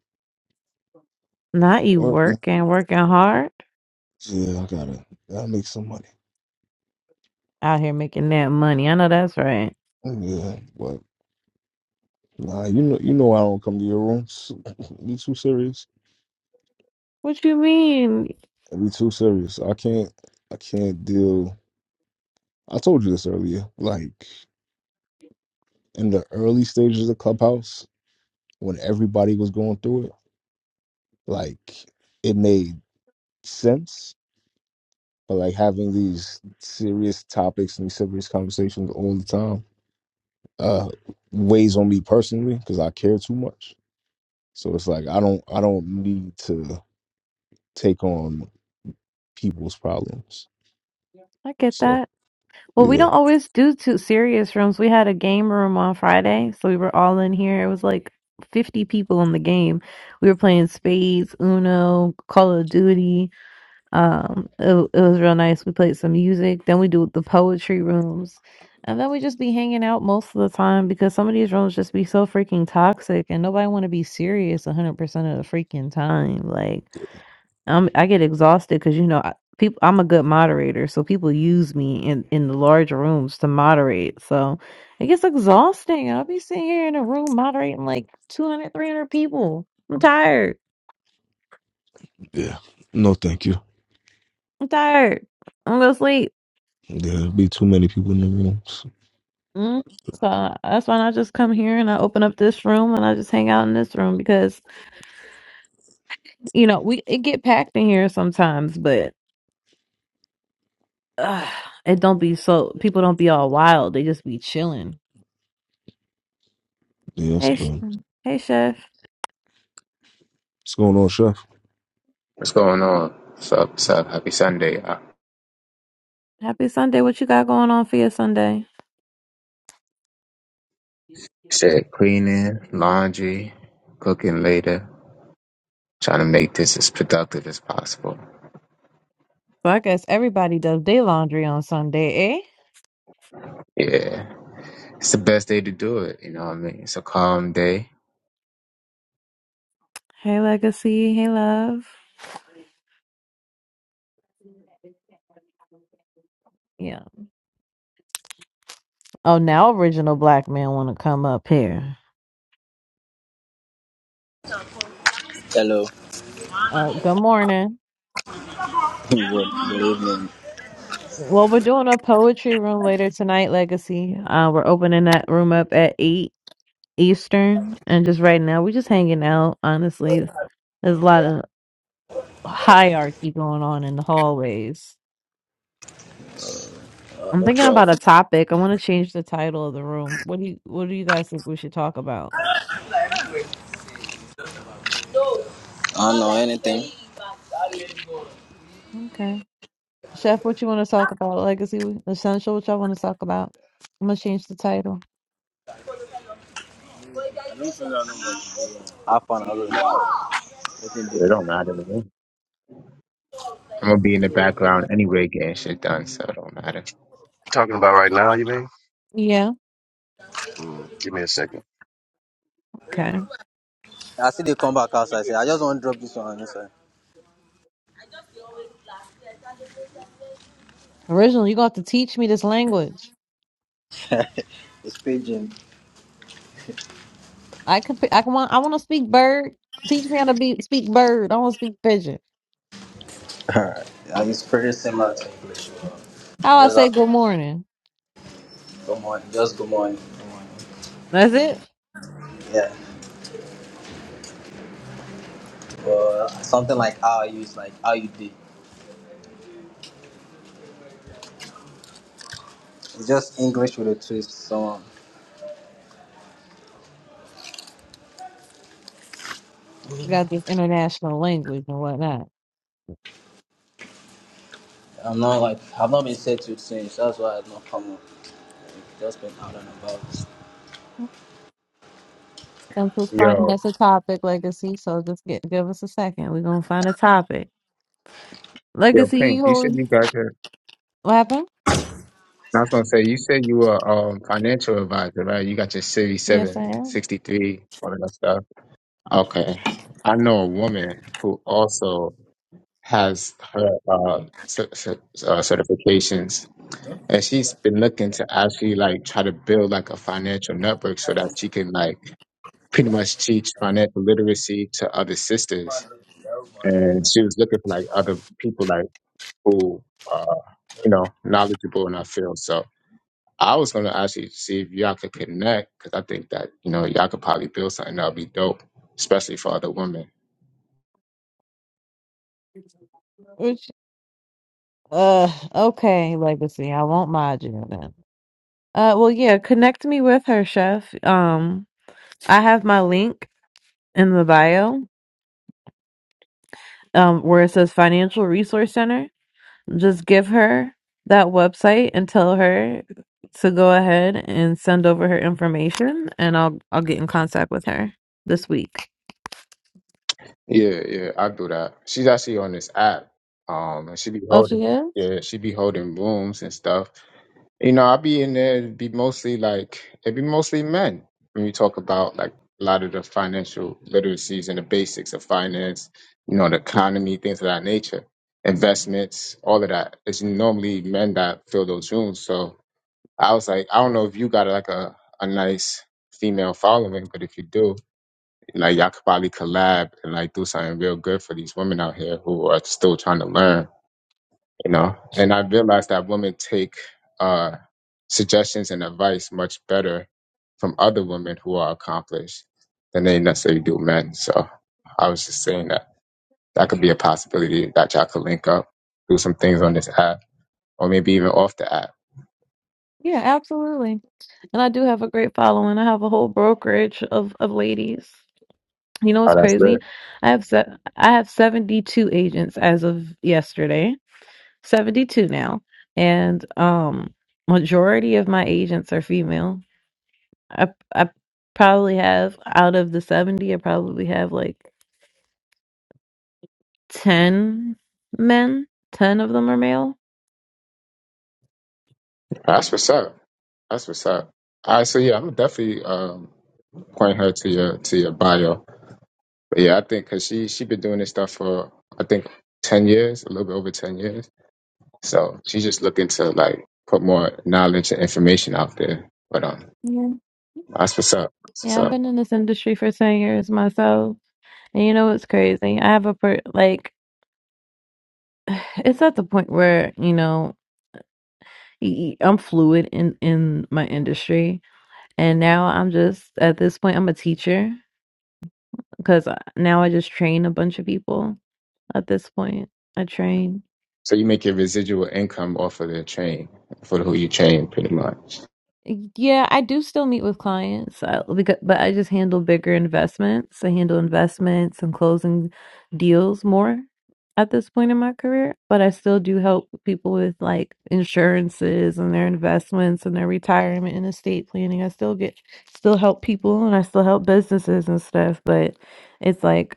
Speaker 1: Not you
Speaker 12: Working.
Speaker 1: working, working hard
Speaker 12: Yeah, I gotta gotta make some money.
Speaker 1: out here making that money. I know that's right.
Speaker 12: Yeah, but nah, you know you know I don't come to your rooms. be too serious.
Speaker 1: What you mean?
Speaker 12: Be too serious. I can't I can't deal I told you this earlier. Like in the early stages of Clubhouse, when everybody was going through it, like it made sense but like having these serious topics and serious conversations all the time uh weighs on me personally because i care too much so it's like i don't i don't need to take on people's problems
Speaker 1: I get
Speaker 12: so
Speaker 1: that. Well, we
Speaker 12: yeah
Speaker 1: don't always do two serious rooms. We had a game room on Friday, so we were all in here. It was like 50 people in the game. We were playing spades, Uno, Call of Duty. Um, it, it was real nice. We played some music. Then we do the poetry rooms, and then we just be hanging out most of the time because some of these rooms just be so freaking toxic, and nobody want to be serious one hundred percent of the freaking time. Like, I'm I get exhausted because you know I, people. I'm a good moderator, so people use me in in the large rooms to moderate. So it gets exhausting. I'll be sitting here in a room moderating like 200, 300 people. I'm tired.
Speaker 12: yeah no thank you
Speaker 1: I'm tired. I'm gonna sleep.
Speaker 12: there'll be too many people in the room
Speaker 1: Mm. So I- that's why I just come here and I open up this room and I just hang out in this room because you know we it get packed in here sometimes, but uh, it don't be so people don't be all wild. They just be chilling.
Speaker 12: yeah it's
Speaker 1: Hey, sh-
Speaker 12: good
Speaker 1: hey, chef.
Speaker 12: what's going on chef
Speaker 13: What's going on? What's up? What's up? Happy Sunday. I
Speaker 1: Happy Sunday. What you got going on for your Sunday?
Speaker 13: said cleaning, laundry, cooking later, trying to make this as productive as possible.
Speaker 1: So I guess everybody does day laundry on Sunday, eh?
Speaker 13: Yeah. It's the best day to do it, you know what I mean? It's a calm day.
Speaker 1: Hey, legacy. Hey, love. Yeah. Oh, now original black man want to come up here.
Speaker 14: Hello.
Speaker 1: Uh, good morning.
Speaker 14: Good evening.
Speaker 1: Well, we're doing a poetry room later tonight, Legacy. Uh, we're opening that room up at 8 Eastern. And just right now, we're just hanging out, honestly. There's a lot of hierarchy going on in the hallways.
Speaker 14: Uh,
Speaker 1: I'm
Speaker 14: no
Speaker 1: thinking about
Speaker 14: problem.
Speaker 1: a topic. I want to change the title of the room. What do you What do you guys think we should talk about?
Speaker 14: I don't know anything.
Speaker 1: Okay, Chef, what you want to talk about? Legacy, essential. What y'all want to talk about? I'm gonna change the title.
Speaker 14: Have fun. I found out. Nothing big.
Speaker 13: It don't matter to me. I'm gonna be in the background anyway getting shit done, so it don't matter.
Speaker 9: Talking about right now, you mean?
Speaker 1: Yeah.
Speaker 9: Mm, give me a second.
Speaker 1: Okay.
Speaker 14: I see they come back outside. I say, I just want to drop this one. Inside.
Speaker 1: Originally, you gonna have to teach me this language.
Speaker 14: It's paging.
Speaker 1: I could. I can want. I want to speak bird. Teach me how to be speak bird. I want to speak pigeon.
Speaker 14: Alright. It's pretty similar to English. But you
Speaker 1: How I
Speaker 14: just
Speaker 1: say
Speaker 14: have to
Speaker 1: good morning.
Speaker 14: good morning. Just good morning. Good morning.
Speaker 1: That's it.
Speaker 14: Yeah. Or something like how I use, like how you did. It's just English with a twist. So
Speaker 1: We got this international language and whatnot.
Speaker 14: I'm not like, I've not been settled since. That's why I've not come up. Like, just been out and about.
Speaker 1: Comes to find
Speaker 13: Yo,
Speaker 1: that's a topic legacy. So just get give us a second. We're gonna find a topic
Speaker 13: yo,
Speaker 1: legacy.
Speaker 13: Pink,
Speaker 1: You
Speaker 13: you said
Speaker 1: hold-
Speaker 13: you got your
Speaker 1: what happened?
Speaker 13: I was gonna say you said you were um financial advisor, right? You got your City
Speaker 1: Yes, I
Speaker 13: seven
Speaker 1: am.
Speaker 13: sixty three, all of that stuff. Okay. I know a woman who also has her uh, cer- cer- uh, certifications, and she's been looking to actually like try to build like a financial network so that she can like pretty much teach financial literacy to other sisters. And she was looking for like other people like who uh, you know knowledgeable in our field. So I was gonna actually see if y'all could connect because I think that you know y'all could probably build something that'll be dope, especially for other women.
Speaker 1: Which uh okay legacy. I won't mod you then. Uh well yeah. Connect me with her chef. Um I have my link in the bio. Um where it says financial resource center Just give her that website and tell her to go ahead and send over her information, and I'll I'll get in contact with her this week.
Speaker 13: Yeah, yeah, I do that. She's actually on this app. Um, and she be
Speaker 1: Oh, she
Speaker 13: holding,
Speaker 1: is.
Speaker 13: yeah, she be holding rooms and stuff. You know, I be in there, it be mostly like, it be mostly men when you talk about like a lot of the financial literacies and the basics of finance, you know, the economy, things of that nature, investments, all of that. It's normally men that fill those rooms. So I was like, I don't know if you got like a, a nice female following, but if you do, and like y'all could probably collab and like do something real good for these women out here who are still trying to learn, you know. And I realized that women take uh suggestions and advice much better from other women who are accomplished than they necessarily do men. So I was just saying that that could be a possibility that y'all could link up, do some things on this app, or maybe even off the app.
Speaker 1: Yeah, absolutely. And I do have a great following. I have a whole brokerage of of ladies. You know
Speaker 13: Oh,
Speaker 1: what's
Speaker 13: that's
Speaker 1: crazy?
Speaker 13: lit.
Speaker 1: I have se- I have 72 agents as of yesterday. 72 now. And um majority of my agents are female. I I probably have out of the 70, I probably have like 10 men. 10 of them are male.
Speaker 13: That's what's up. That's what's up. All right, so yeah, I'm definitely um, point her to your to your bio But yeah, I think because she she been doing this stuff for I think ten years, a little bit over ten years. So she's just looking to like put more knowledge and information out there. But um,
Speaker 1: Yeah.
Speaker 13: that's what's up. That's what's
Speaker 1: Yeah, I've
Speaker 13: up.
Speaker 1: been in this industry for 10 years myself. And you know what's crazy? I have a per like it's at the point where, you know, y- y- I'm fluid in in my industry. And now I'm just at this point I'm a teacher because now I just train a bunch of people. At this point, I train.
Speaker 13: So you make your residual income off of the train for who you train, pretty much.
Speaker 1: Yeah, I do still meet with clients, uh, because, but I just handle bigger investments. I handle investments and closing deals more at this point in my career. But I still do help people with like insurances and their investments and their retirement and estate planning. I still get still help people and I still help businesses and stuff. But it's like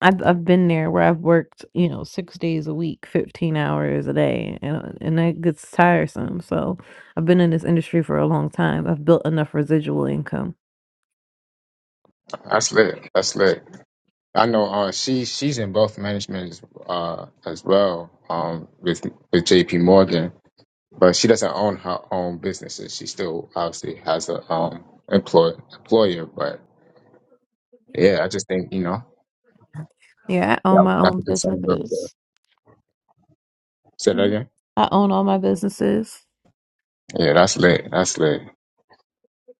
Speaker 1: I've I've been there where I've worked, you know, 6 days a week, 15 hours a day, and uh, and that gets tiresome, so I've been in this industry for a long time. I've built enough residual income.
Speaker 13: That's lit. That's lit. I know. Uh, she she's in both management as, uh as well. Um, with with J.P. Morgan, but she doesn't own her own businesses. She still obviously has a um employ employer, but Yeah, I just think, you know,
Speaker 1: Yeah, I own
Speaker 13: that,
Speaker 1: my
Speaker 13: that's
Speaker 1: own
Speaker 13: the concern of
Speaker 1: businesses.
Speaker 13: the say that
Speaker 1: Yeah.
Speaker 13: again.
Speaker 1: I own all my businesses.
Speaker 13: Yeah, that's lit. That's lit.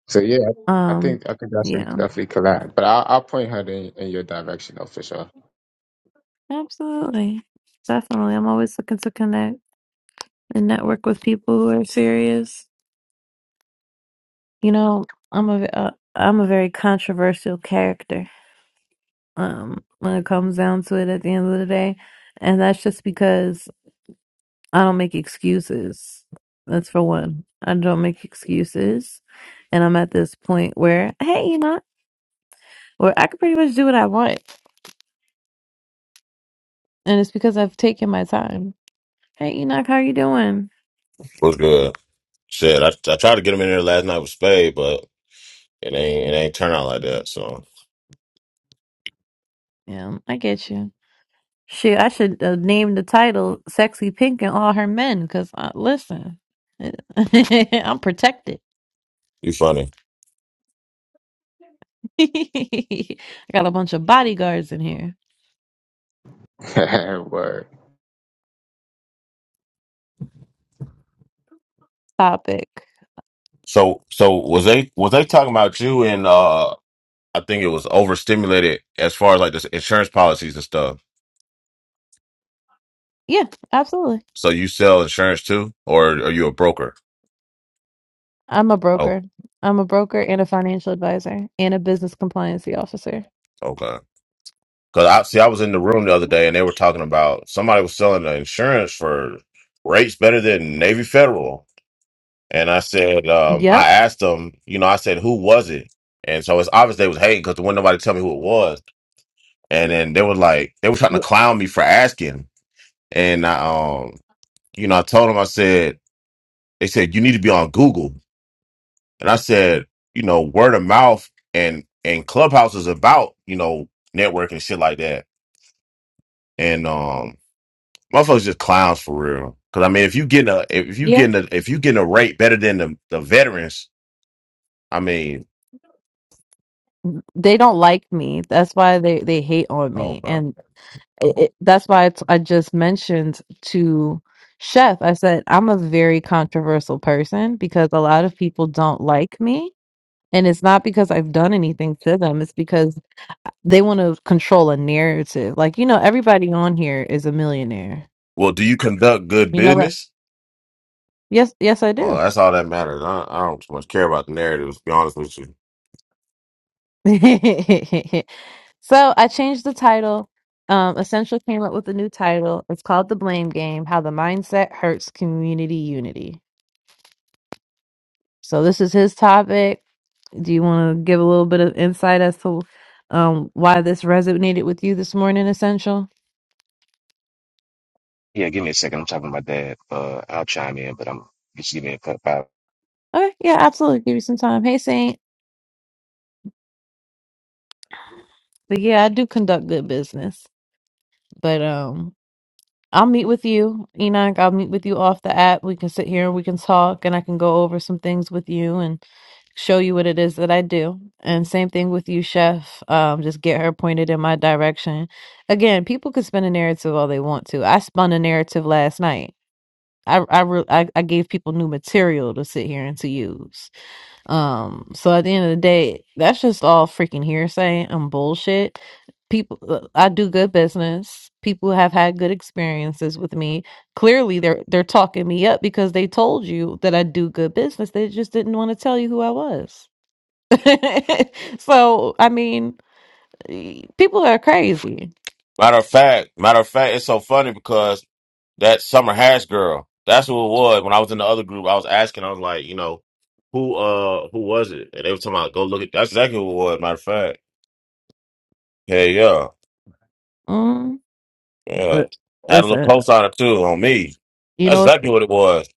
Speaker 13: So yeah, I
Speaker 1: Um,
Speaker 13: think I think that's a
Speaker 1: yeah,
Speaker 13: definitely collab. But I'll I'll point her in, in your direction though for sure.
Speaker 1: absolutely. Definitely. I'm always looking to connect and network with people who are serious. You know, I'm a uh, I'm a very controversial character. Um, when it comes down to it at the end of the day, and that's just because I don't make excuses. That's for one. I don't make excuses. And I'm at this point where, hey, you know, where I can pretty much do what I want. And it's because I've taken my time. Hey, Enoch, how you doing?
Speaker 15: What's good? Shit, I, I tried to get him in there last night with Spade, but it ain't it ain't turn out like that. So
Speaker 1: Yeah, I get you. Shit, I should uh, name the title "Sexy Pink and All Her Men" because uh, listen, I'm protected.
Speaker 15: you funny.
Speaker 1: I got a bunch of bodyguards in here.
Speaker 13: Word.
Speaker 1: Topic.
Speaker 15: So so was they was they talking about you and uh I think it was overstimulated as far as like the insurance policies and stuff.
Speaker 1: Yeah, absolutely.
Speaker 15: So you sell insurance too, or are you a broker?
Speaker 1: I'm a
Speaker 15: Oh,
Speaker 1: broker. I'm a broker and a financial advisor and a business compliancy officer.
Speaker 15: okay. Because I see, I was in the room the other day and they were talking about somebody was selling the insurance for rates better than Navy Federal. And I said, um,
Speaker 1: Yep.
Speaker 15: I asked them, you know, I said, who was it? And so it's obvious they was hating because there wasn't nobody tell me who it was. And then they were like, they were trying to clown me for asking. And I, um, you know, I told them, I said, they said, you need to be on Google. And I said, you know, word of mouth and, and Clubhouse is about, you know, networking and shit like that. And, um, motherfuckers just clowns for real. Cause I mean, if you getting a, if you
Speaker 1: Yeah.
Speaker 15: getting a, if you getting a rate better than the, the veterans, I mean,
Speaker 1: They don't like me. That's why they they hate on
Speaker 15: oh
Speaker 1: me.
Speaker 15: God.
Speaker 1: And it, it- that's why it's, I just mentioned to Chef, I said, I'm a very controversial person because a lot of people don't like me. And it's not because I've done anything to them, it's because they want to control a narrative. Like, you know, everybody on here is a millionaire.
Speaker 15: Well, do you conduct good
Speaker 1: You know that?
Speaker 15: business?
Speaker 1: Yes, yes, I
Speaker 15: Well,
Speaker 1: do.
Speaker 15: that's all that matters. I, I don't too much care about the narratives, to be honest with you.
Speaker 1: so I changed the title. Um, Essential came up with a new title. It's called The Blame Game How the Mindset Hurts Community Unity. So this is his topic. Do you want to give a little bit of insight as to um, why this resonated with you this morning, Essential?
Speaker 9: Yeah, give me a second. I'm talking about that. Uh, I'll chime in, but I'm just give me a cut five.
Speaker 1: Okay, yeah, absolutely. Give you some time. Hey, Saint. But yeah, I do conduct good business. But um, I'll meet with you, Enoch. I'll meet with you off the app. We can sit here and we can talk, and I can go over some things with you and show you what it is that I do. And same thing with you, Chef. Um, just get her pointed in my direction. Again, people can spin a narrative all they want to. I spun a narrative last night I I, re- I I gave people new material to sit here and to use. Um, so at the end of the day, that's just all freaking hearsay and bullshit. People, uh, I do good business. People have had good experiences with me. Clearly, they're they're talking me up because they told you that I do good business. They just didn't want to tell you who I was. so I mean, People are crazy.
Speaker 15: Matter of fact, matter of fact, it's so funny because that summer hash girl, that's who it was. When I was in the other group, I was asking, I was like, you know, who uh who was it? And they were talking about go look at that's exactly who it was, matter of fact. Yeah, yeah.
Speaker 1: Mm.
Speaker 15: Yeah.
Speaker 1: Li-
Speaker 15: Had a little
Speaker 1: Listen,
Speaker 15: cosigner too on me.
Speaker 1: you
Speaker 15: That's
Speaker 1: know what's
Speaker 15: exactly what it was.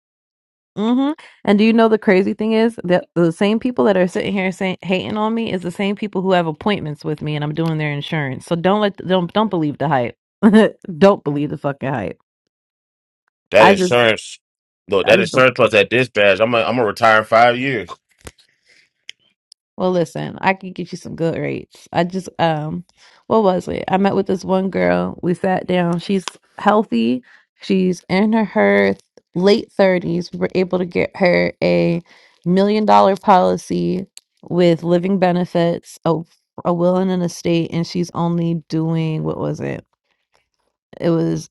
Speaker 1: hmm And do you know the crazy thing is that the same people that are sitting here saying hating on me is the same people who have appointments with me and I'm doing their insurance. So don't let don't don't believe the hype. don't believe the fucking hype.
Speaker 15: That
Speaker 1: I just
Speaker 15: insurance, look,
Speaker 1: I
Speaker 15: that
Speaker 1: just don't.
Speaker 15: insurance plus that dispatch. I'm a am gonna retire in five years.
Speaker 1: Well, listen, I can get you some good rates. I just, um, what was it? I met with this one girl. We sat down. She's healthy. She's in her, her late 30s. We were able to get her a million dollar policy with living benefits, a, a will and an estate, and she's only doing, what was it? It was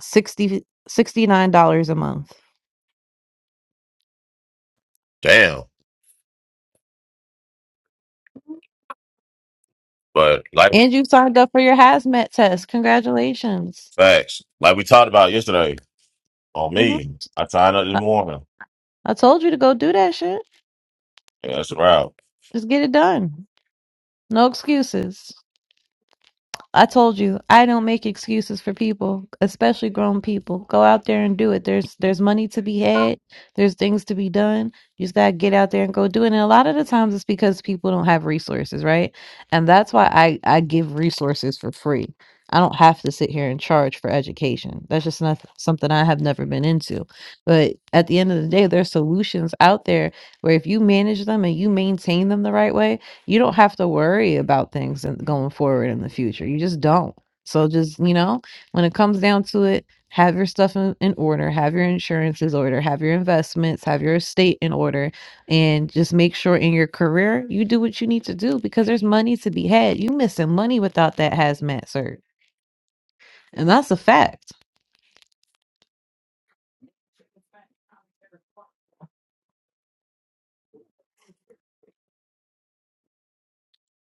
Speaker 1: sixty sixty nine dollars a month.
Speaker 15: Damn. But like
Speaker 1: And you signed up for your hazmat test. Congratulations.
Speaker 15: facts, like we talked about yesterday on
Speaker 1: hmm
Speaker 15: me, I signed up this
Speaker 1: I,
Speaker 15: morning.
Speaker 1: I told you to go do that shit.
Speaker 15: Yeah, that's the route.
Speaker 1: Just get it done. No excuses. I told you, I don't make excuses for people, especially grown people. Go out there and do it. There's there's money to be had. There's things to be done. You just gotta get out there and go do it. And a lot of the times it's because people don't have resources, right? And that's why I, I give resources for free. I don't have to sit here and charge for education. That's just not something I have never been into. But at the end of the day, there's solutions out there where if you manage them and you maintain them the right way. You don't have to worry about things and going forward in the future. You just don't. So just, you know, when it comes down to it, have your stuff in, in order, have your insurances order, have your investments, have your estate in order, and just make sure in your career you do what you need to do because there's money to be had. You missing money without that hazmat cert. And that's a fact.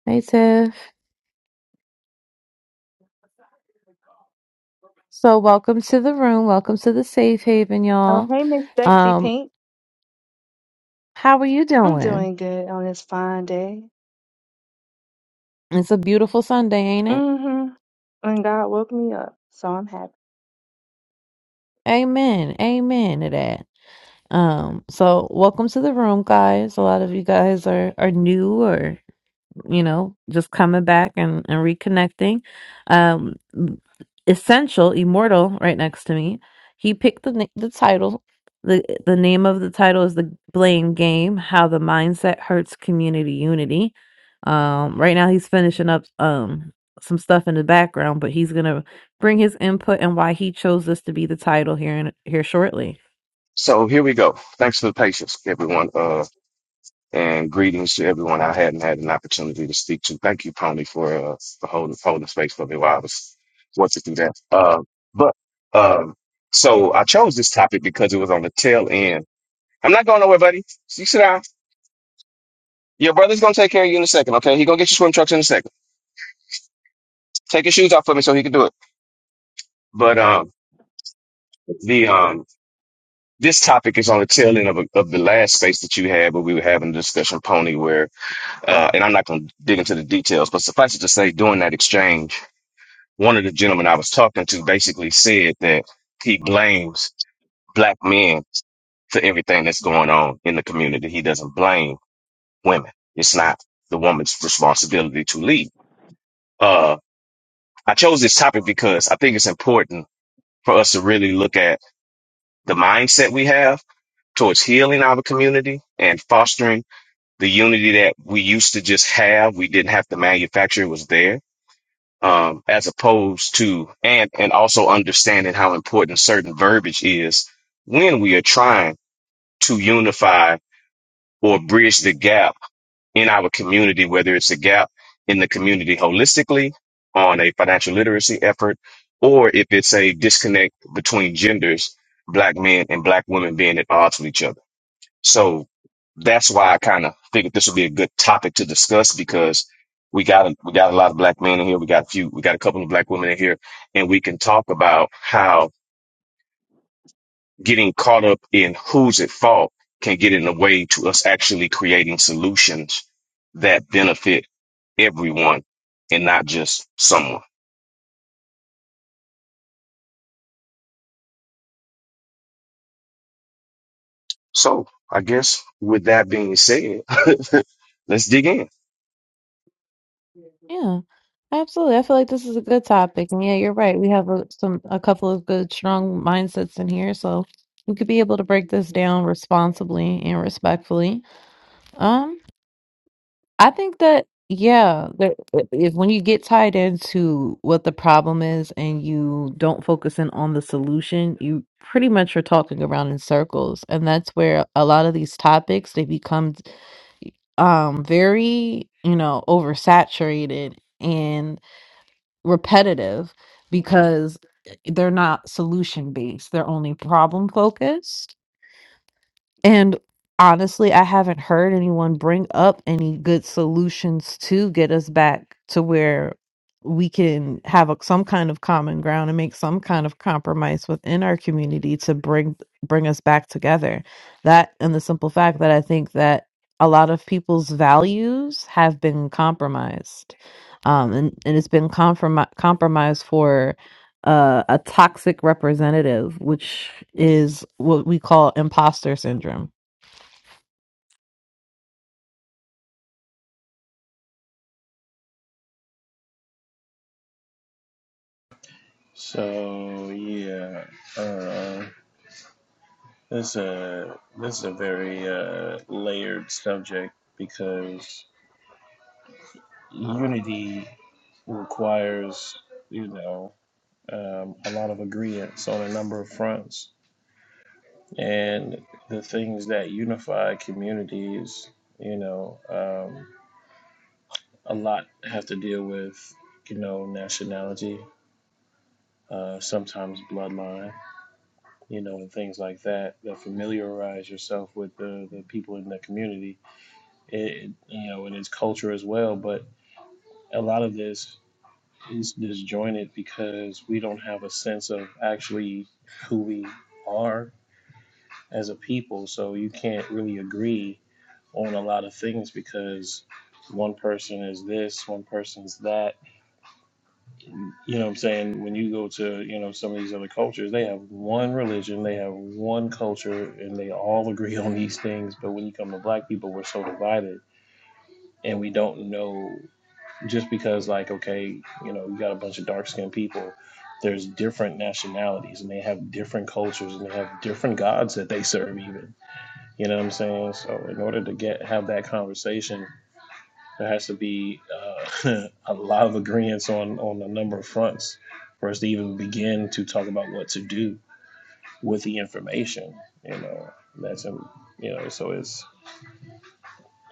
Speaker 1: Hey Tiff. So welcome to the room. Welcome to the safe haven,
Speaker 16: Oh,
Speaker 1: y'all.
Speaker 16: hey, Miss Bexy
Speaker 1: Um,
Speaker 16: Pink.
Speaker 1: how are you
Speaker 16: I'm
Speaker 1: doing?
Speaker 16: doing good on this fine day.
Speaker 1: It's a beautiful Sunday, ain't it?
Speaker 16: Mm-hmm. And God woke me up, so I'm happy.
Speaker 1: Amen. Amen to that. Um, so welcome to the room, guys. A lot of you guys are are new or you know, just coming back and, and reconnecting. Um, Essential, Immortal, right next to me. He picked the na- the title. the The name of the title is the Blame Game: How the Mindset Hurts Community Unity. Um, right now, he's finishing up um some stuff in the background, but he's gonna bring his input and why he chose this to be the title here in, here shortly.
Speaker 9: So here we go. Thanks for the patience, everyone. Uh, and greetings to everyone I hadn't had an opportunity to speak to. Thank you, Pony, for uh, for holding holding space for me while I was working through that. Uh, but um, so I chose this topic because it was on the tail end. I'm not going nowhere, buddy. You sit down. Your brother's gonna take care of you in a second, okay? He gonna get your swim trunks in a second. Take your shoes off for me so he can do it. But um, the um, this topic is on the tail end of, a, of the last space that you had, where we were having a discussion, Pony, where uh, and I'm not gonna dig into the details, but suffice it to say, during that exchange one of the gentlemen I was talking to basically said that he blames black men for everything that's going on in the community. He doesn't blame women. It's not the woman's responsibility to lead. Uh, I chose this topic because I think it's important for us to really look at the mindset we have towards healing our community and fostering the unity that we used to just have. We didn't have to manufacture. It was there um, as opposed to and and also understanding how important certain verbiage is when we are trying to unify or bridge the gap in our community, whether it's a gap in the community holistically on a financial literacy effort, or if it's a disconnect between genders, black men and black women being at odds with each other. So that's why I kind of figured this would be a good topic to discuss because we got a, we got a lot of black men in here. We got a few, we got a couple of black women in here, and we can talk about how getting caught up in who's at fault can get in the way to us actually creating solutions that benefit everyone and not just someone. So I guess with that being said, let's dig in.
Speaker 1: Yeah, absolutely. I feel like this is a good topic. And yeah, you're right. We have a, some a couple of good, strong mindsets in here, so we could be able to break this down responsibly and respectfully. Um, I think that yeah, that if when you get tied into what the problem is and you don't focus in on the solution, you pretty much are talking around in circles, and that's where a lot of these topics they become um very, you know, oversaturated. and repetitive because eh, they're not solution based they're only problem focused and honestly, I haven't heard anyone bring up any good solutions to get us back to where we can have a, some kind of common ground and make some kind of compromise within our community to bring bring us back together. That and the simple fact that I think that a lot of people's values have been compromised. Um, and, and it's been comprom- compromised for uh, a toxic representative, which is what we call imposter syndrome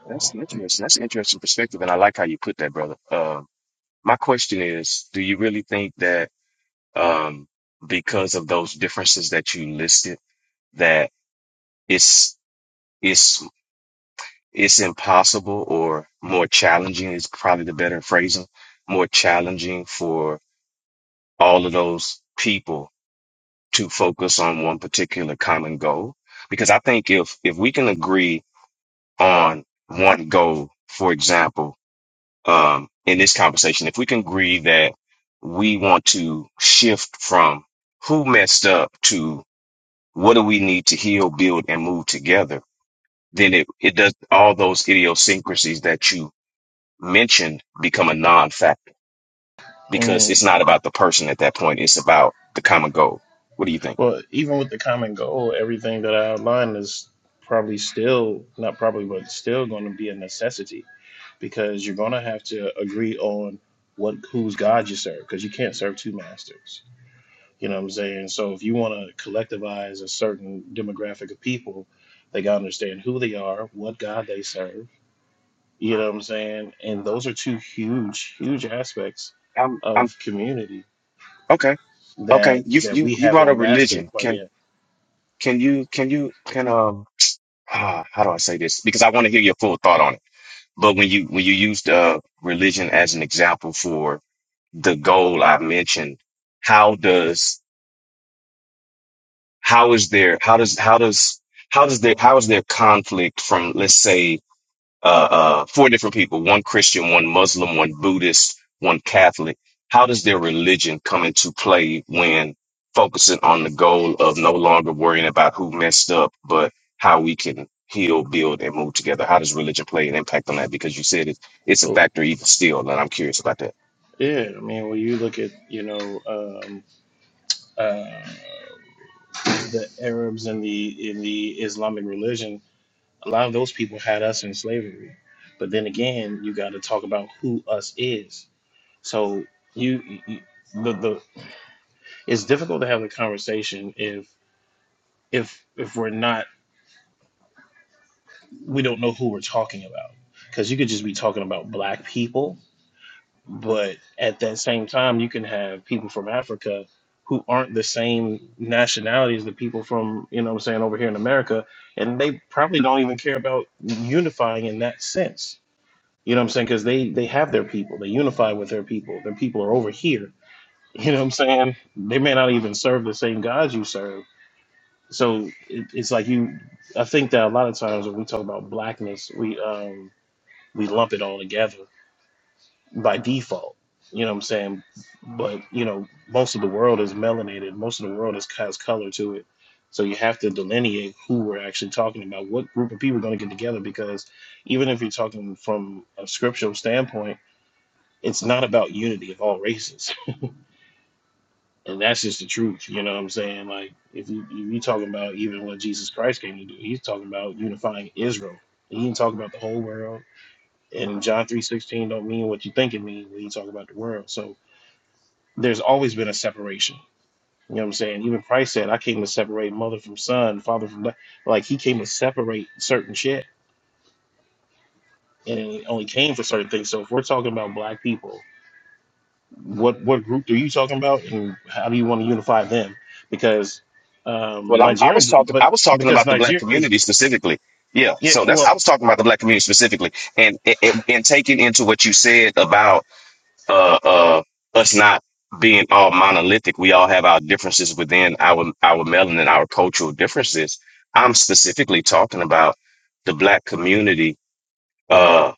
Speaker 9: That's an interesting. That's an interesting perspective, and I like how you put that, brother. Um, My question is, do you really think that um, because of those differences that you listed, that it's it's it's impossible or more challenging is probably the better phrasing, more challenging for all of those people to focus on one particular common goal? Because I think if if we can agree on one goal, for example. um, in this conversation, if we can agree that we want to shift from who messed up to what do we need to heal, build, and move together, then it, it does all those idiosyncrasies that you mentioned become a non-factor because it's not about the person at that point. It's about the common goal. What do you think? I'm, I'm okay. Okay. You, you, you brought up religion. Can, can you, can you, can, um, ah, how do I say this? Because I want to hear your full thought on it But when you when you used uh, religion as an example for the goal I mentioned, how does how is there how does how does how does there how is there conflict from let's say uh, uh, four different people one Christian, one Muslim, one Buddhist, one Catholic. How does their religion come into play when focusing on the goal of no longer worrying about who messed up, but how we can heal, build, and move together? How does religion play an impact on that? Because you said it, it's a factor even still, and I'm curious about that. Well, I'm, I was talking, I was talking about the black community specifically. Yeah, so that's I was talking about the black community specifically, and and, and taking into what you said about uh, uh, us not being all monolithic. We all have our differences within our our melanin, our cultural differences. I'm specifically talking about the black community uh,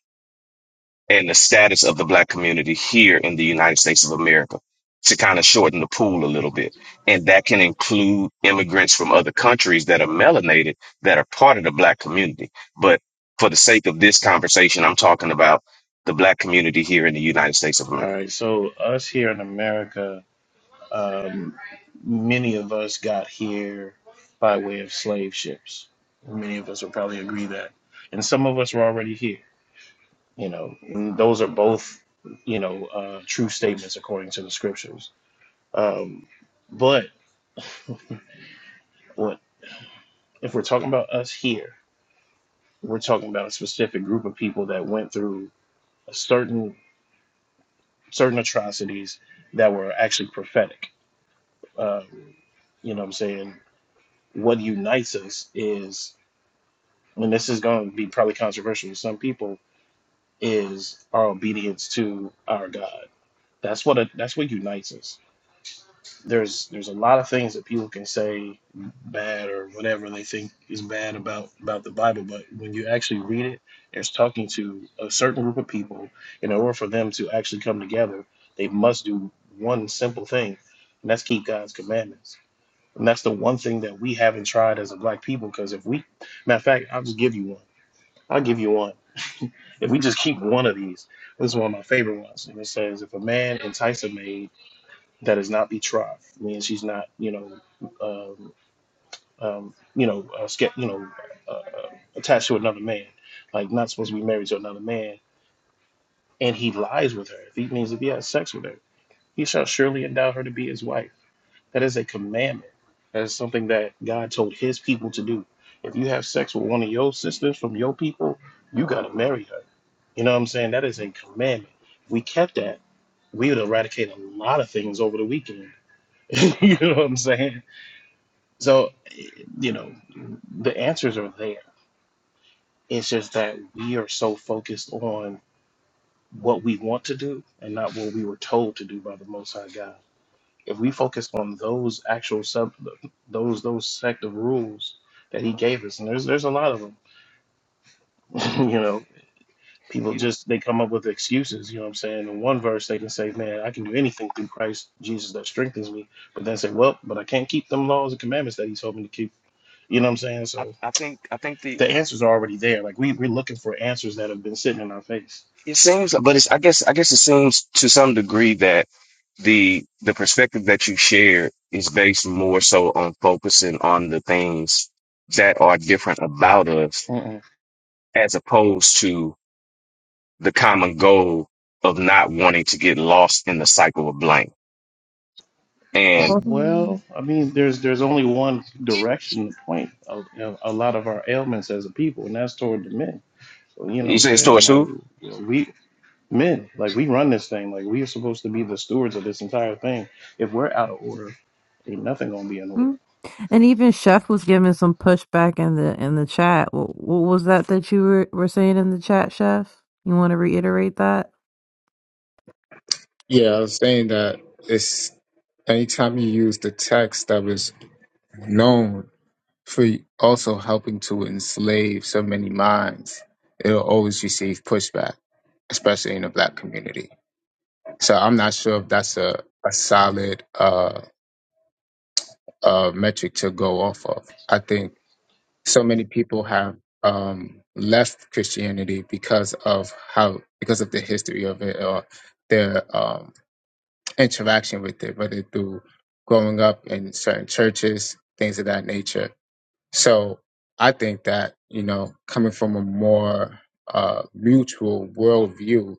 Speaker 9: and the status of the black community here in the United States of America to kind of shorten the pool a little bit. And that can include immigrants from other countries that are melanated that are part of the black community. But for the sake of this conversation, I'm talking about the black community here in the United States of America. I, I think I think the it seems, but it's I guess I guess it seems to some degree that the the perspective that you share is based more so on focusing on the things that are different about us as opposed to the common goal of not wanting to get lost in the cycle of blame. And you say it's towards who?
Speaker 1: Mm. And even Chef was giving some pushback in the in the chat. What, what was that that you were, were saying in the chat, Chef? You want to reiterate that?
Speaker 13: Yeah, I was saying that it's anytime you use the text that was known for also helping to enslave so many minds, it'll always receive pushback, especially in the black community. So I'm not sure if that's a, a solid uh uh, metric to go off of. I think so many people have um, left Christianity because of how because of the history of it or their um, interaction with it, whether through growing up in certain churches, things of that nature. So I think that you know, coming from a more uh, mutual worldview,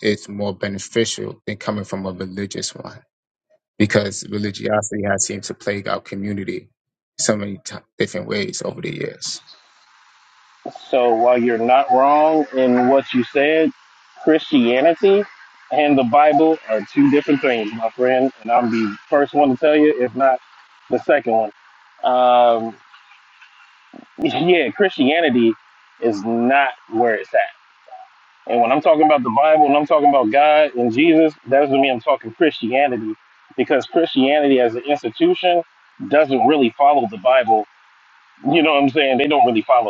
Speaker 13: it's more beneficial than coming from a religious one because religiosity has seemed to plague our community so many t- different ways over the years.
Speaker 17: the Bible are two different things, my friend, and I'm the first one to tell you, if not the second one. Um, yeah, Christianity is not where it's at. And when I'm talking about the Bible and I'm talking about God and Jesus, that doesn't mean I'm talking Christianity, because Christianity as an institution doesn't really follow the Bible. You know what I'm saying? They don't really follow that.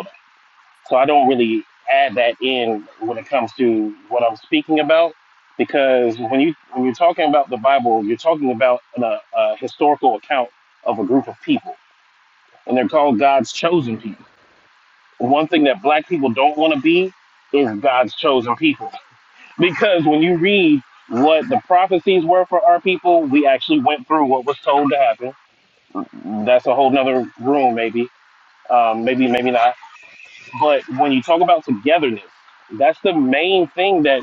Speaker 17: So I don't really add that in when it comes to what I'm speaking about, because when you when you're talking about the Bible, you're talking about an, a, a historical account of a group of people, and they're called God's chosen people. One thing that Black people don't want to be is God's chosen people, because when you read what the prophecies were for our people, we actually went through what was told to happen. That's a whole nother room, maybe, um, maybe maybe not But when you talk about togetherness, that's the main thing that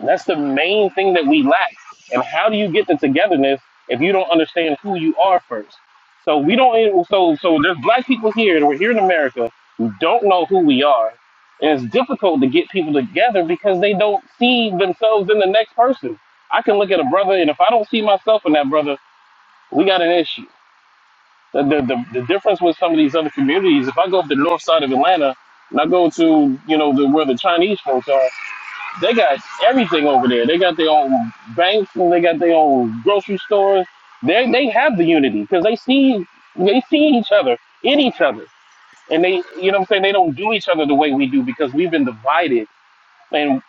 Speaker 17: that's the main thing that we lack. And how do you get the togetherness if you don't understand who you are first? So we don't. So so there's black people here, and we're here in America who don't know who we are, and it's difficult to get people together because they don't see themselves in the next person. I can look at a brother, and if I don't see myself in that brother, we got an issue. The, the, the, the difference with some of these other communities, if I go up the north side of Atlanta and I go to, you know, the, where the Chinese folks are, they got everything over there. They got their own banks and they got their own grocery stores. They, they have the unity because they see, they see each other in each other. And they, you know what I'm saying? They don't do each other the way we do because we've been divided. And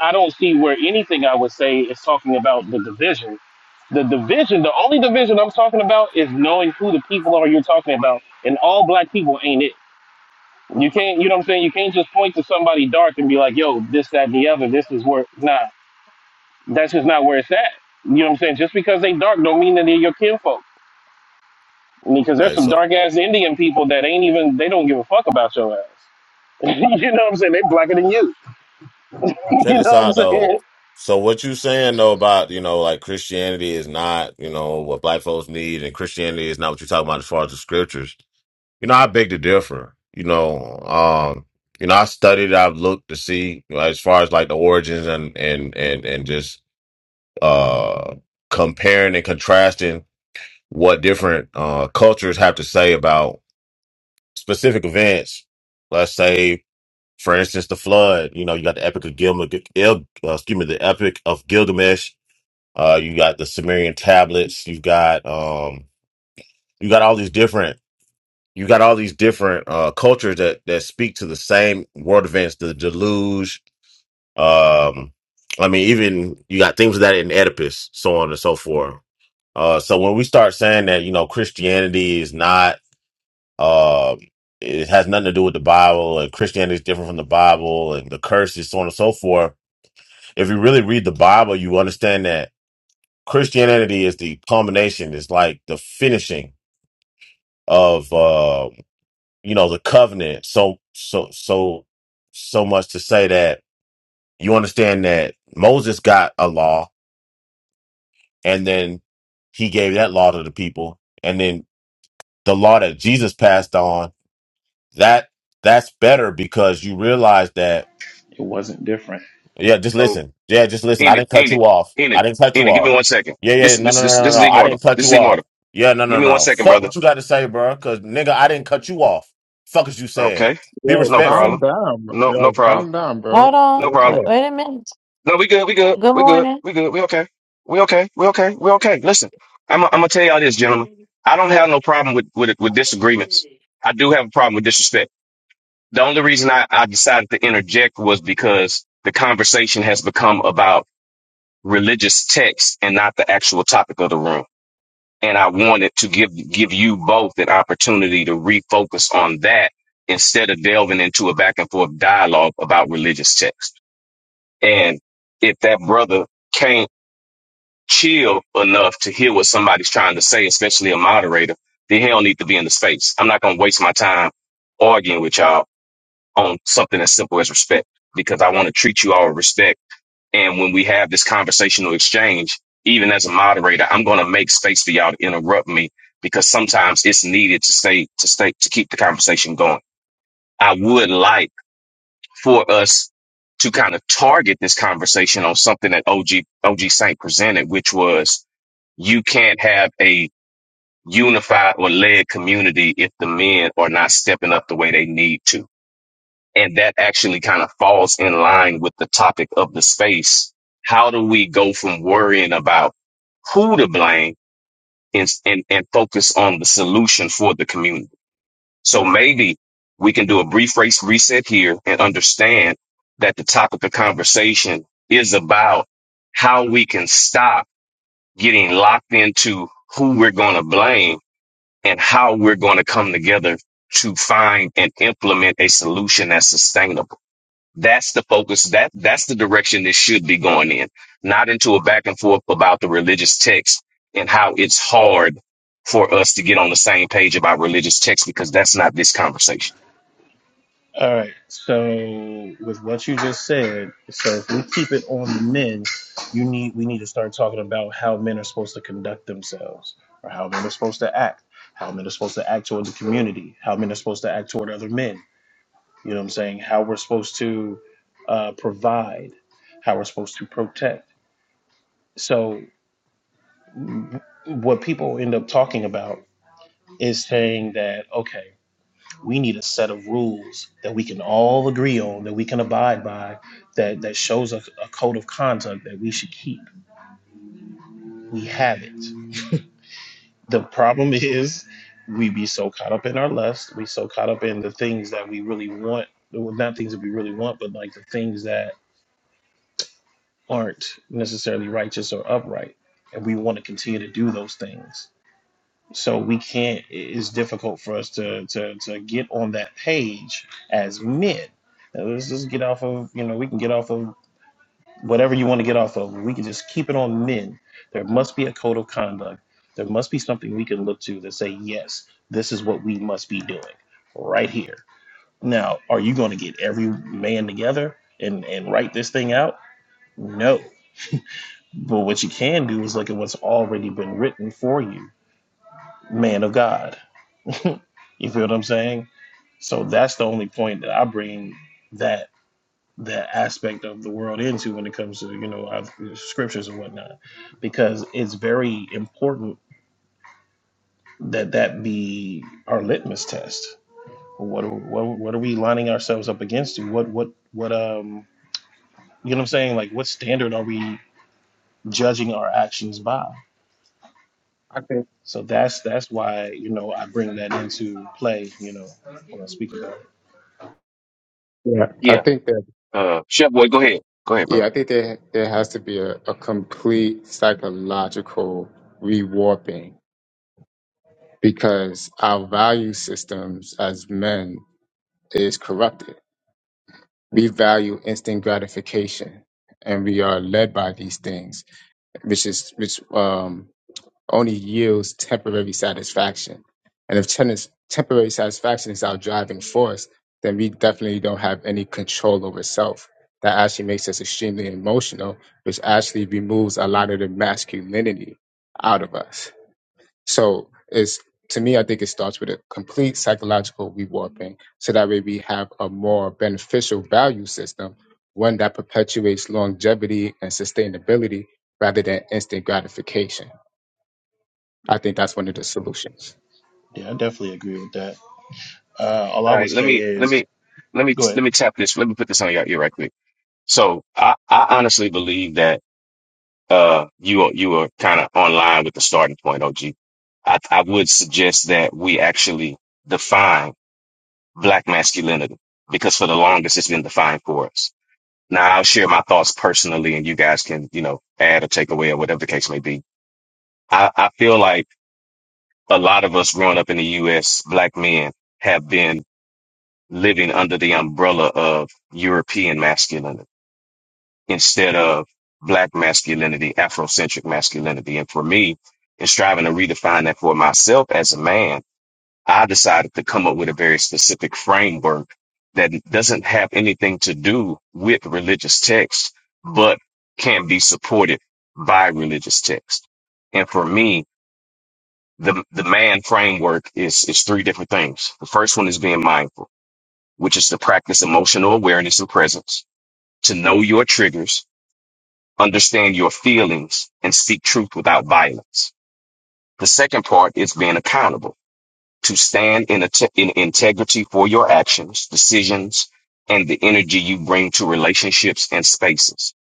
Speaker 17: I don't see where anything I would say is talking about the division the division, the only division I'm talking about is knowing who the people are you're talking about. And all black people ain't it. You can't, you know what I'm saying? You can't just point to somebody dark and be like, yo, this, that, and the other, this is where, nah, that's just not where it's at. You know what I'm saying? Just because they dark don't mean that they're your kinfolk. Because
Speaker 15: All
Speaker 17: there's
Speaker 15: right,
Speaker 17: some
Speaker 15: so
Speaker 17: dark ass Indian people that ain't even, they don't give a fuck about your ass. you know what I'm saying? They blacker than you. you
Speaker 15: check this
Speaker 17: know what I'm
Speaker 15: out though.
Speaker 17: saying?
Speaker 15: So what you saying though about you know like Christianity is not you know what black folks need and Christianity is not what you're talking about as far as the scriptures. You know, I beg to differ. You know, um, you know, I studied, I've looked to see you know, as far as like the origins and and and and just uh comparing and contrasting what different uh cultures have to say about specific events. Let's say, for instance, the flood. You know, you got the Epic of Gilgamesh. uh, excuse me, the Epic of Gilgamesh. Uh, you got the Sumerian tablets. You've got um, you got all these different you got all these different uh, cultures that that speak to the same world events, the deluge. Um, I mean, even you got things like that in Oedipus, so on and so forth. Uh, so when we start saying that, you know, Christianity is not, uh, it has nothing to do with the Bible, and Christianity is different from the Bible, and the curses, so on and so forth. If you really read the Bible, you understand that Christianity is the culmination, it's like the finishing of uh, you know the covenant so so so so much to say that you understand that Moses got a law and then he gave that law to the people and then the law that Jesus passed on that that's better because you realize that yeah just
Speaker 9: So
Speaker 15: listen yeah just listen I
Speaker 9: in it,
Speaker 15: didn't cut
Speaker 9: in it,
Speaker 15: you off
Speaker 9: in
Speaker 15: I
Speaker 9: it,
Speaker 15: didn't cut you
Speaker 9: in it. Give
Speaker 15: off
Speaker 9: me one second.
Speaker 15: yeah
Speaker 9: This
Speaker 15: yeah
Speaker 9: is
Speaker 15: no
Speaker 9: this
Speaker 15: no
Speaker 9: is
Speaker 15: no no
Speaker 9: this is
Speaker 15: no I
Speaker 9: immortal.
Speaker 15: didn't cut
Speaker 9: This is
Speaker 15: you off
Speaker 9: immortal.
Speaker 15: yeah no
Speaker 9: Give
Speaker 15: no
Speaker 9: me one
Speaker 15: no
Speaker 9: second,
Speaker 15: fuck
Speaker 9: brother.
Speaker 15: what you got to say bro cuz nigga I didn't cut you off fuck is you saying
Speaker 9: Okay.
Speaker 15: be
Speaker 13: Yo,
Speaker 9: No
Speaker 15: respectful
Speaker 13: calm
Speaker 9: problem.
Speaker 13: down, bro.
Speaker 9: No,
Speaker 13: yo,
Speaker 9: no problem.
Speaker 13: calm down, bro.
Speaker 1: Hold on.
Speaker 9: No
Speaker 13: What's
Speaker 9: problem.
Speaker 1: Wait,
Speaker 13: up?
Speaker 1: wait a minute.
Speaker 9: No, we good. We good.
Speaker 1: Good
Speaker 9: We good.
Speaker 1: morning.
Speaker 9: We good. We okay. We okay. We okay. We okay. Listen, I'm, I'm gonna tell y'all this, gentlemen. I don't have no problem with, with, with disagreements. I do have a problem with disrespect. The only reason I, I decided to interject was because the conversation has become about religious texts and not the actual topic of the room. and I wanted to give give you both an opportunity to refocus on that instead of delving into a back and forth dialogue about religious texts. And if that brother can't chill enough to hear what somebody's trying to say, especially a moderator, then he don't need to be in the space. I'm not gonna waste my time arguing with y'all on something as simple as respect because I want to treat you all with respect and when we have this conversational exchange, even as a moderator, I'm going to make space for y'all to interrupt me because sometimes it's needed to stay, to stay, to keep the conversation going. I would like for us to kind of target this conversation on something that OG, OG Saint presented, which was you can't have a unified or led community if the men are not stepping up the way they need to and that actually kind of falls in line with the topic of the space. How do we go from worrying about who to blame and, and, and focus on the solution for the community? So maybe we can do a brief race reset here and understand that the topic of conversation is about how we can stop getting locked into who we're going to blame and how we're going to come together to find and implement a solution that's sustainable. That's the focus. That that's the direction this should be going in, not into a back and forth about the religious text and how it's hard for us to get on the same page about religious text because that's not this conversation.
Speaker 13: I think yeah, I
Speaker 9: Yeah.
Speaker 13: think that
Speaker 9: Uh, Chef Boy, go ahead. Go ahead,
Speaker 13: yeah, I
Speaker 9: bro.
Speaker 13: think there there has to be a, a complete psychological rewarping because our value systems as men is corrupted. We value instant gratification, and we are led by these things, which is which. um. only yields temporary satisfaction. And if tennis, temporary satisfaction is our driving force, then we definitely don't have any control over self. That actually makes us extremely emotional, which actually removes a lot of the masculinity out of us. So it's to me, I think it starts with a complete psychological rewarping, so that way we have a more beneficial value system, one that perpetuates longevity and sustainability rather than instant gratification. I think that's one of the solutions.
Speaker 9: All right. Let me let me let me let me tap this. Let me put this on your ear right quick. So I I honestly believe that uh you are you are kind of online with the starting point, OG. I I would suggest that we actually define black masculinity because for the longest it's been defined for us. Now I'll share my thoughts personally and you guys can, you know, add or take away or whatever the case may be. I, I feel like a lot of us growing up in the US, black men have been living under the umbrella of European masculinity instead of black masculinity, Afrocentric masculinity. And for me, in striving to redefine that for myself as a man, I decided to come up with a very specific framework that doesn't have anything to do with religious texts, but can be supported by religious text. And for me, the, the man framework is, is three different things. The first one is being mindful, which is to practice emotional awareness and presence, to know your triggers, understand your feelings, and speak truth without violence. The second part is being accountable to stand in, a te- in integrity for your actions, decisions, and the energy you bring to relationships and spaces.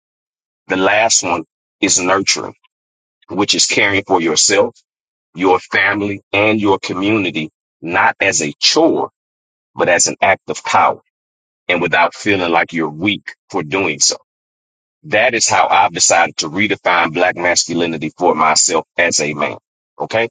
Speaker 9: The last one is nurturing, which is caring for yourself, your family, and your community, not as a chore, but as an act of power and without feeling like you're weak for doing so. That is how I've decided to redefine black masculinity for myself as a man. Okay.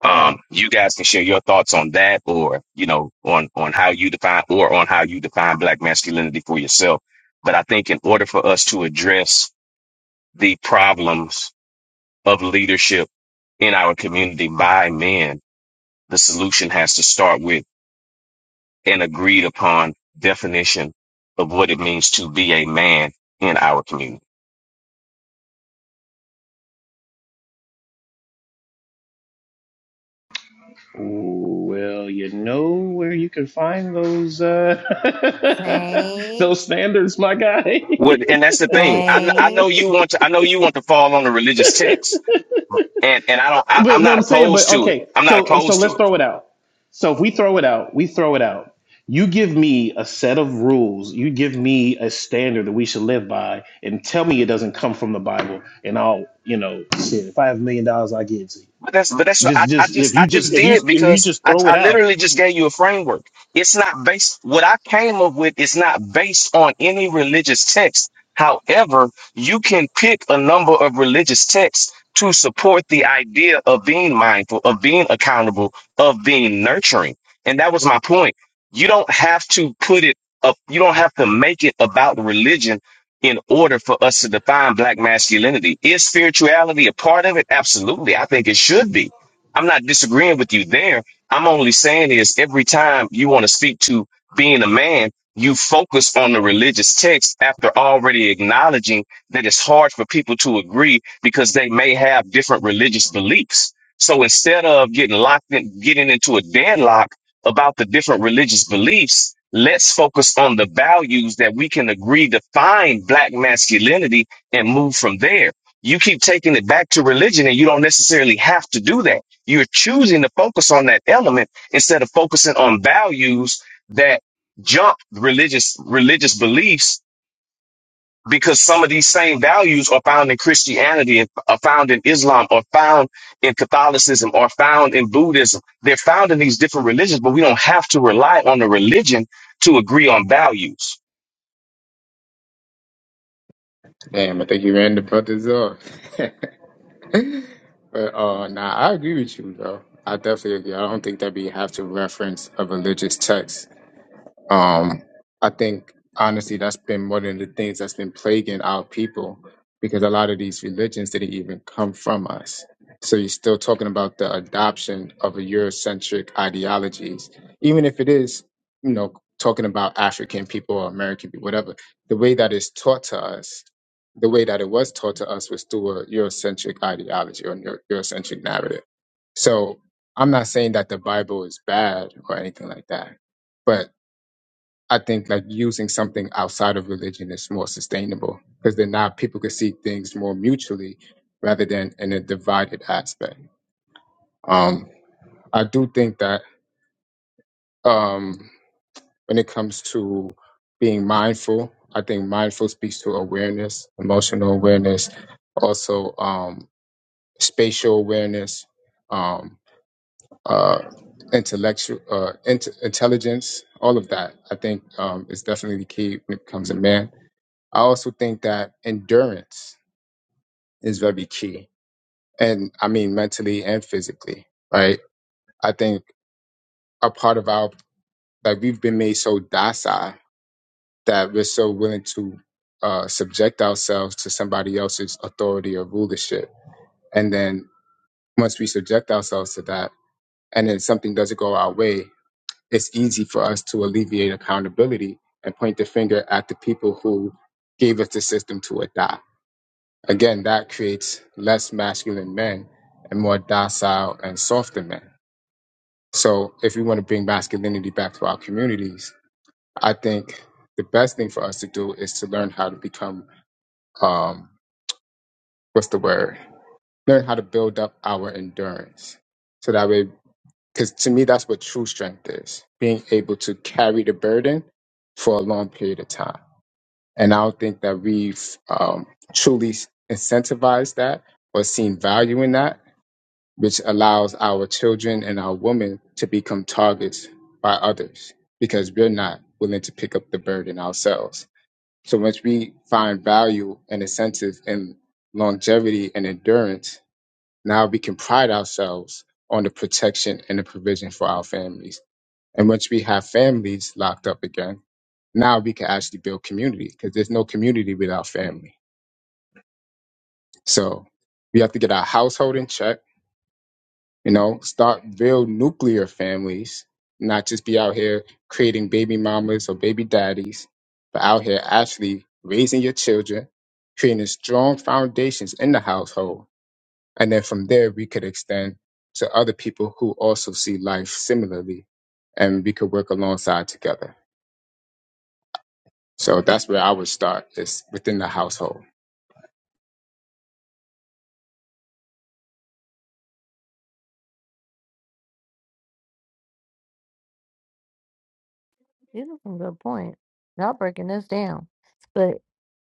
Speaker 9: Um, you guys can share your thoughts on that, or you know, on on how you define or on how you define black masculinity for yourself. But I think in order for us to address the problems of leadership in our community by men, the solution has to start with an agreed upon definition of what it means to be a man in our community.
Speaker 1: Say,
Speaker 9: What, and that's the thing. I, I
Speaker 1: say.
Speaker 9: know you want to, I know you want to fall on the religious text and, and I don't, I, I'm not opposed to it. I'm not opposed to it But that's but that's what I, I just I just did because I, I literally just gave you a framework. It's not based what I came up with is not based on any religious text. However, you can pick a number of religious texts to support the idea of being mindful, of being accountable, of being nurturing. And that was my point. You don't have to put it up, you don't have to make it about religion in order for us to define black masculinity. Is spirituality a part of it? Absolutely. I think it should be. I'm not disagreeing with you there. I'm only saying is every time you want to speak to being a man, you focus on the religious text after already acknowledging that it's hard for people to agree because they may have different religious beliefs. So instead of getting locked in, getting into a deadlock about the different religious beliefs, let's focus on the values that we can agree define black masculinity and move from there. You keep taking it back to religion and you don't necessarily have to do that. You're choosing to focus on that element instead of focusing on values that jump religious religious beliefs because some of these same values are found in Christianity, and are found in Islam, are found in Catholicism, are found in Buddhism. They're found in these different religions, but we don't have to rely on the religion to agree on values.
Speaker 13: Damn, I think you ran the brothers up. but uh nah, I agree with you though. I definitely agree. I don't think that we have to reference a religious text Um, I think honestly, that's been one of the things that's been plaguing our people because a lot of these religions didn't even come from us. So you're still talking about the adoption of a Eurocentric ideologies, even if it is, you know, talking about African people or American people, whatever. The way that it's taught to us, the way that it was taught to us was through a Eurocentric ideology or Euro- Eurocentric narrative. So I'm not saying that the Bible is bad or anything like that, but I think like using something outside of religion is more sustainable because then now people can see things more mutually rather than in a divided aspect. Um, I do think that um, when it comes to being mindful, I think mindful speaks to awareness, emotional awareness, also um, spatial awareness, um, uh, intellectual uh, int- intelligence, all of that. I think um, is definitely the key when it comes to man I also think that endurance is very key. And I mean mentally and physically, right? I think a part of our like we've been made so docile that we're so willing to uh subject ourselves to somebody else's authority or rulership. And then once we subject ourselves to that and then something doesn't go our way, it's easy for us to alleviate accountability and point the finger at the people who gave us the system to adopt Again, that creates less masculine men and more docile and softer men. So, if we want to bring masculinity back to our communities, I think the best thing for us to do is to learn how to become um, what's the word? Learn how to build up our endurance. So that way, because to me, that's what true strength is being able to carry the burden for a long period of time. And I don't think that we've um, truly incentivized that or seen value in that which allows our children and our women to become targets by others because we're not willing to pick up the burden ourselves. So once we find value and incentive in longevity and endurance, now we can pride ourselves on the protection and the provision for our families. And once we have families locked up again, now we can actually build community because there's no community without family. So we have to get our household in check You know, start real nuclear families, not just be out here creating baby mamas or baby daddies, but out here actually raising your children, creating strong foundations in the household. And then from there, we could extend to other people who also see life similarly, and we could work alongside together. So that's where I would start, is within the household.
Speaker 1: These are some good points. Y'all breaking this down. But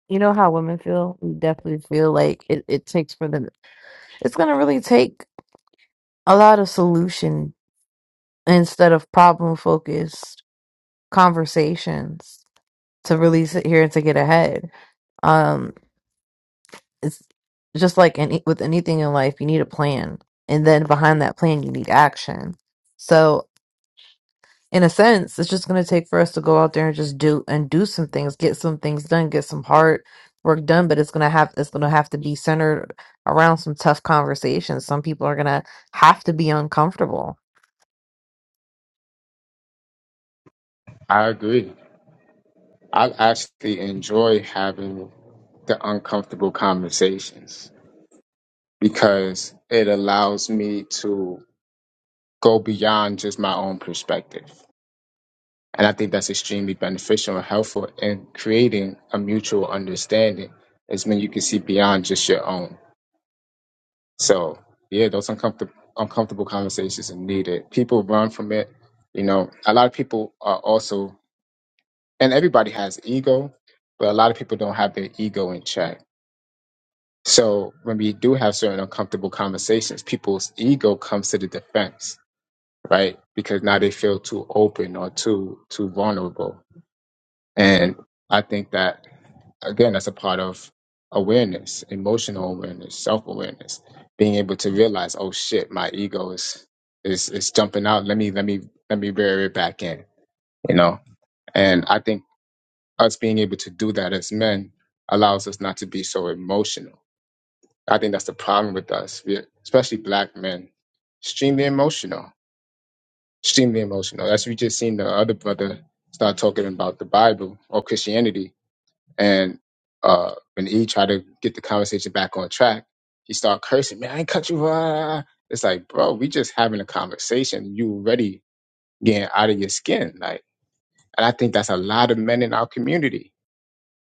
Speaker 1: you know how women feel? We definitely feel like it, it takes for them. It's going to really take a lot of solution instead of problem focused. conversations to really sit here and to get ahead. Um, it's just like any with anything in life, you need a plan, and then behind that plan, you need action. So, in a sense, it's just going to take for us to go out there and just do and do some things, get some things done, get some hard work done. But it's gonna have it's gonna have to be centered around some tough conversations. Some people are gonna have to be uncomfortable.
Speaker 13: I agree. I actually enjoy having the uncomfortable conversations because it allows me to go beyond just my own perspective. And I think that's extremely beneficial and helpful in creating a mutual understanding is when you can see beyond just your own. So yeah, those uncomfortable uncomfortable conversations are needed. People run from it. You know, a lot of people are also and everybody has ego, but a lot of people don't have their ego in check. So when we do have certain uncomfortable conversations, people's ego comes to the defense right? Because now they feel too open or too too vulnerable. And I think that again, that's a part of awareness, emotional awareness, self awareness, being able to realize, oh shit, my ego is is is jumping out. Let me let me let me rear it back in, you know. And I think us being able to do that as men allows us not to be so emotional. I think that's the problem with us, we especially black men, extremely emotional extremely emotional. As we just seen the other brother start talking about the Bible or Christianity, and uh, when E tried to get the conversation back on track, he started cursing, "Man, I ain't cut you." ah." It's like, bro, we just having a conversation. You already getting out of your skin, like, and I think that's a lot of men in our community.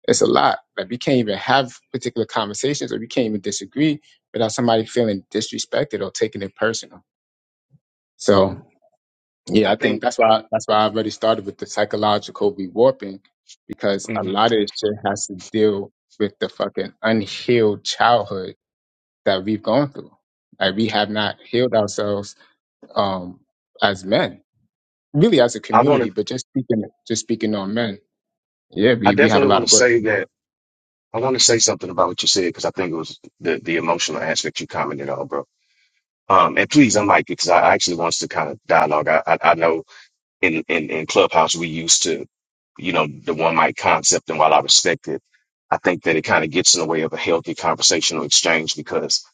Speaker 13: It's a lot. Like, we can't even have particular conversations, or we can't even disagree without somebody feeling disrespected or taking it personal. So Yeah,
Speaker 9: I
Speaker 13: I think
Speaker 9: think
Speaker 13: that's why that's why I already started with the psychological rewarping because a
Speaker 9: mhm.
Speaker 13: lot of this shit has to deal with the fucking unhealed childhood that we've gone through. Like we have not healed ourselves um as men, really as a
Speaker 9: I want
Speaker 13: community,
Speaker 9: to.
Speaker 13: but just speaking just speaking on men. Yeah,
Speaker 9: I
Speaker 13: we, we have a
Speaker 9: definitely
Speaker 13: lot
Speaker 9: want
Speaker 13: of
Speaker 9: to
Speaker 13: work.
Speaker 9: say that. I want to say something about what you said because I think it was the the emotional aspect you commented on, bro. Um, and please unmic it because I I actually wants to kind of dialogue. I, I, I know in, in, in Clubhouse, we used to, you know, the one mic concept. And while I respect it, I think that it kind of gets in the way of a healthy conversational exchange because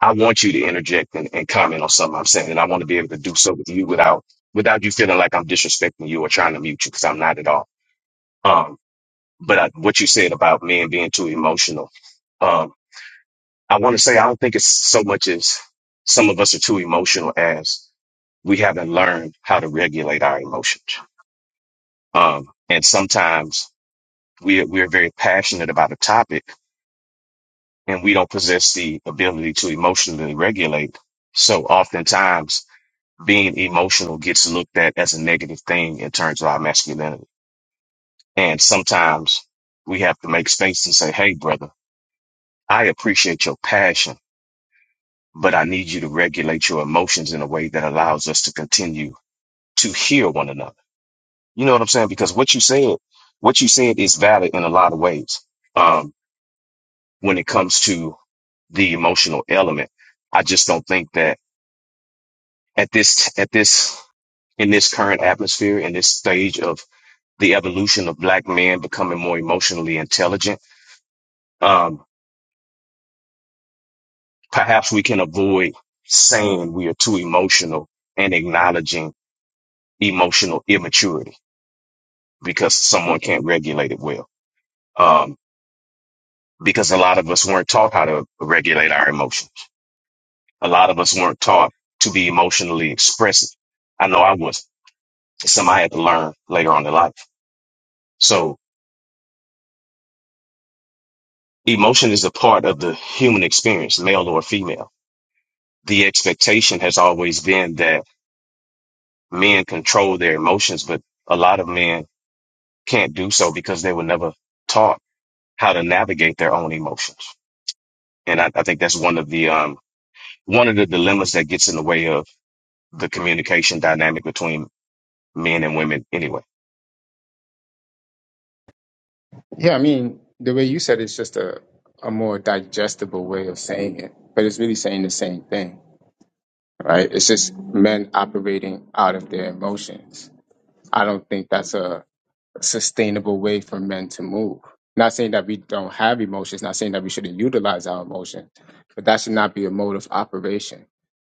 Speaker 9: I want you to interject and, and comment on something I'm saying. And I want to be able to do so with you without, without you feeling like I'm disrespecting you or trying to mute you because I'm not at all. Um, but I, what you said about men being too emotional, um, I want to say I don't think it's so much as some of us are too emotional as we haven't learned how to regulate our emotions Um, and sometimes we are, we are very passionate about a topic and we don't possess the ability to emotionally regulate. So oftentimes being emotional gets looked at as a negative thing in terms of our masculinity. And sometimes we have to make space and say, Hey, brother, I appreciate your passion, but I need you to regulate your emotions in a way that allows us to continue to hear one another. You know what I'm saying? Because what you said, what you said is valid in a lot of ways. Um, when it comes to the emotional element. I just don't think that at this, at this, in this current atmosphere, in this stage of the evolution of black men becoming more emotionally intelligent, um, perhaps we can avoid saying we are too emotional and acknowledging emotional immaturity because someone can't regulate it well. Um, because a lot of us weren't taught how to regulate our emotions. A lot of us weren't taught to be emotionally expressive. I know I wasn't. It's something I had to learn later on in life. So emotion is a part of the human experience, male or female. The expectation has always been that men control their emotions, but a lot of men can't do so because they were never taught how to navigate their own emotions. And I, I think that's one of the, um, one of the dilemmas that gets in the way of the communication dynamic between men and women anyway.
Speaker 13: Yeah, I mean, the way you said it's just a, a more digestible way of saying it, but it's really saying the same thing, right? It's just men operating out of their emotions I don't think that's a sustainable way for men to move. Not saying that we don't have emotions, not saying that we shouldn't utilize our emotions, but that should not be a mode of operation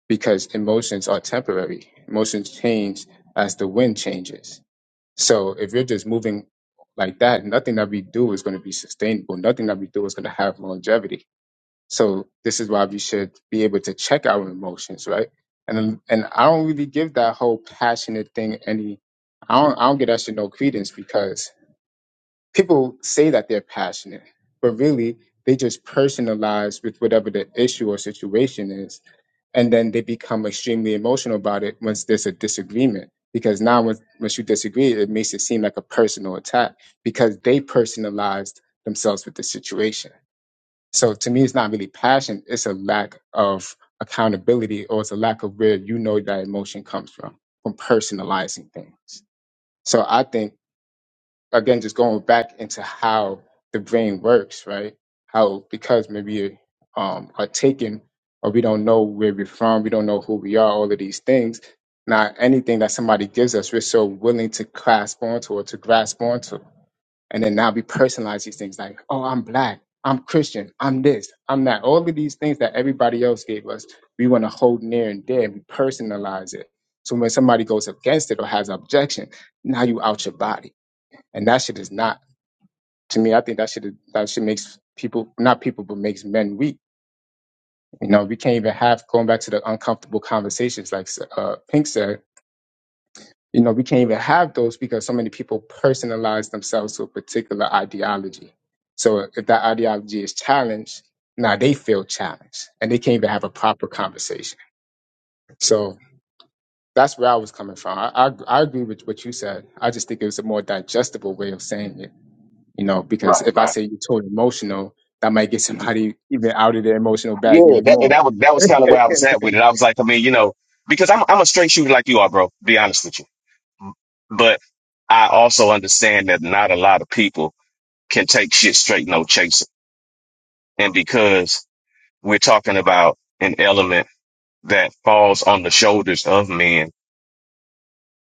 Speaker 13: because emotions are temporary. Emotions change as the wind changes. So if you're just moving like that, nothing that we do is going to be sustainable. Nothing that we do is going to have longevity so this is why we should be able to check our emotions, right? And and I don't really give that whole passionate thing any. I don't I don't get that shit no credence because people say that they're passionate, but really they just personalize with whatever the issue or situation is, and then they become extremely emotional about it once there's a disagreement. Because now, once once you disagree, it makes it seem like a personal attack because they personalized themselves with the situation. So to me, it's not really passion. It's a lack of accountability or it's a lack of where you know that emotion comes from, from personalizing things. So I think, again, just going back into how the brain works, right? How, because maybe um, are taken or we don't know where we're from, we don't know who we are, all of these things. Now, anything that somebody gives us, we're so willing to clasp onto or to grasp onto and then now we personalize these things like, oh, I'm black, I'm Christian, I'm this, I'm that. All of these things that everybody else gave us, we want to hold near and dear. We personalize it. So when somebody goes against it or has objection, now you out your body. And that shit is not to me, I think that shit is, that shit makes people not people, but makes men weak. You know, we can't even have going back to the uncomfortable conversations like uh, Pink said You know, we can't even have those because so many people personalize themselves to a particular ideology. So if that ideology is challenged, now they feel challenged and they can't even have a proper conversation. So that's where I was coming from. I, I, I agree with what you said. I just think it was a more digestible way of saying it you know, because
Speaker 9: Right,
Speaker 13: if I
Speaker 9: right.
Speaker 13: say you're totally emotional, that might get somebody even out of their emotional bag
Speaker 9: Yeah,
Speaker 13: even
Speaker 9: that, and
Speaker 13: more.
Speaker 9: that was that was kind of where I was at with it. I was like, I mean, you know, because I'm I'm a straight shooter like you are, bro. Be honest with you. But I also understand that not a lot of people can take shit straight, no chaser. And because we're talking about an element that falls on the shoulders of men,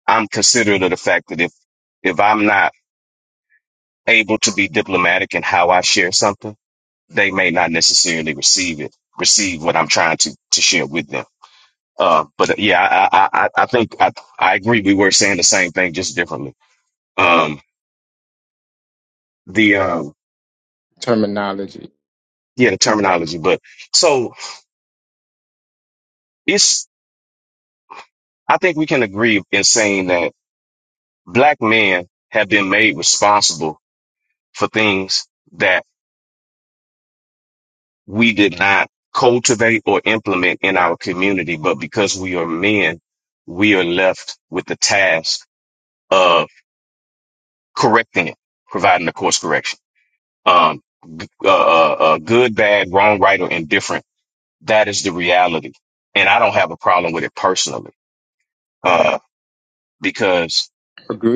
Speaker 9: I'm considerate of the fact that if, if I'm not able to be diplomatic in how I share something, they may not necessarily receive it, receive what I'm trying to, to share with them. Uh, but uh, yeah, I, I, I I think I, I agree. We were saying the same thing, just differently. Um, the, um,
Speaker 13: Terminology.
Speaker 9: yeah, the terminology, but so It's. I think we can agree in saying that black men have been made responsible for things that we did not cultivate or implement in our community. But because we are men, we are left with the task of correcting it, providing a course correction. Um, g- uh, uh, uh, good, bad, wrong, right, or indifferent. That is the reality. And I don't have a problem with it personally, uh, because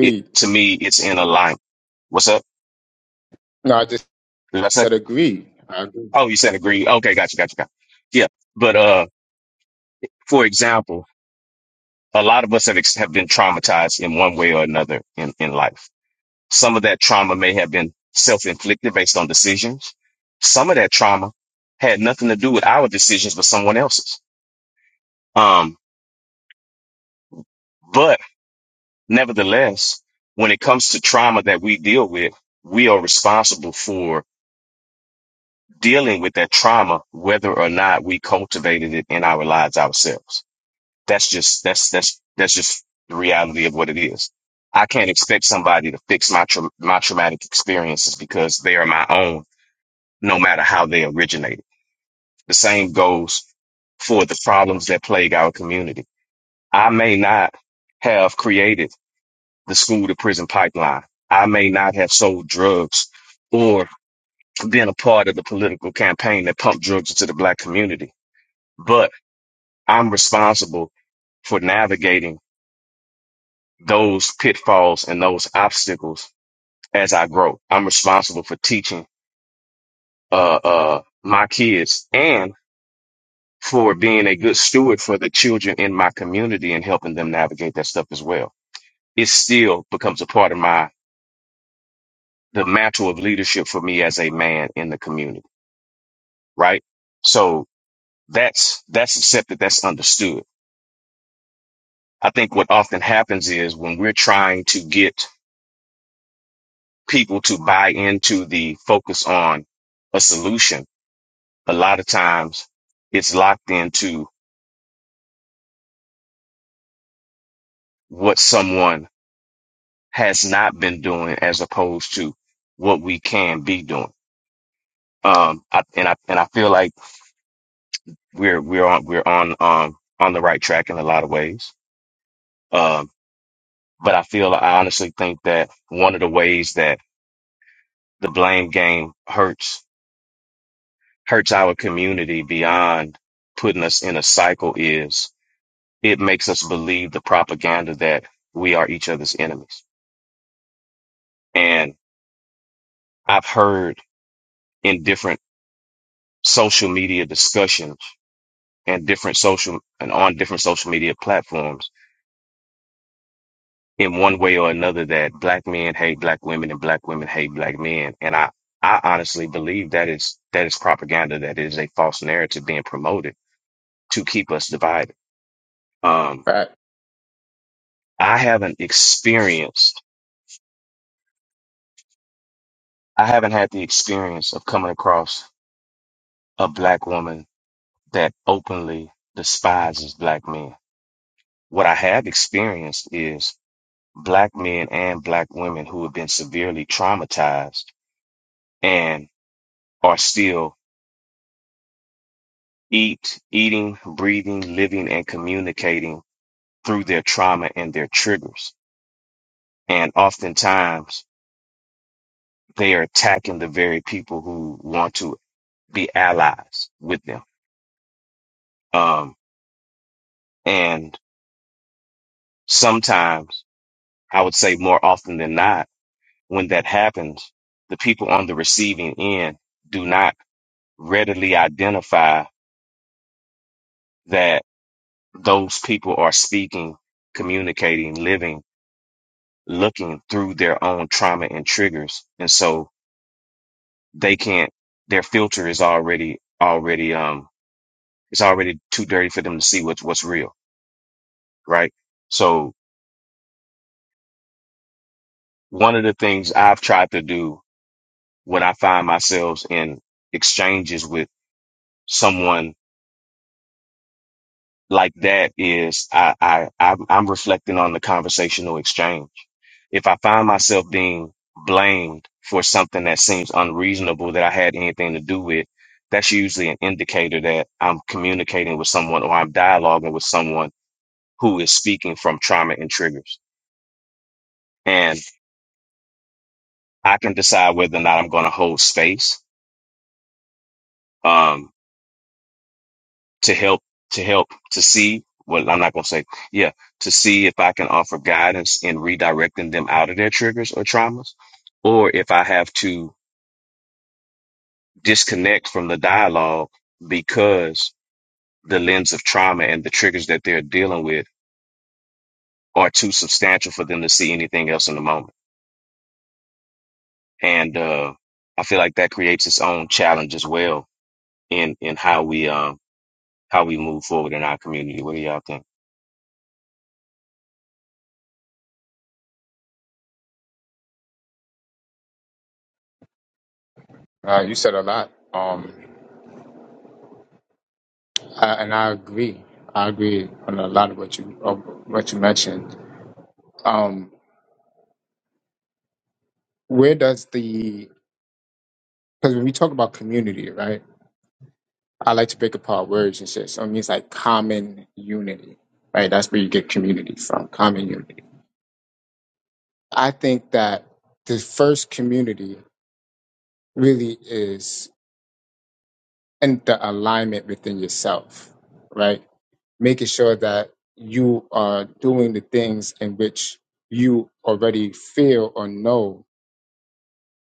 Speaker 9: it, to me, it's in alignment. What's up?
Speaker 13: No, I just
Speaker 9: Did I say?
Speaker 13: said agreed. I agree.
Speaker 9: Oh, you said agree. Okay, gotcha, gotcha, gotcha. Yeah, but uh, for example, a lot of us have ex- have been traumatized in one way or another in in life. Some of that trauma may have been self inflicted based on decisions. Some of that trauma had nothing to do with our decisions, but someone else's. Um, but nevertheless, when it comes to trauma that we deal with, we are responsible for dealing with that trauma, whether or not we cultivated it in our lives ourselves. That's just that's that's that's just the reality of what it is. I can't expect somebody to fix my tra- my traumatic experiences because they are my own, no matter how they originated. The same goes for the problems that plague our community. I may not have created the school to prison pipeline. I may not have sold drugs or been a part of the political campaign that pumped drugs into the black community, but I'm responsible for navigating those pitfalls and those obstacles as I grow. I'm responsible for teaching uh, uh, my kids and for being a good steward for the children in my community and helping them navigate that stuff as well. It still becomes a part of my the mantle of leadership for me as a man in the community, right? So that's that's accepted, that's understood. I think what often happens is when we're trying to get people to buy into the focus on a solution a lot of times it's locked into what someone has not been doing as opposed to what we can be doing. Um, I, and I, and I feel like we're, we're on, we're on, um, on the right track in a lot of ways. Um, but I feel, I honestly think that one of the ways that the blame game hurts, hurts our community beyond putting us in a cycle is it makes us believe the propaganda that we are each other's enemies. And I've heard in different social media discussions and different social and on different social media platforms in one way or another that black men hate black women and black women hate black men. And I, I honestly believe that is that is propaganda, that is a false narrative being promoted to keep us divided. Um,
Speaker 13: Right.
Speaker 9: I haven't experienced I haven't had the experience of coming across a black woman that openly despises black men. What I have experienced is black men and black women who have been severely traumatized and are still eat, eating, breathing, living, and communicating through their trauma and their triggers. And oftentimes they are attacking the very people who want to be allies with them. Um, and sometimes I would say more often than not, when that happens, the people on the receiving end do not readily identify that those people are speaking, communicating, living, looking through their own trauma and triggers. And so they can't, their filter is already, already, um, it's already too dirty for them to see what's, what's real. Right. So one of the things I've tried to do when I find myself in exchanges with someone like that is I, I, I'm, I'm reflecting on the conversational exchange if I find myself being blamed for something that seems unreasonable that I had anything to do with, that's usually an indicator that I'm communicating with someone or I'm dialoguing with someone who is speaking from trauma and triggers. And I can decide whether or not I'm going to hold space um, to help, to help, to see. Well, I'm not going to say, yeah, to see if I can offer guidance in redirecting them out of their triggers or traumas, or if I have to disconnect from the dialogue because the lens of trauma and the triggers that they're dealing with are too substantial for them to see anything else in the moment. And uh, I feel like that creates its own challenge as well in in how we um how we move forward in our community. What do y'all think?
Speaker 13: Uh, you said a lot, um, I, and I agree. I agree on a lot of what you of what you mentioned. Um, where does the because when we talk about community, right? I like to break apart words and shit. So it means like common unity, right? That's where you get community from. Common unity. I think that the first community really is in the alignment within yourself, right? making sure that you are doing the things in which you already feel or know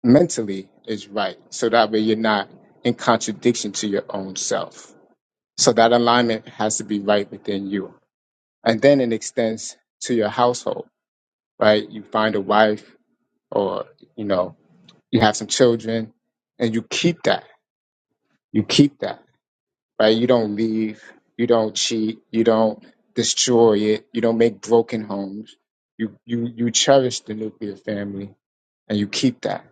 Speaker 13: mentally is right. So that way you're not in contradiction to your own self. So that alignment has to be right within you. And then it extends to your household, right? You find a wife or, you know, you have some children and you keep that. You keep that right? You don't leave, you don't cheat, you don't destroy it, you don't make broken homes. You you you cherish the nuclear family and you keep that.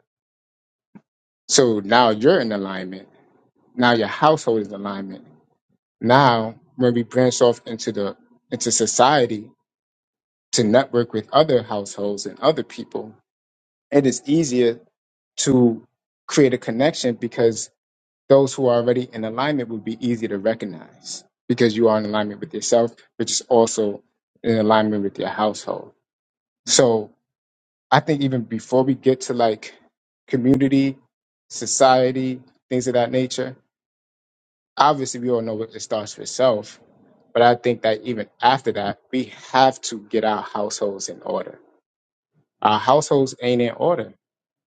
Speaker 13: So now you're in alignment. Now your household is in alignment. Now when we branch off into the into society to network with other households and other people, it is easier to create a connection because Those who are already in alignment would be easy to recognize because you are in alignment with yourself, which is also in alignment with your household. So I think even before we get to like community, society, things of that nature, obviously we all know what it starts with self. But I think that even after that, we have to get our households in order. Our households ain't in order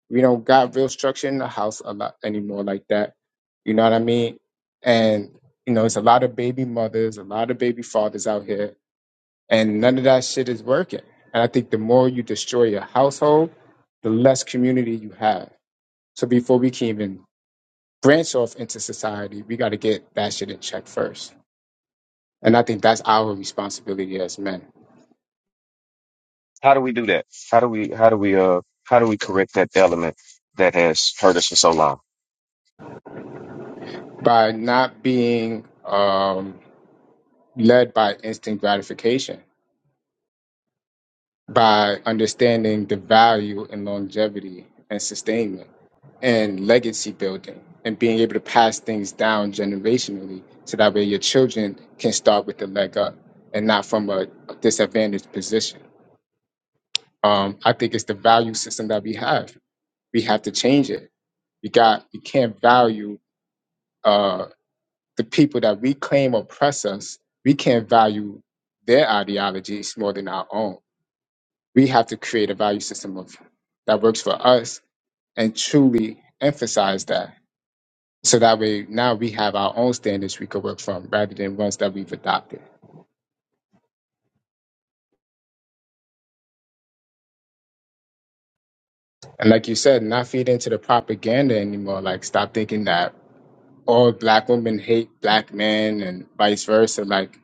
Speaker 13: We don't got real structure in the house a lot anymore like that. You know what I mean? And you know, it's a lot of baby mothers, a lot of baby fathers out here, and none of that shit is working. And I think the more you destroy your household, the less community you have. So before we can even branch off into society, we got to get that shit in check first. And I think that's our responsibility as men
Speaker 9: How do we do that? How do we how do we uh how do we correct that element that has hurt us for so long?
Speaker 13: by not being um, led by instant gratification by understanding the value in longevity and sustainment and legacy building and being able to pass things down generationally so that way your children can start with the leg up and not from a disadvantaged position. Um, I think it's the value system that we have. We have to change it. We got we can't value uh, the people that we claim oppress us. We can't value their ideologies more than our own. We have to create a value system of that works for us and truly emphasize that so that way now we have our own standards we could work from rather than ones that we've adopted and like you said not feed into the propaganda anymore like stop thinking that all black women hate black men and vice versa like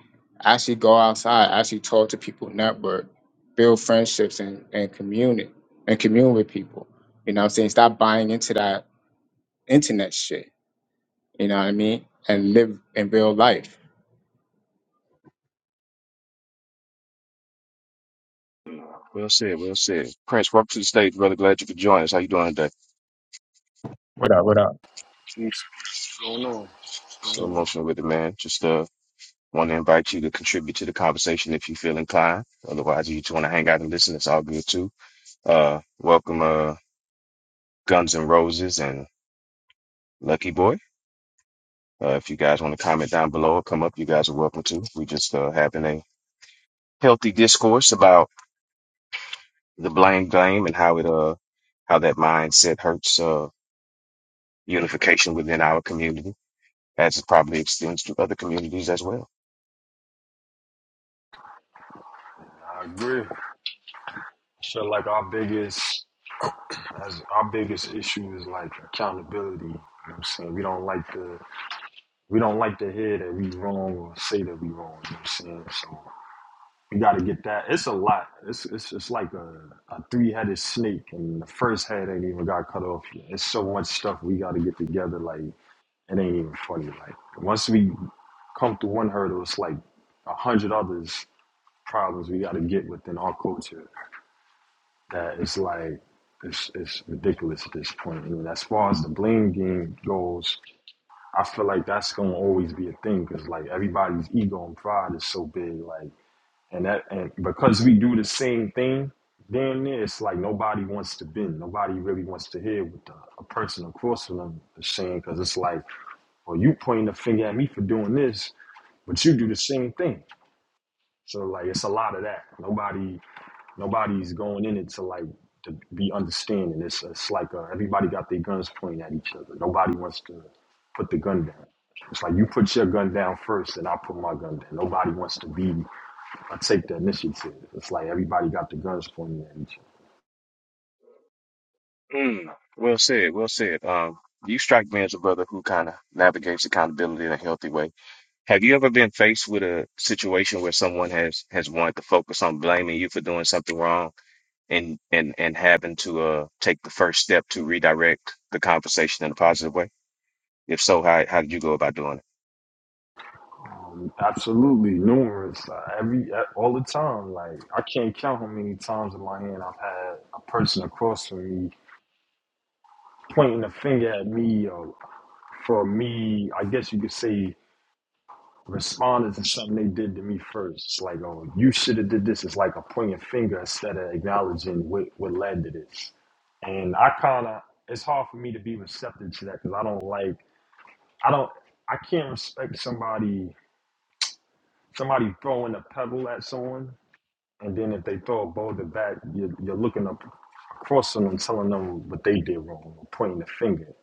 Speaker 13: actually go outside actually talk to people network build friendships and, and commune and commune with people you know what i'm saying stop buying into that internet shit you know what i mean and live in real life
Speaker 9: Well said, well said. Prince, welcome to the stage, brother. Glad you could join us. How you doing today?
Speaker 13: what up what up
Speaker 18: What's going on? What's
Speaker 9: So
Speaker 18: going on?
Speaker 9: emotional with it, man. Just uh want to invite you to contribute to the conversation if you feel inclined. Otherwise, if you just want to hang out and listen, it's all good too. Uh, welcome, uh, Guns and Roses and Lucky Boy. Uh, if you guys want to comment down below or come up, you guys are welcome to. We just uh, having a healthy discourse about the blame game and how it uh how that mindset hurts uh unification within our community as it probably extends to other communities as well.
Speaker 18: I agree. So, like our biggest as our biggest issue is like accountability. You know what I'm saying? We don't like to we don't like to hear that we wrong or say that we wrong. You know what I'm saying? So we gotta get that. It's a lot. It's it's it's like a, a three headed snake and the first head ain't even got cut off yet. It's so much stuff we gotta get together, like it ain't even funny. Like once we come through one hurdle, it's like a hundred others problems we got to get within our culture that it's like it's, it's ridiculous at this point. I mean, as far as the blame game goes, I feel like that's gonna always be a thing because like everybody's ego and pride is so big, like and that and because we do the same thing, damn near it's like nobody wants to bend, nobody really wants to hear what the, a person across from them is saying because it's like, well, you pointing the finger at me for doing this, but you do the same thing. So like it's a lot of that. Nobody Nobody's going in it to like to be understanding. It's it's like uh, everybody got their guns pointing at each other. Nobody wants to put the gun down. It's like you put your gun down first, and I put my gun down. Nobody wants to be uh, take the initiative. It's like everybody got the guns pointing at each other.
Speaker 9: Mm, well said, well said. Um, you strike me as a brother who kind of navigates accountability in a healthy way. Have you ever been faced with a situation where someone has has wanted to focus on blaming you for doing something wrong and and and having to uh take the first step to redirect the conversation in a positive way? If so, how how did you go about doing it?
Speaker 18: Um, absolutely numerous, uh, every uh, all the time. Like I can't count how many times in my hand I've had a person across from me pointing a finger at me or for me. I guess you could say responded to something they did to me first. It's like, oh, you should have did this. It's like a pointing finger instead of acknowledging what, what led to this. And I kind of, it's hard for me to be receptive to that because I don't like, I don't, I can't respect somebody, somebody throwing a pebble at someone. And then if they throw a boulder back, you're, you're looking up across them and telling them what they did wrong, or pointing the finger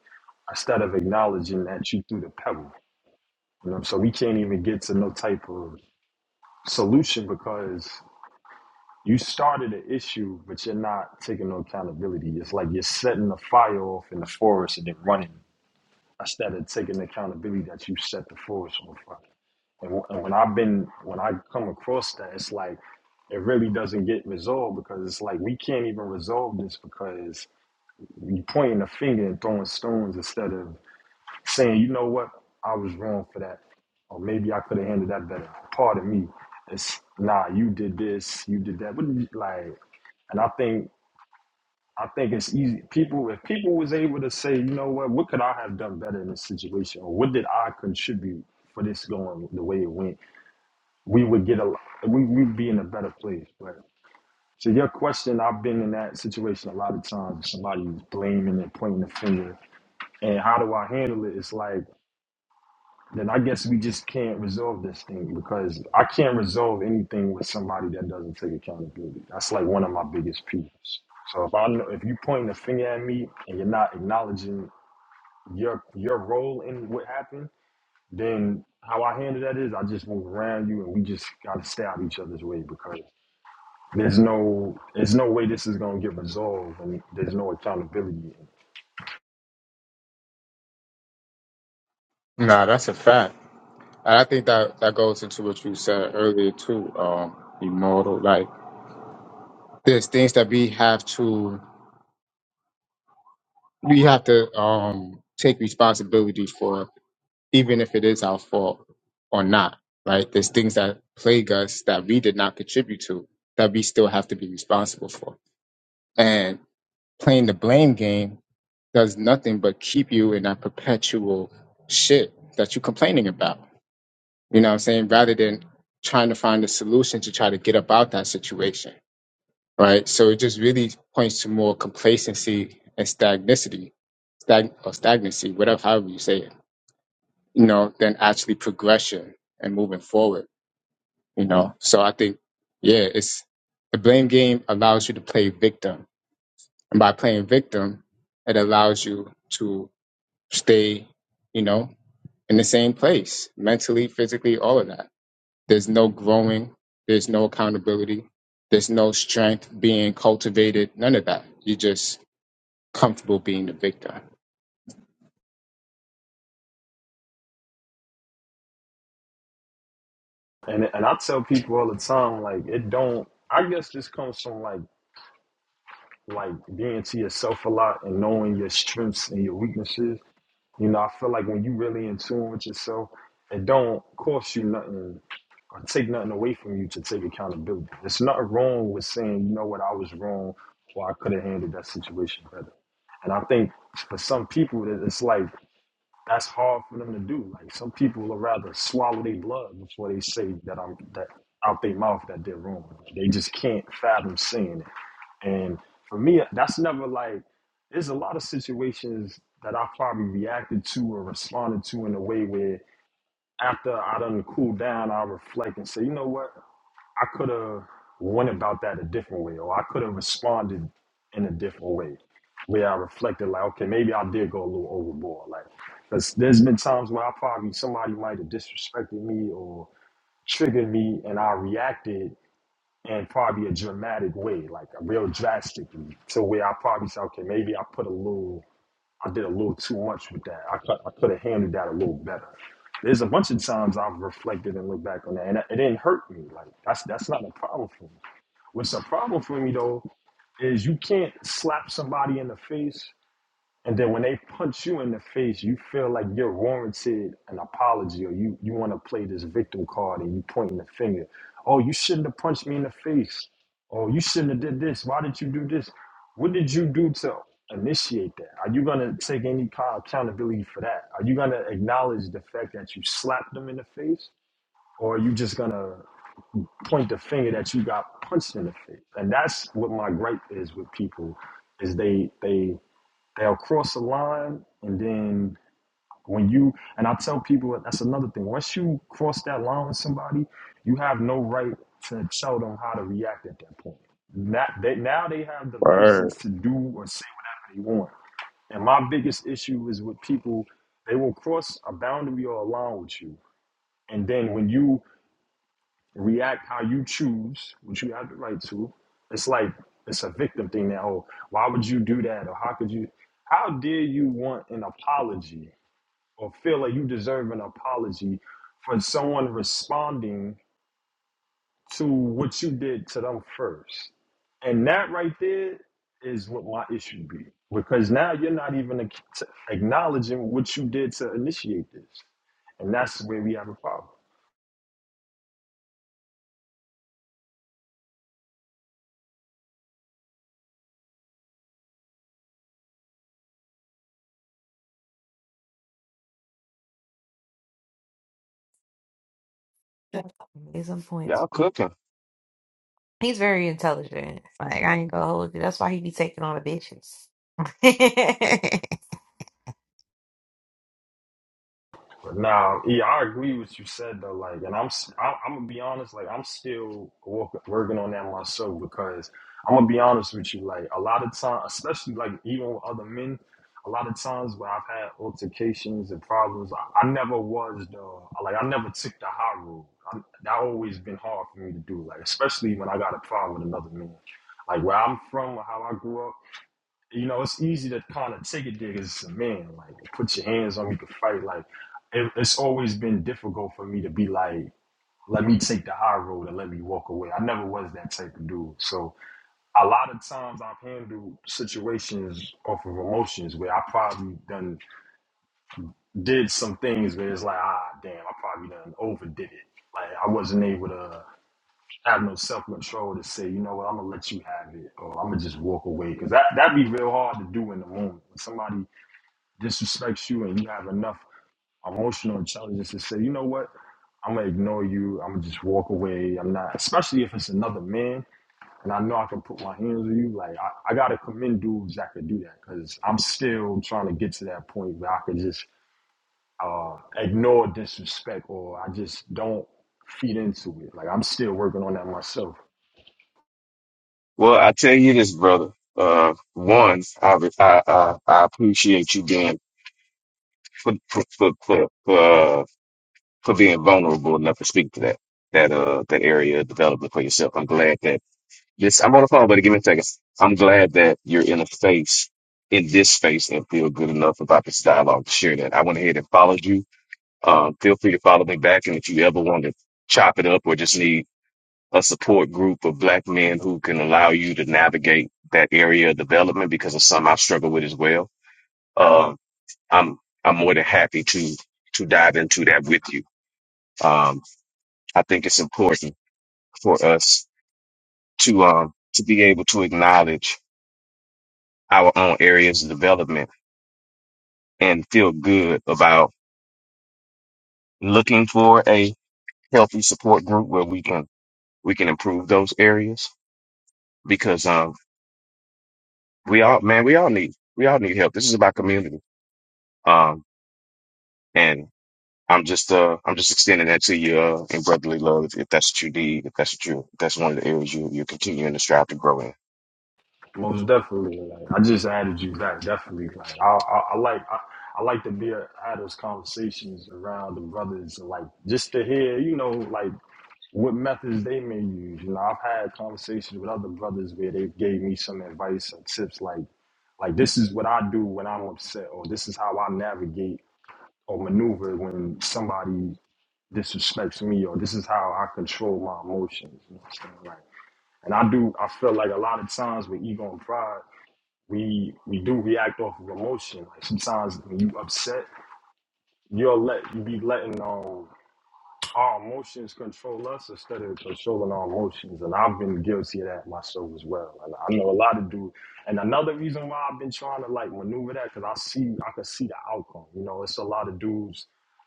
Speaker 18: instead of acknowledging that you threw the pebble. You know, so we can't even get to no type of solution because You started an issue, but you're not taking no accountability. It's like you're setting the fire off in the forest and then running instead of taking accountability that you set the forest on fire. And, wh- and when I've been, when I come across that, it's like it really doesn't get resolved because it's like we can't even resolve this because you're pointing a finger and throwing stones instead of saying, you know what, I was wrong for that, or maybe I could have handled that better. Pardon me. It's nah, you did this, you did that. What did you, like? And I think I think it's easy. People, if people was able to say, you know what, what could I have done better in this situation, or what did I contribute for this going the way it went, we would get a lo- we we'd be in a better place. But to your question, I've been in that situation a lot of times. Somebody's blaming and pointing the finger, and how do I handle it? It's like then I guess we just can't resolve this thing because I can't resolve anything with somebody that doesn't take accountability. That's like one of my biggest peeves. So if I know, if you pointing a finger at me and you're not acknowledging your your role in what happened, then how I handle that is I just move around you and we just gotta stay out of each other's way because there's no there's no way this is gonna get resolved and there's no accountability.
Speaker 13: nah that's a fact And I think that that goes into what you said earlier too, um, immortal. Like there's things that we have to we have to um take responsibility for, even if it is our fault or not. Right? There's things that plague us that we did not contribute to that we still have to be responsible for. And playing the blame game does nothing but keep you in that perpetual shit that you're complaining about You know what I'm saying? Rather than trying to find a solution to try to get up out that situation, right? So it just really points to more complacency and stagnicity, stag or stagnancy, whatever, however you say it, you know, than actually progression and moving forward, you know? So I think, yeah, it's the blame game allows you to play victim. And by playing victim, it allows you to stay, you know, in the same place mentally, physically, all of that. There's no growing. There's no accountability. There's no strength being cultivated. None of that. You're just comfortable being the victim.
Speaker 18: And and I tell people all the time like it don't. I guess this comes from like like being to yourself a lot and knowing your strengths and your weaknesses. You know, I feel like when you really in tune with yourself, it don't cost you nothing or take nothing away from you to take accountability. It's not wrong with saying, you know what, I was wrong or I could have handled that situation better. And I think for some people, that it's like that's hard for them to do. Like some people will rather swallow their blood before they say that I'm that out their mouth that they're wrong. They just can't fathom saying it. And for me, that's never like, there's a lot of situations that I probably reacted to or responded to in a way where after I done cooled down, I reflect and say, you know what? I could have went about that a different way, or I could have responded in a different way where I reflected, like, okay, maybe I did go a little overboard. Like, because there's been times where I probably, somebody might have disrespected me or triggered me, and I reacted in probably a dramatic way, like a real drastically, to where I probably said, okay, maybe I put a little, I did a little too much with that. I could, I could have handled that a little better. There's a bunch of times I've reflected and looked back on that, and it didn't hurt me. Like that's that's not a problem for me. What's a problem for me though is you can't slap somebody in the face and then when they punch you in the face, you feel like you're warranted an apology or you, you want to play this victim card and you pointing the finger. Oh, you shouldn't have punched me in the face. Oh, you shouldn't have did this. Why did you do this? What did you do to initiate that? Are you going to take any kind of accountability for that? Are you going to acknowledge the fact that you slapped them in the face? Or are you just going to point the finger that you got punched in the face? And that's what my gripe is with people is they, they, they'll cross a line and then when you and i tell people that that's another thing once you cross that line with somebody you have no right to tell them how to react at that point that they, now they have the license to do or say whatever they want and my biggest issue is with people they will cross a boundary or a line with you and then when you react how you choose, which you have the right to. It's like it's a victim thing now. Oh, why would you do that? Or how could you? How dare you want an apology or feel like you deserve an apology for someone responding to what you did to them first? And that right there is what my issue be because now you're not even ac- acknowledging what you did to initiate this, and that's where we have a problem.
Speaker 1: At some points,
Speaker 9: Y'all cooking.
Speaker 1: he's very intelligent. Like I ain't gonna hold you. That's why he be taking all the bitches.
Speaker 18: Nah, yeah, I agree with what you said though. Like, and I'm, s- I, I'm gonna be honest. Like, I'm still work, working on that myself because I'm gonna be honest with you. Like, a lot of times, especially like even with other men, a lot of times where I've had altercations and problems, I, I never was the like I never took the high road. i that always been hard for me to do. Like, especially when I got a problem with another man. Like where I'm from, how I grew up. You know, it's easy to kind of take a dig as a man. Like, put your hands on me, you can fight. Like, it, it's always been difficult for me to be like, let me take the high road and let me walk away. I never was that type of dude. So, a lot of times I've handled situations off of emotions where I probably done did some things where it's like, ah, damn, I probably done overdid it. Like, I wasn't able to have no self control to say, you know what, I'm gonna let you have it, or I'm gonna just walk away, because that that would be real hard to do in the moment. When somebody disrespects you and you have enough emotional intelligence to say, you know what, I'm gonna ignore you. I'm gonna just walk away. I'm not, especially if it's another man and I know I can put my hands on you. Like I, I gotta commend dudes that could do that because I'm still trying to get to that point where I could just uh, ignore disrespect or I just don't feed into it. Like I'm still working on that myself.
Speaker 9: Well, I tell you this, brother. Uh, one, I I I, I appreciate you being for for for, for, for being vulnerable enough to speak to that that uh that area of development for yourself. I'm glad that this I'm on the phone, but give me a second. I'm glad that you're in a space in this space and feel good enough about this dialogue to share that. I went ahead and followed you. Um, feel free to follow me back, and if you ever want to chop it up or just need a support group of black men who can allow you to navigate that area of development because of some I've struggled with as well. Um, I'm I'm more than happy to to dive into that with you. Um, I think it's important for us to um to be able to acknowledge our own areas of development and feel good about looking for a healthy support group where we can we can improve those areas because um we all man we all need we all need help. This is about community. Um and I'm just uh I'm just extending that to you uh, in brotherly love if, if that's what you need if that's what you if that's one of the areas you you're continuing to strive to grow in.
Speaker 18: Most definitely. Like, I just added you back. Definitely. Like I, I, I like I, I like to be a, have those conversations around the brothers. and, Like just to hear, you know, like what methods they may use. You know, I've had conversations with other brothers where they gave me some advice and tips. Like, like this is what I do when I'm upset, or this is how I navigate or maneuver when somebody disrespects me, or this is how I control my emotions. You know what I'm saying? Like, and I do. I feel like a lot of times with ego and pride we we do react off of emotion. Like sometimes when you upset, you'll let you be letting um our emotions control us instead of controlling our emotions. And I've been guilty of that myself as well. And I know a lot of dudes. And another reason why I've been trying to like maneuver that, because I see, I can see the outcome. You know, it's a lot of dudes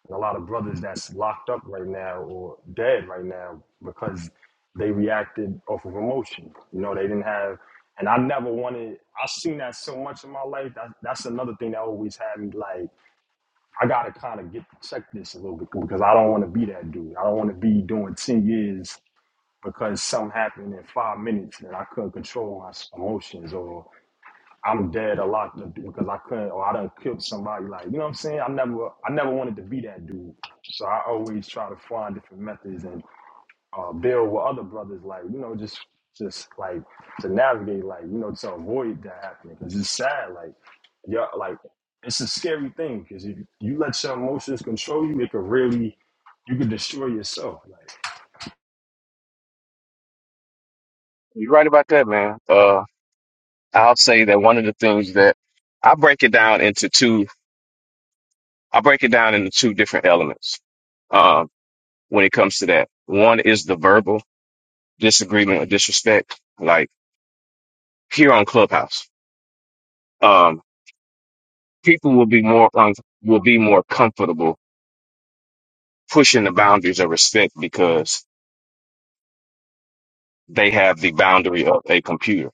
Speaker 18: and a lot of brothers that's locked up right now or dead right now because they reacted off of emotion. You know, they didn't have, and I never wanted, I've seen that so much in my life. That, that's another thing that always had me like, I gotta kind of get check this a little bit because I don't want to be that dude. I don't want to be doing ten years because something happened in five minutes and I couldn't control my s- emotions or I'm dead a lot to- because I couldn't or I done killed somebody. Like you know what I'm saying? I never I never wanted to be that dude. So I always try to find different methods and uh, build with other brothers, like you know, just just like to navigate, like you know, to avoid that happening. Cause it's sad, like yeah, like it's a scary thing because if you let your emotions control you, it could really you could destroy yourself. Like
Speaker 9: You're right about that, man. Uh I'll say that one of the things that I break it down into two, I break it down into two different elements um, when it comes to that. One is the verbal disagreement or disrespect, like here on Clubhouse. Um, people will be more um, will be more comfortable pushing the boundaries of respect because they have the boundary of a computer.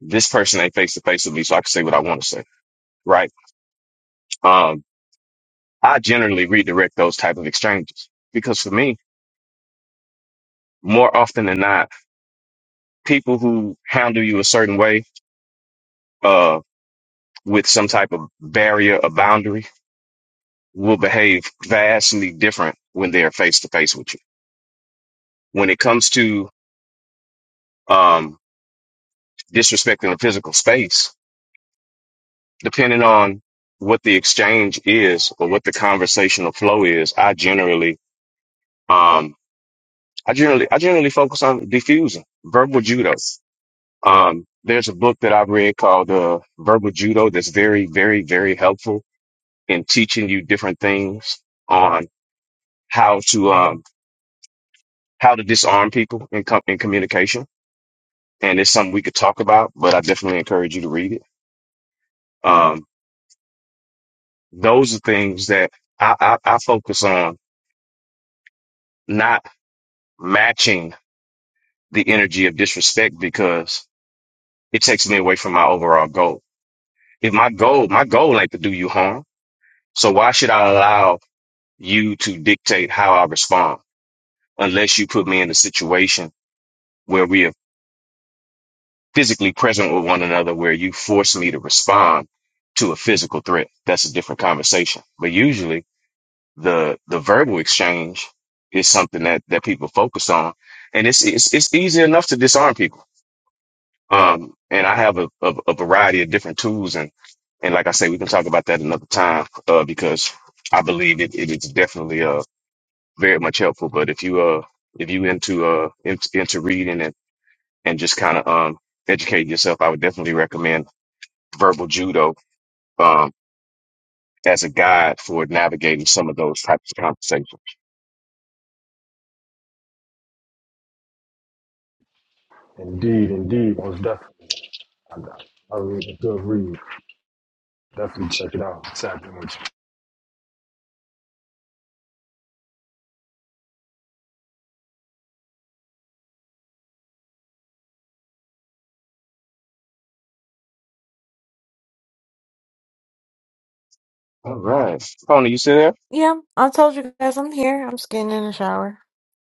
Speaker 9: This person ain't face to face with me, so I can say what I want to say, right? Um, I generally redirect those type of exchanges because for me, more often than not. people who handle you a certain way, uh, with some type of barrier or boundary will behave vastly different when they're face to face with you. When it comes to, um, disrespecting the physical space, depending on what the exchange is or what the conversational flow is, I generally, um, I generally, I generally focus on diffusing verbal judo. Um, there's a book that I've read called, uh, Verbal Judo that's very, very, very helpful and teaching you different things on how to um, how to disarm people in, com- in communication. And it's something we could talk about, but I definitely encourage you to read it. Um, those are things that I, I, I focus on, not matching the energy of disrespect because it takes me away from my overall goal. If my goal, my goal ain't to do you harm. So why should I allow you to dictate how I respond unless you put me in a situation where we are physically present with one another where you force me to respond to a physical threat. That's a different conversation. But usually the, the verbal exchange is something that, that people focus on. And it's, it's, it's easy enough to disarm people. Um, and I have a, a, a variety of different tools and, and like I say, we can talk about that another time, uh, because I believe it, it is definitely, uh, very much helpful. But if you, uh, if you into, uh, into, into reading and, and just kind of, um, educate yourself, I would definitely recommend verbal judo um, as a guide for navigating some of those types of conversations.
Speaker 18: indeed, indeed, most definitely. I, I, I read a really good read. Definitely check it out. It's happening with you.
Speaker 9: All right, Tony, you still there?
Speaker 1: yeah, I told you guys I'm here. I'm just getting in the shower.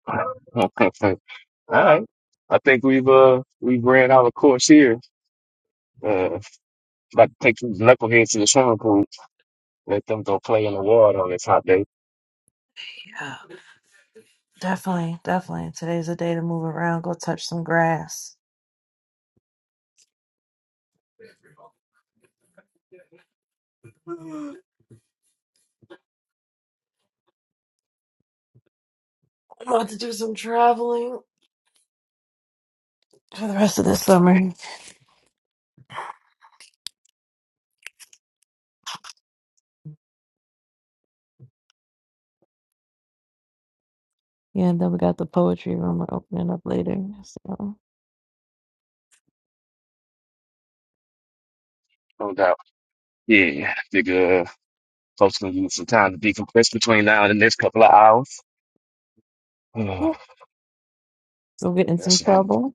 Speaker 9: All right, I think we've uh we've ran our course here. Uh, about to take these knuckleheads to the swimming pool, let them go play in the water on this hot day,
Speaker 1: Yeah, definitely, definitely. Today's a day to move around, go touch some grass. I'm about to do some traveling for the rest of the summer. Yeah, and then we got the poetry room we're opening up later. So,
Speaker 9: no doubt. Yeah, figure uh, folks can use some time to decompress between now and the next couple of hours. Ugh,
Speaker 1: yeah, we'll get in some
Speaker 9: that's yeah,
Speaker 1: trouble.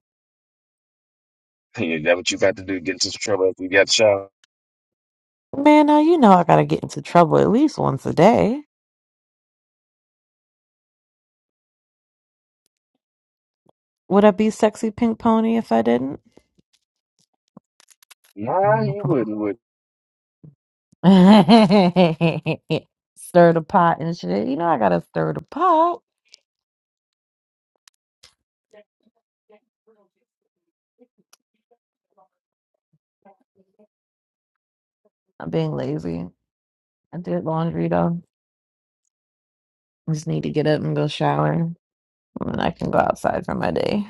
Speaker 9: that what you got to do? Get into some trouble after you got the shower?
Speaker 1: Man, now you know I gotta get into trouble at least once a day. Would I be sexy pink pony if I didn't?
Speaker 9: Nah, you wouldn't. Would
Speaker 1: stir the pot and shit. You know I gotta stir the pot. I'm being lazy. I did laundry though. I just need to get up and go shower, and then I can go outside for my day.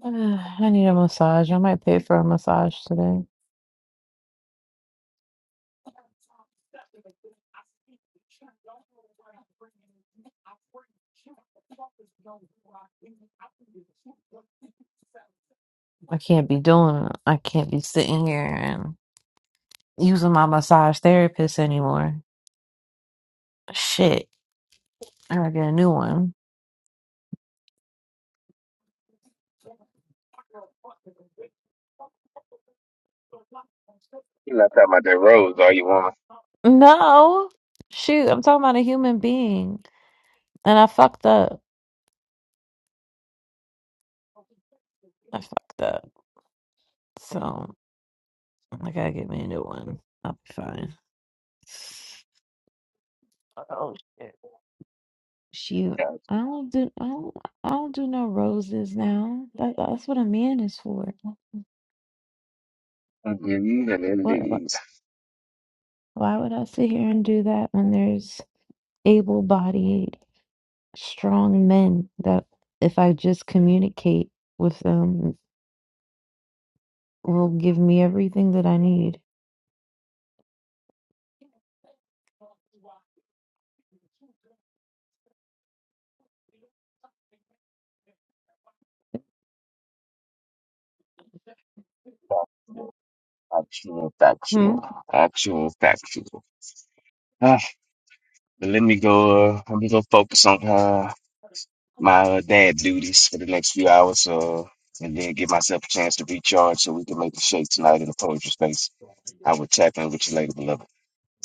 Speaker 1: I need a massage. I might pay for a massage today. I can't be doing. I can't be sitting here and using my massage therapist anymore. Shit, I gotta get a new one.
Speaker 9: you left out my dead rose? All you want?
Speaker 1: No, shoot, I'm talking about a human being, and I fucked up. I fucked up. So. I gotta get me a new one. I'll be fine. Oh shit. She I don't do I don't I don't do no roses now. That, that's what a man is for. What, what
Speaker 9: indeed.
Speaker 1: why would I sit here and do that when there's able bodied strong men that if I just communicate with them will give me everything that I need.
Speaker 9: Actual,
Speaker 1: Hmm.
Speaker 9: factual, actual, factual. Ah, but let me go. Uh, let me go focus on uh, my uh, dad duties for the next few hours, uh, and then give myself a chance to recharge so we can make the shake tonight in the poetry space. I will tap in with you later, beloved.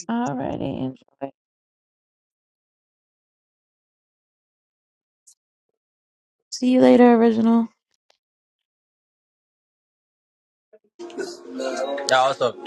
Speaker 1: Alrighty. enjoy. See you later, original.
Speaker 14: Yeah, what's up?